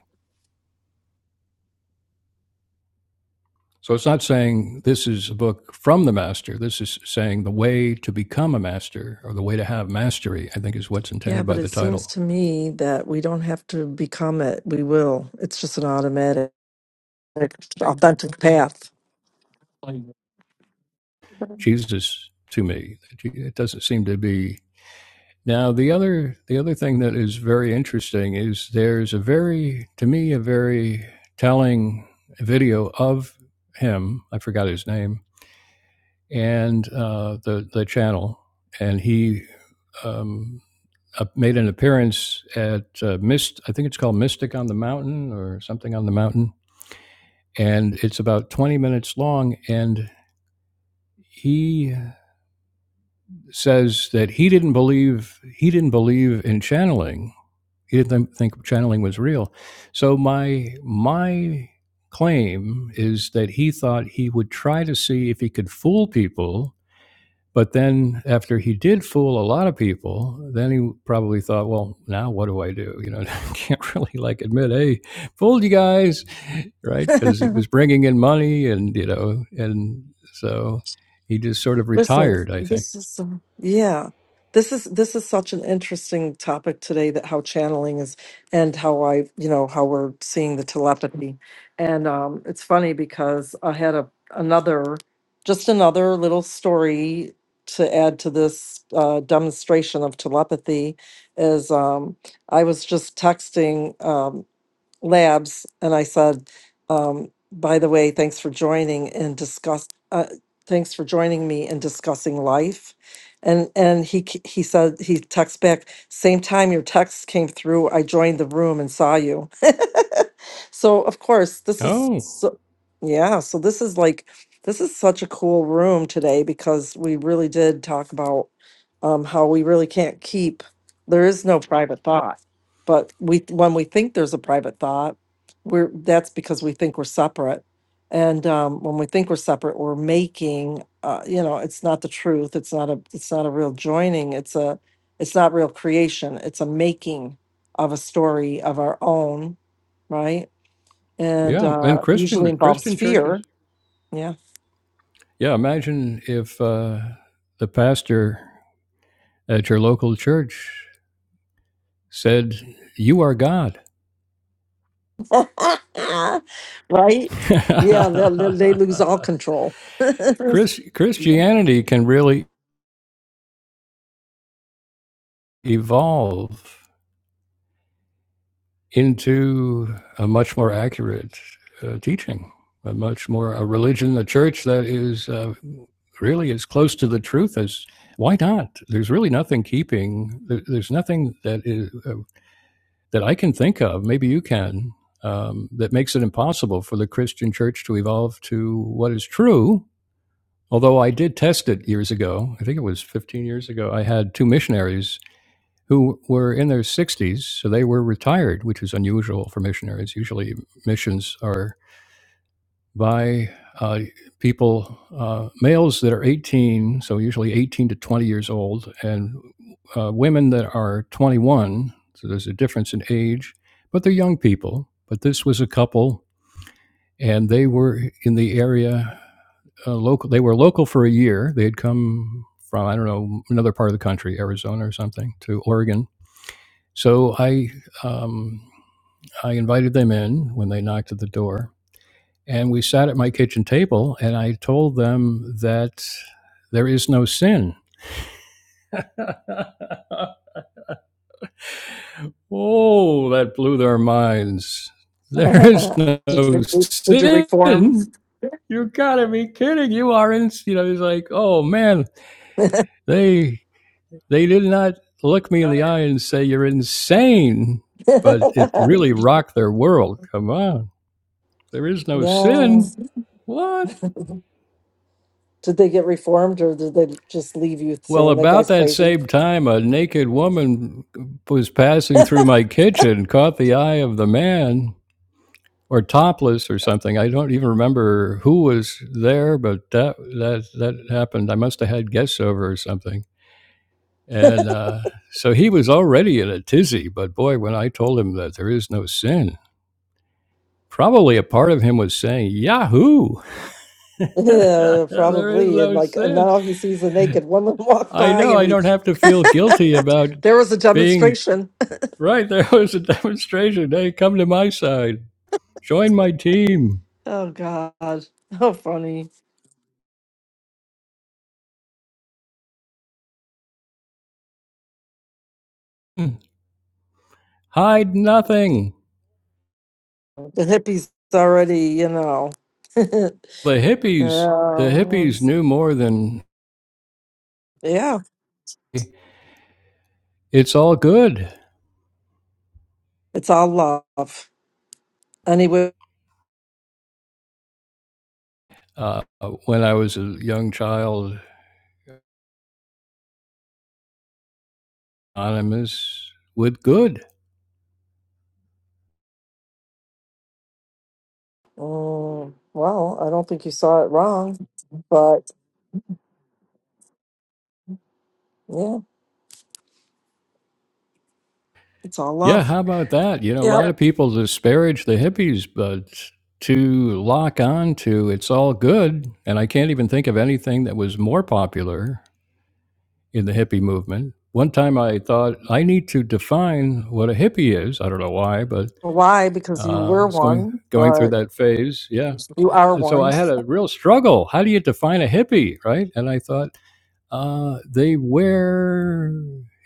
Speaker 2: So it's not saying this is a book from the master. This is saying the way to become a master or the way to have mastery. I think is what's
Speaker 1: Yeah,
Speaker 2: intended
Speaker 1: but
Speaker 2: by
Speaker 1: it
Speaker 2: the
Speaker 1: seems
Speaker 2: title.
Speaker 1: to me that we don't have to become it. We will. It's just an automatic authentic path.
Speaker 2: Jesus to me. It doesn't seem to be. Now the other the other thing that is very interesting is there's a very to me a very telling video of him. I forgot his name and uh, the the channel, and he um, uh, made an appearance at uh, Mist. I think it's called Mystic on the Mountain or something on the mountain, and it's about twenty minutes long. And he says that he didn't believe he didn't believe in channeling. He didn't think channeling was real. So my my claim is that he thought he would try to see if he could fool people, but then after he did fool a lot of people, then he probably thought, well, now what do I do? You know, <laughs> I can't really like admit, hey, fooled you guys, right? Because it
Speaker 1: <laughs>
Speaker 2: was bringing in money, and you know, and so he just sort of
Speaker 1: Listen,
Speaker 2: retired, I think.
Speaker 1: this is um, yeah. This is this is such an interesting topic today that how channeling is and how I you know how we're seeing the telepathy, and um, it's funny because I had a another just another little story to add to this uh, demonstration of telepathy is um, I was just texting. um, labs and I said, um, by the way, thanks for joining and discuss, uh, thanks for joining me in discussing life. And, and he, k- he said, he texts back, same time your text came through, I joined the room and saw you. <laughs> so of course this is,
Speaker 2: Oh.
Speaker 1: so, yeah, so this is like, this is such a cool room today because we really did talk about um, how we really can't keep, there is no private thought but we when we think there's a private thought we're that's because we think we're separate and um, when we think we're separate we're making uh, you know it's not the truth it's not a it's not a real joining it's a it's not real creation it's a making of a story of our own right and
Speaker 2: Yeah, and
Speaker 1: uh, usually
Speaker 2: Christian
Speaker 1: involves
Speaker 2: Christian
Speaker 1: fear
Speaker 2: churches.
Speaker 1: yeah
Speaker 2: Yeah, imagine if uh, the pastor at your local church said, "You are God."
Speaker 1: <laughs> right yeah they, they they lose all
Speaker 2: <laughs>
Speaker 1: control <laughs> did
Speaker 2: Chris, Christianity can really evolve into a much more accurate uh, teaching, a much more a religion, a church that is uh, really as close to the truth as why not? There's really nothing keeping. There's nothing that is. uh, that I can think of, maybe you can, um, that makes it impossible for the Christian church to evolve to what is true. Although I did test it years ago, I think it was 15 years ago, I had two missionaries who were in their 60s, so they were retired, which is unusual for missionaries. Usually, missions are by uh, people, uh, males that are 18, so usually 18 to 20 years old, and uh, women that are 21. So there's a difference in age, but they're young people. But this was a couple, and they were in the area uh, local. They were local for a year. They had come from, I don't know, another part of the country, Arizona or something, to Oregon. So I, um, I invited them in when they knocked at the door and we sat at my kitchen table, and I told them that there is no sin. <laughs> oh, that blew their minds. There is no
Speaker 1: you, did you
Speaker 2: sin.
Speaker 1: reform
Speaker 2: You gotta be kidding. You are in, you know, it's like, oh man, they they did not look me in the eye and say you're insane,
Speaker 1: <laughs>
Speaker 2: but it really rocked their world. Come on. There is no
Speaker 1: yeah.
Speaker 2: sin. What?
Speaker 1: Did they get reformed or did they just leave you
Speaker 2: Well,
Speaker 1: saying that
Speaker 2: about
Speaker 1: guy's
Speaker 2: that
Speaker 1: crazy?
Speaker 2: same time, a naked woman was
Speaker 1: <laughs>
Speaker 2: passing through my kitchen, caught the eye of the man, or topless or something. I don't even remember who was there, but that that that happened. I must have had guests over or something, and uh, so he was already in a tizzy. But boy, when I told him that there is no sin, probably a part of him was saying, "Yahoo, <laughs>
Speaker 1: yeah,
Speaker 2: there is
Speaker 1: probably. And
Speaker 2: no
Speaker 1: like and
Speaker 2: sin."
Speaker 1: now he sees a naked woman <laughs> walk
Speaker 2: I
Speaker 1: by
Speaker 2: know
Speaker 1: and
Speaker 2: I
Speaker 1: he
Speaker 2: don't have to feel guilty about
Speaker 1: <laughs> there was a
Speaker 2: being
Speaker 1: demonstration. <laughs>
Speaker 2: Right, there was a demonstration. Hey, come to my side. Join my team.
Speaker 1: Oh God. How funny.
Speaker 2: <laughs> Hide nothing.
Speaker 1: The hippies already, you know. <laughs>
Speaker 2: The hippies, the
Speaker 1: Um,
Speaker 2: hippies knew more than
Speaker 1: yeah.
Speaker 2: it's all good.
Speaker 1: It's all love. Anyway.
Speaker 2: Uh, when I was a young child, anonymous with good.
Speaker 1: Mm, well, I don't think you saw it wrong, but yeah, it's all
Speaker 2: Yeah,
Speaker 1: love.
Speaker 2: how about that? You know, a
Speaker 1: Yep.
Speaker 2: lot of people disparage the hippies, but to lock on to it's all good, and I can't even think of anything that was more popular in the hippie movement. One time I thought I need to define what a hippie is. I don't know why, but
Speaker 1: why because you
Speaker 2: uh,
Speaker 1: were
Speaker 2: it's going
Speaker 1: one
Speaker 2: going through
Speaker 1: but
Speaker 2: that phase. Yeah,
Speaker 1: you are
Speaker 2: and so
Speaker 1: one
Speaker 2: I had a real struggle. How do you define a hippie, right? And I thought uh, they wear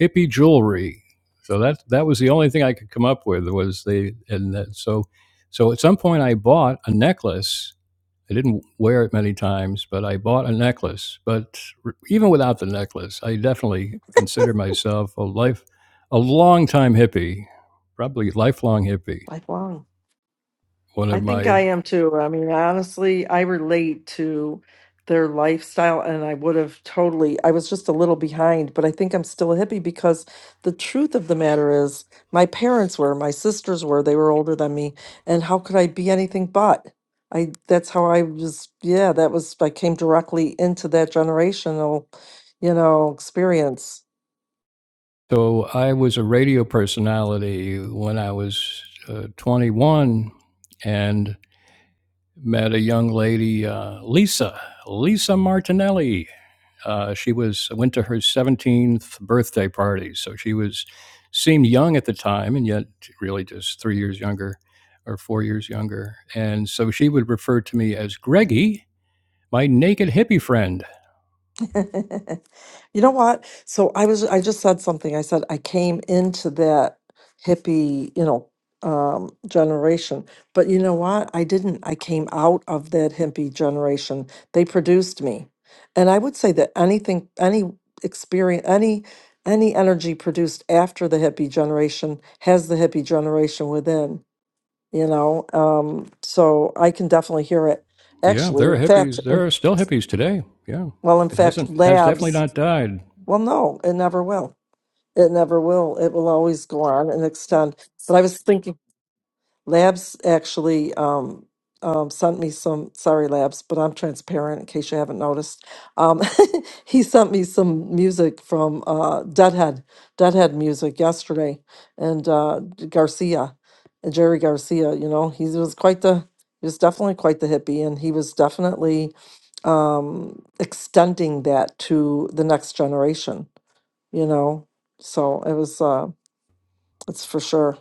Speaker 2: hippie jewelry. So that that was the only thing I could come up with was they and that, so so at some point I bought a necklace I didn't wear it many times, but I bought a necklace. But even without the necklace, I definitely consider myself a life, a long time hippie, probably lifelong hippie.
Speaker 1: like wow
Speaker 2: One
Speaker 1: i
Speaker 2: of
Speaker 1: think
Speaker 2: my
Speaker 1: i am too i mean honestly i relate to their lifestyle and i would have totally i was just a little behind but i think i'm still a hippie because the truth of the matter is my parents were my sisters were they were older than me and how could i be anything but i that's how i was yeah that was i came directly into that generational you know experience
Speaker 2: so I was a radio personality when I was uh, 21, and met a young lady, uh, Lisa, Lisa Martinelli. Uh, she was went to her 17th birthday party, so she was seemed young at the time, and yet really just three years younger or four years younger. And so she would refer to me as Greggy, my naked hippie friend!
Speaker 1: <laughs> You know what? So I was, I just said something. I said I came into that hippie, you know, um, generation. But you know what? I didn't. I came out of that hippie generation. They produced me. And I would say that anything, any experience, any any energy produced after the hippie generation has the hippie generation within, you know. Um, so I can definitely hear it.
Speaker 2: Yeah,
Speaker 1: Actually,
Speaker 2: there
Speaker 1: in
Speaker 2: are
Speaker 1: Yeah. fact,
Speaker 2: hippies. There
Speaker 1: in,
Speaker 2: are still hippies today. Yeah,
Speaker 1: well, in
Speaker 2: it
Speaker 1: fact,
Speaker 2: hasn't has definitely
Speaker 1: labs
Speaker 2: not died.
Speaker 1: well, no, it never will. It never will. It will always go on and extend. But I was thinking, Labs actually um, um, sent me some. Sorry, Labs, but I'm transparent in case you haven't noticed. Um, <laughs> he sent me some music from uh, Deadhead, Deadhead music yesterday, and uh, Garcia, and Jerry Garcia. You know, he was quite the. He was definitely quite the hippie, and he was definitely um, extending that to the next generation you know. So it was uh it's for sure.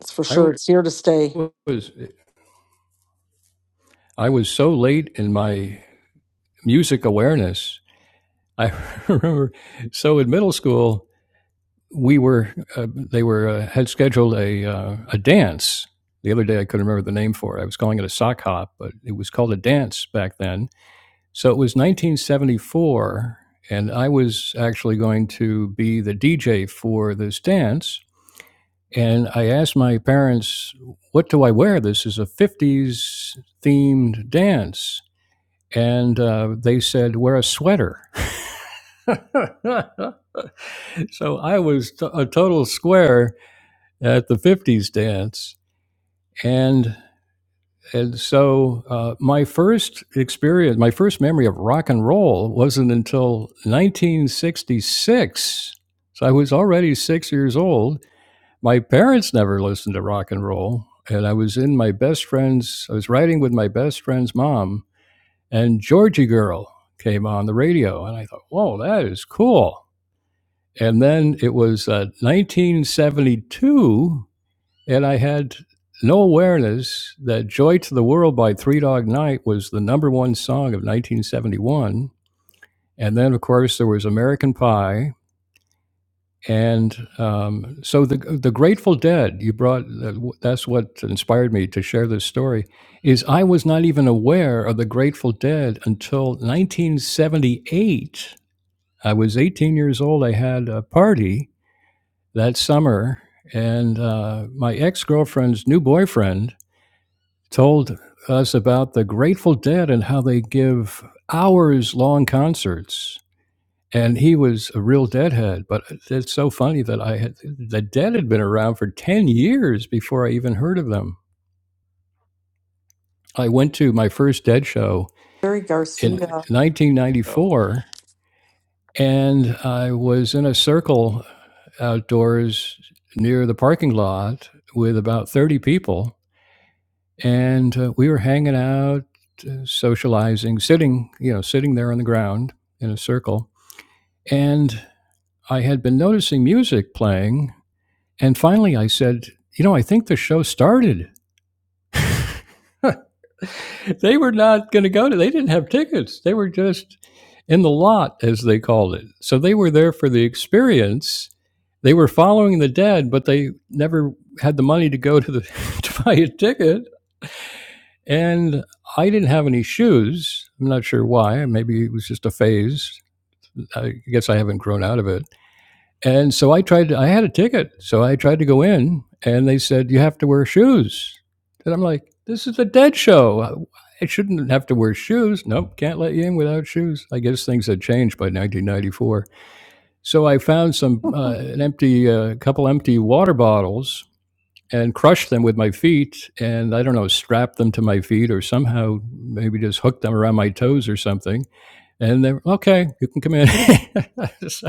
Speaker 1: It's for sure.
Speaker 2: I
Speaker 1: It's here to stay.
Speaker 2: was I was so late in my music awareness. I <laughs> remember so in middle school we were uh, they were uh, had scheduled a uh, a dance the other day. I couldn't remember the name for it. I was calling it a sock hop, but it was called a dance back then. So it was 1974, and I was actually going to be the DJ for this dance. And I asked my parents, "What do I wear? This is a 50s themed dance." And uh, they said, "Wear a sweater." <laughs> so I was t- a total square at the 50s dance. And, and so uh, my first experience, my first memory of rock and roll wasn't until 1966. So I was already six years old. My parents never listened to rock and roll. And I was in my best friend's, I was riding with my best friend's mom, and Georgie Girl came on the radio. And I thought, whoa, that is cool. And then it was uh, 1972 And I had no awareness that Joy to the World by Three Dog Night was the number one song of 1971. And then, of course, there was American Pie. And um, so the, the Grateful Dead, you brought, that's what inspired me to share this story, is I was not even aware of the Grateful Dead until 1978. I was 18 years old. I had a party that summer, and uh, my ex girlfriend's new boyfriend told us about the Grateful Dead and how they give hours long concerts. And he was a real deadhead, but it's so funny that I had the Dead had been around for ten years before I even heard of them. I went to my first Dead show
Speaker 1: Jerry
Speaker 2: in
Speaker 1: Garcia
Speaker 2: 1994, and I was in a circle outdoors near the parking lot with about 30 people and uh, we were hanging out, uh, socializing, sitting, you know, sitting there on the ground in a circle. And I had been noticing music playing, and finally I said, "You know, I think the show started." <laughs> They were not going to go to. They didn't have tickets. They were just in the lot, as they called it. So they were there for the experience. They were following the dead, but they never had the money to go to the <laughs> to buy a ticket. And I didn't have any shoes. I'm not sure why. Maybe it was just a phase. I guess I haven't grown out of it. And so I tried, to, I had a ticket. So I tried to go in and they said, you have to wear shoes. And I'm like, this is a dead show. I shouldn't have to wear shoes. Nope, can't let you in without shoes. I guess things had changed by 1994. So I found some, uh, an empty, uh, couple empty water bottles and crushed them with my feet and I don't know, strapped them to my feet or somehow maybe just hooked them around my toes or something. And they're okay, you can come in. <laughs> so,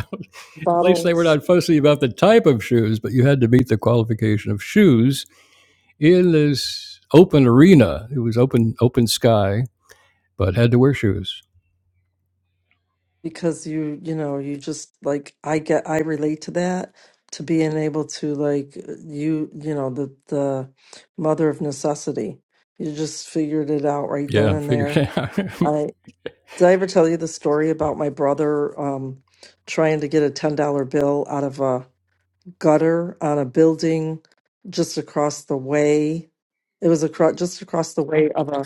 Speaker 2: at least they were
Speaker 1: bottles
Speaker 2: not fussy about the type of shoes, but you had to meet the qualification of shoes in this open arena. It was open open sky, but had to wear shoes.
Speaker 1: because you you know, you just like I get I relate to that to being able to like uh, you you know, the the mother of necessity. You just figured it out right then
Speaker 2: Yeah,
Speaker 1: and
Speaker 2: figured
Speaker 1: there.
Speaker 2: it out.
Speaker 1: I did I ever tell you the story about my brother um trying to get a ten dollar bill out of a gutter on a building just across the way. It was across just across the way of a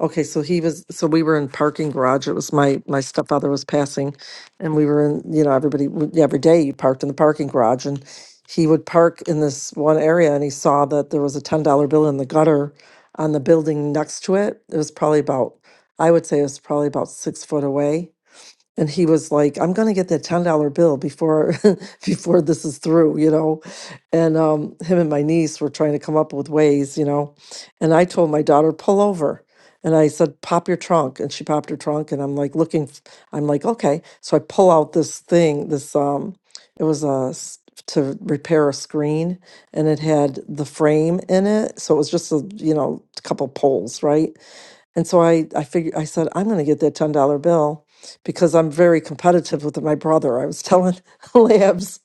Speaker 1: okay, so he was so we were in parking garage. It was my my stepfather was passing and we were in, you know, everybody would- every day you parked in the parking garage and he would park in this one area and he saw that there was a ten dollar bill in the gutter on the building next to it. It was probably about I would say it was probably about six foot away and he was like i'm going to get that $10 bill before <laughs> before this is through you know and um, him and my niece were trying to come up with ways you know and i told my daughter pull over and i said pop your trunk and she popped her trunk and i'm like looking f- i'm like okay so i pull out this thing this um it was a s- to repair a screen and it had the frame in it so it was just a you know a couple poles right and so I, I figured, I said, I'm going to get that $10 bill because I'm very competitive with my brother. I was telling <laughs> Labs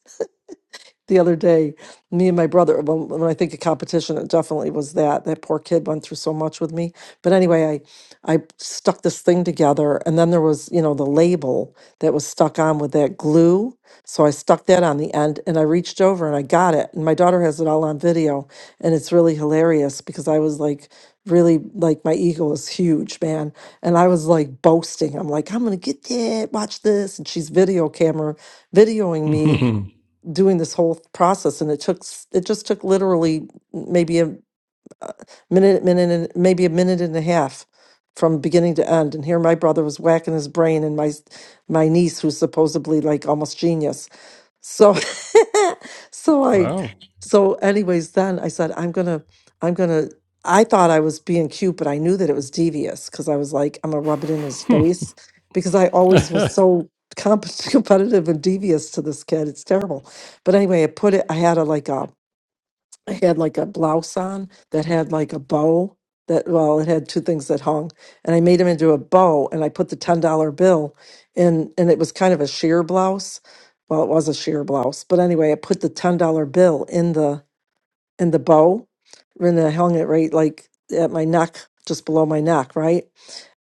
Speaker 1: the other day, me and my brother, when, when I think of competition, it definitely was that. That poor kid went through so much with me. But anyway, I, I stuck this thing together and then there was, you know, the label that was stuck on with that glue. So I stuck that on the end and I reached over and I got it. And my daughter has it all on video. And it's really hilarious because I was like, really like my ego is huge, man. And I was like boasting. I'm like, I'm gonna get that, watch this. And she's video camera videoing me doing this whole process and it took s- it just took literally maybe a, a minute minute and maybe a minute and a half from beginning to end and here my brother was whacking his brain and my s- my niece who's supposedly like almost genius so <laughs> so
Speaker 2: <laughs>
Speaker 1: I
Speaker 2: wow.
Speaker 1: so anyways then I said I'm going to I'm going to I thought I was being cute but I knew that it was devious cuz I was like I'm going to rub it in his face because I always was so comp- <laughs> competitive and devious to this kid it's terrible. But anyway, I put it I had a like a I had like a blouse on that had like a bow that well it had two things that hung and i made them into a bow and i put the $10 bill in and it was kind of a sheer blouse well it was a sheer blouse but anyway i put the $10 bill in the in the bow and i hung it right like at my neck just below my neck right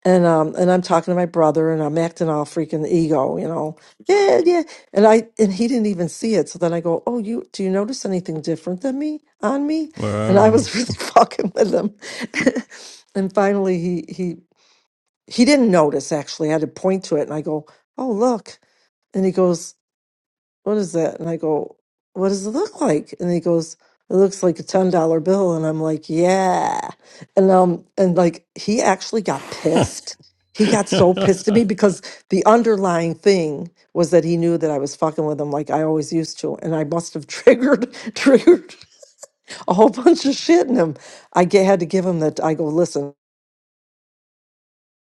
Speaker 1: and um and I'm talking to my brother and I'm acting all freaking ego, you know. Yeah, yeah. And I and he didn't even see it. So then I go, "Oh, you do you notice anything different than me on me?" And I was <laughs> really fucking with him. <laughs> and finally he he he didn't notice actually. I had to point to it and I go, "Oh, look." And he goes, what is that? And I go, what does it look like? And he goes, it looks like a ten dollar bill. And I'm like, yeah. And um, and like he actually got
Speaker 2: <laughs>
Speaker 1: pissed. He got so pissed at
Speaker 2: wow.
Speaker 1: me
Speaker 2: <laughs>
Speaker 1: because the underlying thing was that he knew that I was fucking with him like I always used to, and I must have <laughs> triggered triggered a whole bunch of shit in him. I ge- had to give him that. I go, listen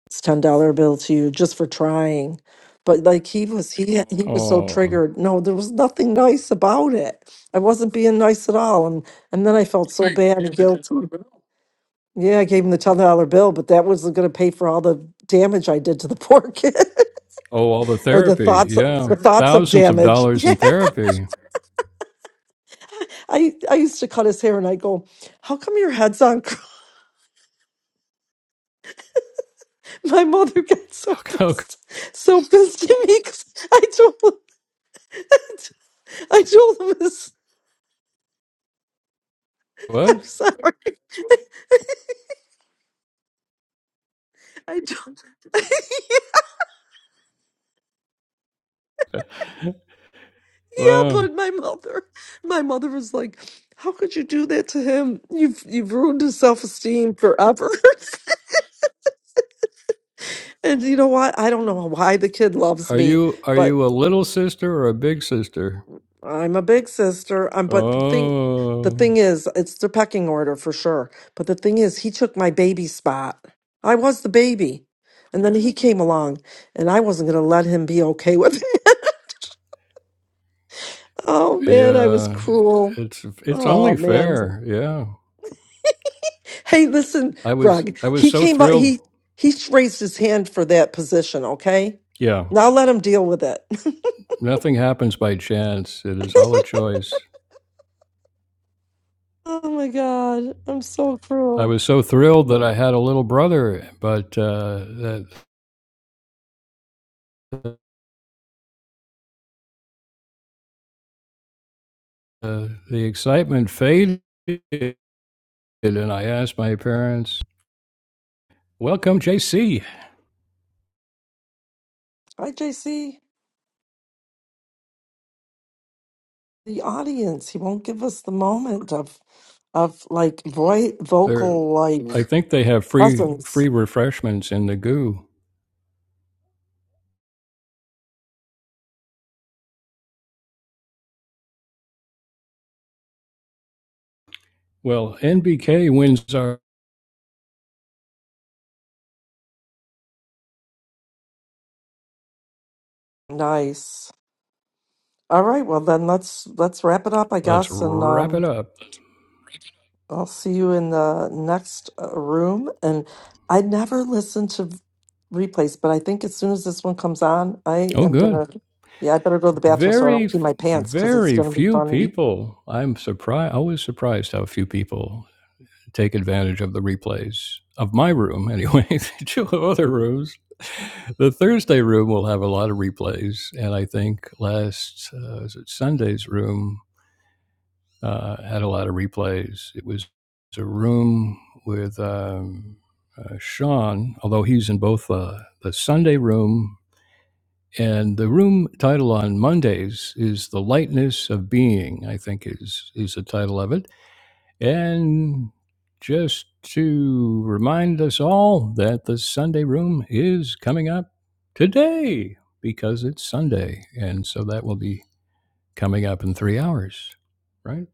Speaker 1: it's ten dollar bill to you just for trying. But like he was, he had- he was so
Speaker 2: oh.
Speaker 1: triggered. No, there was nothing nice about it. I wasn't being nice at all, and and then I felt so bad and gave him guilty. Yeah, I gave him the ten dollar bill, but that wasn't going to pay for all the damage I did to the poor kid, <laughs>
Speaker 2: Oh, all the
Speaker 1: or the
Speaker 2: therapy.
Speaker 1: thoughts of, the <laughs>
Speaker 2: Yeah.
Speaker 1: thoughts of
Speaker 2: Thousands of
Speaker 1: damage. <laughs>
Speaker 2: dollars
Speaker 1: Yeah,
Speaker 2: in therapy.
Speaker 1: I I used to cut his hair, and I go, "How come your head's on?" cr-" <laughs> My mother got
Speaker 2: <laughs>
Speaker 1: so
Speaker 2: How co-
Speaker 1: pissed, so pissed at me because I told him. <laughs> I told him this. I'm
Speaker 2: What?
Speaker 1: sorry. I don't. <laughs> yeah,
Speaker 2: Wow.
Speaker 1: but my mother, my mother was like, "How could you do that to him? You've you've ruined his self esteem forever." <laughs> and you know what? I don't know why the kid loves
Speaker 2: Are
Speaker 1: me,
Speaker 2: you are
Speaker 1: but
Speaker 2: you a little sister or a big sister?
Speaker 1: I'm a big sister. I'm. But the thing, the
Speaker 2: Oh,
Speaker 1: thing is, it's the pecking order for sure. But the thing is, he took my baby spot. I was the baby. And then he came along, and I wasn't going to let him be okay with it. <laughs> Oh man, I was
Speaker 2: yeah.
Speaker 1: cruel.
Speaker 2: It's it's
Speaker 1: Oh
Speaker 2: only
Speaker 1: man.
Speaker 2: fair. Yeah.
Speaker 1: Hey, listen,
Speaker 2: I was
Speaker 1: Greg.
Speaker 2: I was
Speaker 1: He
Speaker 2: so
Speaker 1: came up.
Speaker 2: thrilled.
Speaker 1: He he raised his hand for that position. Okay,
Speaker 2: Yeah.
Speaker 1: now let him deal with it.
Speaker 2: Nothing happens by chance. It is all a choice.
Speaker 1: <laughs> oh my God, I'm so
Speaker 2: I
Speaker 1: cruel.
Speaker 2: was so thrilled that I had a little brother, but uh, that uh, the excitement faded, and I asked my parents, Welcome, JC.
Speaker 1: Hi, JC. The audience. He won't give us the moment of of like voice
Speaker 2: There,
Speaker 1: vocal like
Speaker 2: I
Speaker 1: Mm.
Speaker 2: think they have free
Speaker 1: presence.
Speaker 2: free refreshments in the goo. Well, NBK wins our.
Speaker 1: Nice. All right. Well, then let's let's wrap it up, I
Speaker 2: Let's
Speaker 1: guess, and
Speaker 2: wrap
Speaker 1: um.
Speaker 2: it up.
Speaker 1: I'll see you in the next uh, room. And I never listen to v- replays, but I think as soon as this one comes on, I
Speaker 2: Oh,
Speaker 1: am
Speaker 2: good.
Speaker 1: gonna. Yeah, I better go to the bathroom so I don't
Speaker 2: Very,
Speaker 1: pee my pants because it's
Speaker 2: very
Speaker 1: gonna be
Speaker 2: few
Speaker 1: fun.
Speaker 2: people. I'm surprised. Always surprised how few people take advantage of the replays of my room. Anyway, <laughs> two other rooms. The Thursday room will have a lot of replays, and I think last uh, is it Sunday's room uh, had a lot of replays. It was a room with um, uh, Sean, although he's in both uh, the Sunday room and the room title on Mondays is "The Lightness of Being." I think is is the title of it, and just to remind us all that the Sunday room is coming up today because it's Sunday, and so that will be coming up in three hours, right?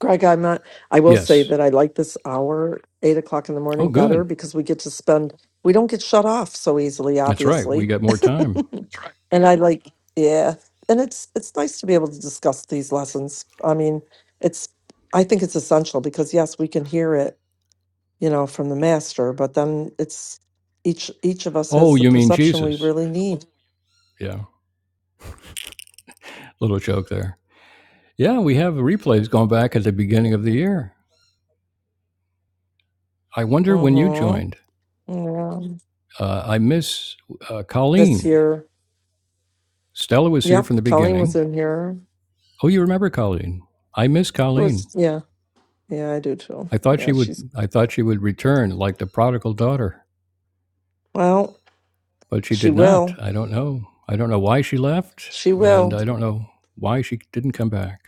Speaker 1: Greg, I'm not. I will say
Speaker 2: Yes.
Speaker 1: that I like this hour, eight o'clock in the
Speaker 2: Oh,
Speaker 1: morning,
Speaker 2: good.
Speaker 1: better because we get to spend. We don't get shut off so easily,
Speaker 2: That's right. We
Speaker 1: obviously.
Speaker 2: got more time.
Speaker 1: And I like, yeah, and it's it's nice to be able to discuss these lessons. I mean, it's. I think it's essential because yes, we can hear it you know, from the master, but then it's each each of us
Speaker 2: Oh,
Speaker 1: has the
Speaker 2: you mean
Speaker 1: perception we
Speaker 2: Jesus?
Speaker 1: really need.
Speaker 2: Yeah. Little joke there. Yeah, we have replays going back at the beginning of the year. I wonder when you
Speaker 1: Mm-hmm.
Speaker 2: joined.
Speaker 1: Yeah.
Speaker 2: Uh, I miss uh,
Speaker 1: This
Speaker 2: Colleen.
Speaker 1: year.
Speaker 2: Stella was here from the
Speaker 1: Yep. Colleen was
Speaker 2: beginning.
Speaker 1: in here.
Speaker 2: Oh, you remember Colleen? I miss
Speaker 1: It was
Speaker 2: Colleen.
Speaker 1: yeah. Yeah, I do too.
Speaker 2: I thought she
Speaker 1: Yeah,
Speaker 2: would.
Speaker 1: she's
Speaker 2: I thought she would return like the prodigal daughter,
Speaker 1: well,
Speaker 2: but she
Speaker 1: she
Speaker 2: did not.
Speaker 1: will.
Speaker 2: I don't know. I don't know why she left,
Speaker 1: She
Speaker 2: and
Speaker 1: will.
Speaker 2: I don't know why she didn't come back.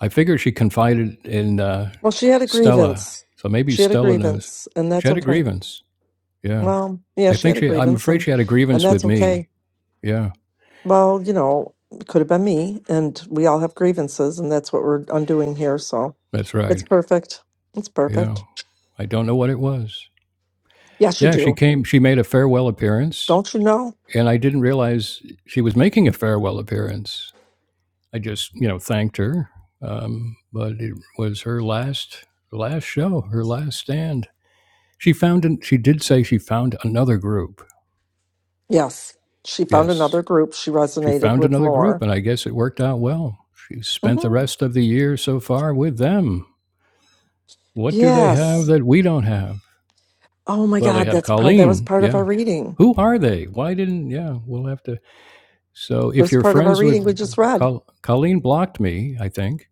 Speaker 2: I figured she confided in uh,
Speaker 1: Well, she had a
Speaker 2: Stella,
Speaker 1: grievance.
Speaker 2: so maybe
Speaker 1: She had a
Speaker 2: Stella knows.
Speaker 1: grievance, and
Speaker 2: She
Speaker 1: that's
Speaker 2: had a
Speaker 1: okay.
Speaker 2: grievance. Yeah,
Speaker 1: Well, yeah,
Speaker 2: I
Speaker 1: she had
Speaker 2: think
Speaker 1: a
Speaker 2: she. I'm
Speaker 1: grievance
Speaker 2: afraid
Speaker 1: and
Speaker 2: she had a
Speaker 1: and
Speaker 2: grievance
Speaker 1: that's
Speaker 2: with
Speaker 1: okay.
Speaker 2: me. Yeah,
Speaker 1: Well, you know, it could have been me, and we all have grievances, and that's what we're undoing here. So
Speaker 2: that's
Speaker 1: it's
Speaker 2: right.
Speaker 1: perfect. It's
Speaker 2: Yeah,
Speaker 1: perfect.
Speaker 2: I don't know what it was.
Speaker 1: Yes, you
Speaker 2: Yeah, she
Speaker 1: do.
Speaker 2: came. She made a farewell appearance,
Speaker 1: Don't you know?
Speaker 2: and I didn't realize she was making a farewell appearance. I just, you know, thanked her, um, but it was her last last show, her last stand. She found. An, she did say she found another group.
Speaker 1: Yes. She found
Speaker 2: Yes,
Speaker 1: another group she
Speaker 2: she
Speaker 1: resonated
Speaker 2: found
Speaker 1: with
Speaker 2: another group,
Speaker 1: more.
Speaker 2: and I guess it worked out well. She spent the
Speaker 1: hmm
Speaker 2: rest of the year so far with them. What do they have
Speaker 1: Yes.
Speaker 2: that we don't have?
Speaker 1: Oh my
Speaker 2: Well, they
Speaker 1: God,
Speaker 2: have
Speaker 1: that's part. That was
Speaker 2: Colleen.
Speaker 1: part of
Speaker 2: Yeah.
Speaker 1: our reading.
Speaker 2: Who are they? Why didn't, yeah, we'll have to. So
Speaker 1: It
Speaker 2: if
Speaker 1: was
Speaker 2: you're
Speaker 1: part of our
Speaker 2: friends
Speaker 1: reading
Speaker 2: with
Speaker 1: we just read.
Speaker 2: Col- Colleen, blocked me, I think.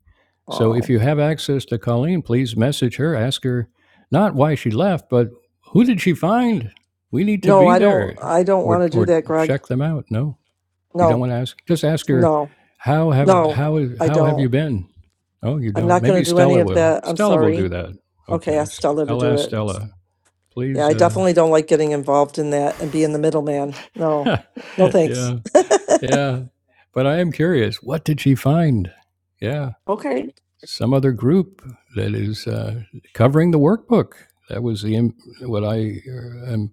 Speaker 2: So if
Speaker 1: Oh
Speaker 2: you have access to Colleen, please message her, ask her not why she left, but who did she find? We need to
Speaker 1: no,
Speaker 2: be
Speaker 1: I don't.
Speaker 2: there
Speaker 1: I don't want
Speaker 2: or,
Speaker 1: to do
Speaker 2: or
Speaker 1: that, Greg.
Speaker 2: check them out. No. You don't
Speaker 1: No,
Speaker 2: want to ask. Just ask her,
Speaker 1: no,
Speaker 2: how have
Speaker 1: no.
Speaker 2: how
Speaker 1: I
Speaker 2: how have you
Speaker 1: don't.
Speaker 2: been? Oh, you
Speaker 1: I'm
Speaker 2: don't.
Speaker 1: not going
Speaker 2: Maybe
Speaker 1: to do any
Speaker 2: Stella
Speaker 1: of
Speaker 2: will.
Speaker 1: that. I'm
Speaker 2: Stella will do
Speaker 1: sorry.
Speaker 2: that.
Speaker 1: Okay,
Speaker 2: Okay,
Speaker 1: ask Stella
Speaker 2: i
Speaker 1: to
Speaker 2: I'll
Speaker 1: do
Speaker 2: ask
Speaker 1: it.
Speaker 2: Stella.
Speaker 1: Yeah,
Speaker 2: Please.
Speaker 1: I
Speaker 2: Uh,
Speaker 1: definitely don't like getting involved in that and being the middleman. No,
Speaker 2: <laughs>
Speaker 1: no thanks.
Speaker 2: yeah,
Speaker 1: <laughs>
Speaker 2: yeah. But I am curious. What did she find? Yeah,
Speaker 1: Okay.
Speaker 2: some other group that is uh, covering the workbook. That was the im- what I um,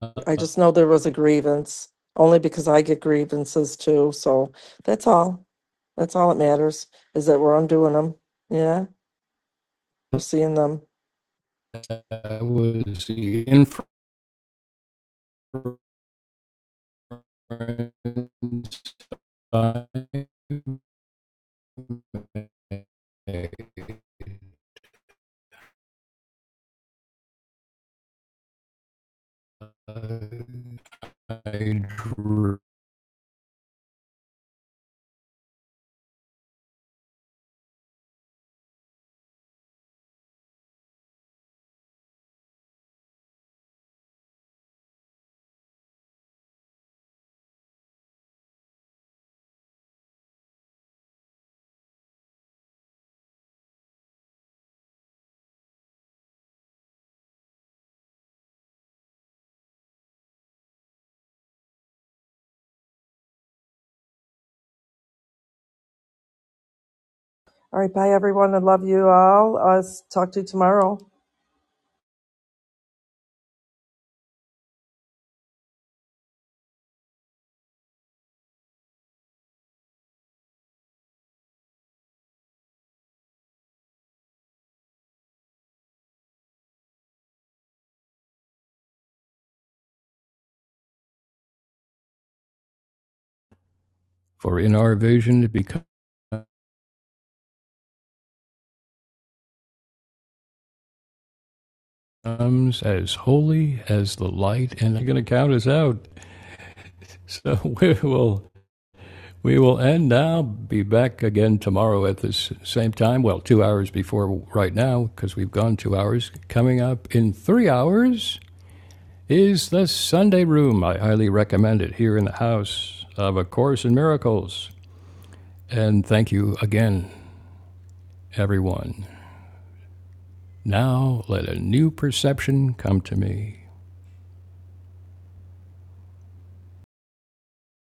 Speaker 2: uh,
Speaker 1: I just know there was a grievance, only because I get grievances too. So that's all. That's all that matters is that we're undoing them. Yeah, we're seeing them.
Speaker 2: that was the inference. I
Speaker 1: All right, bye everyone. I love you all. I'll talk to you tomorrow.
Speaker 2: For in our vision it becomes as holy as the light, and I'm going to count us out. So <laughs> we will we will end now. Be back again tomorrow at this same time. Well, two hours before right now because we've gone two hours. Coming up in three hours is the Sunday Room. I highly recommend it here in the house of A Course in Miracles. And thank you again, everyone. Now let a new perception come to me.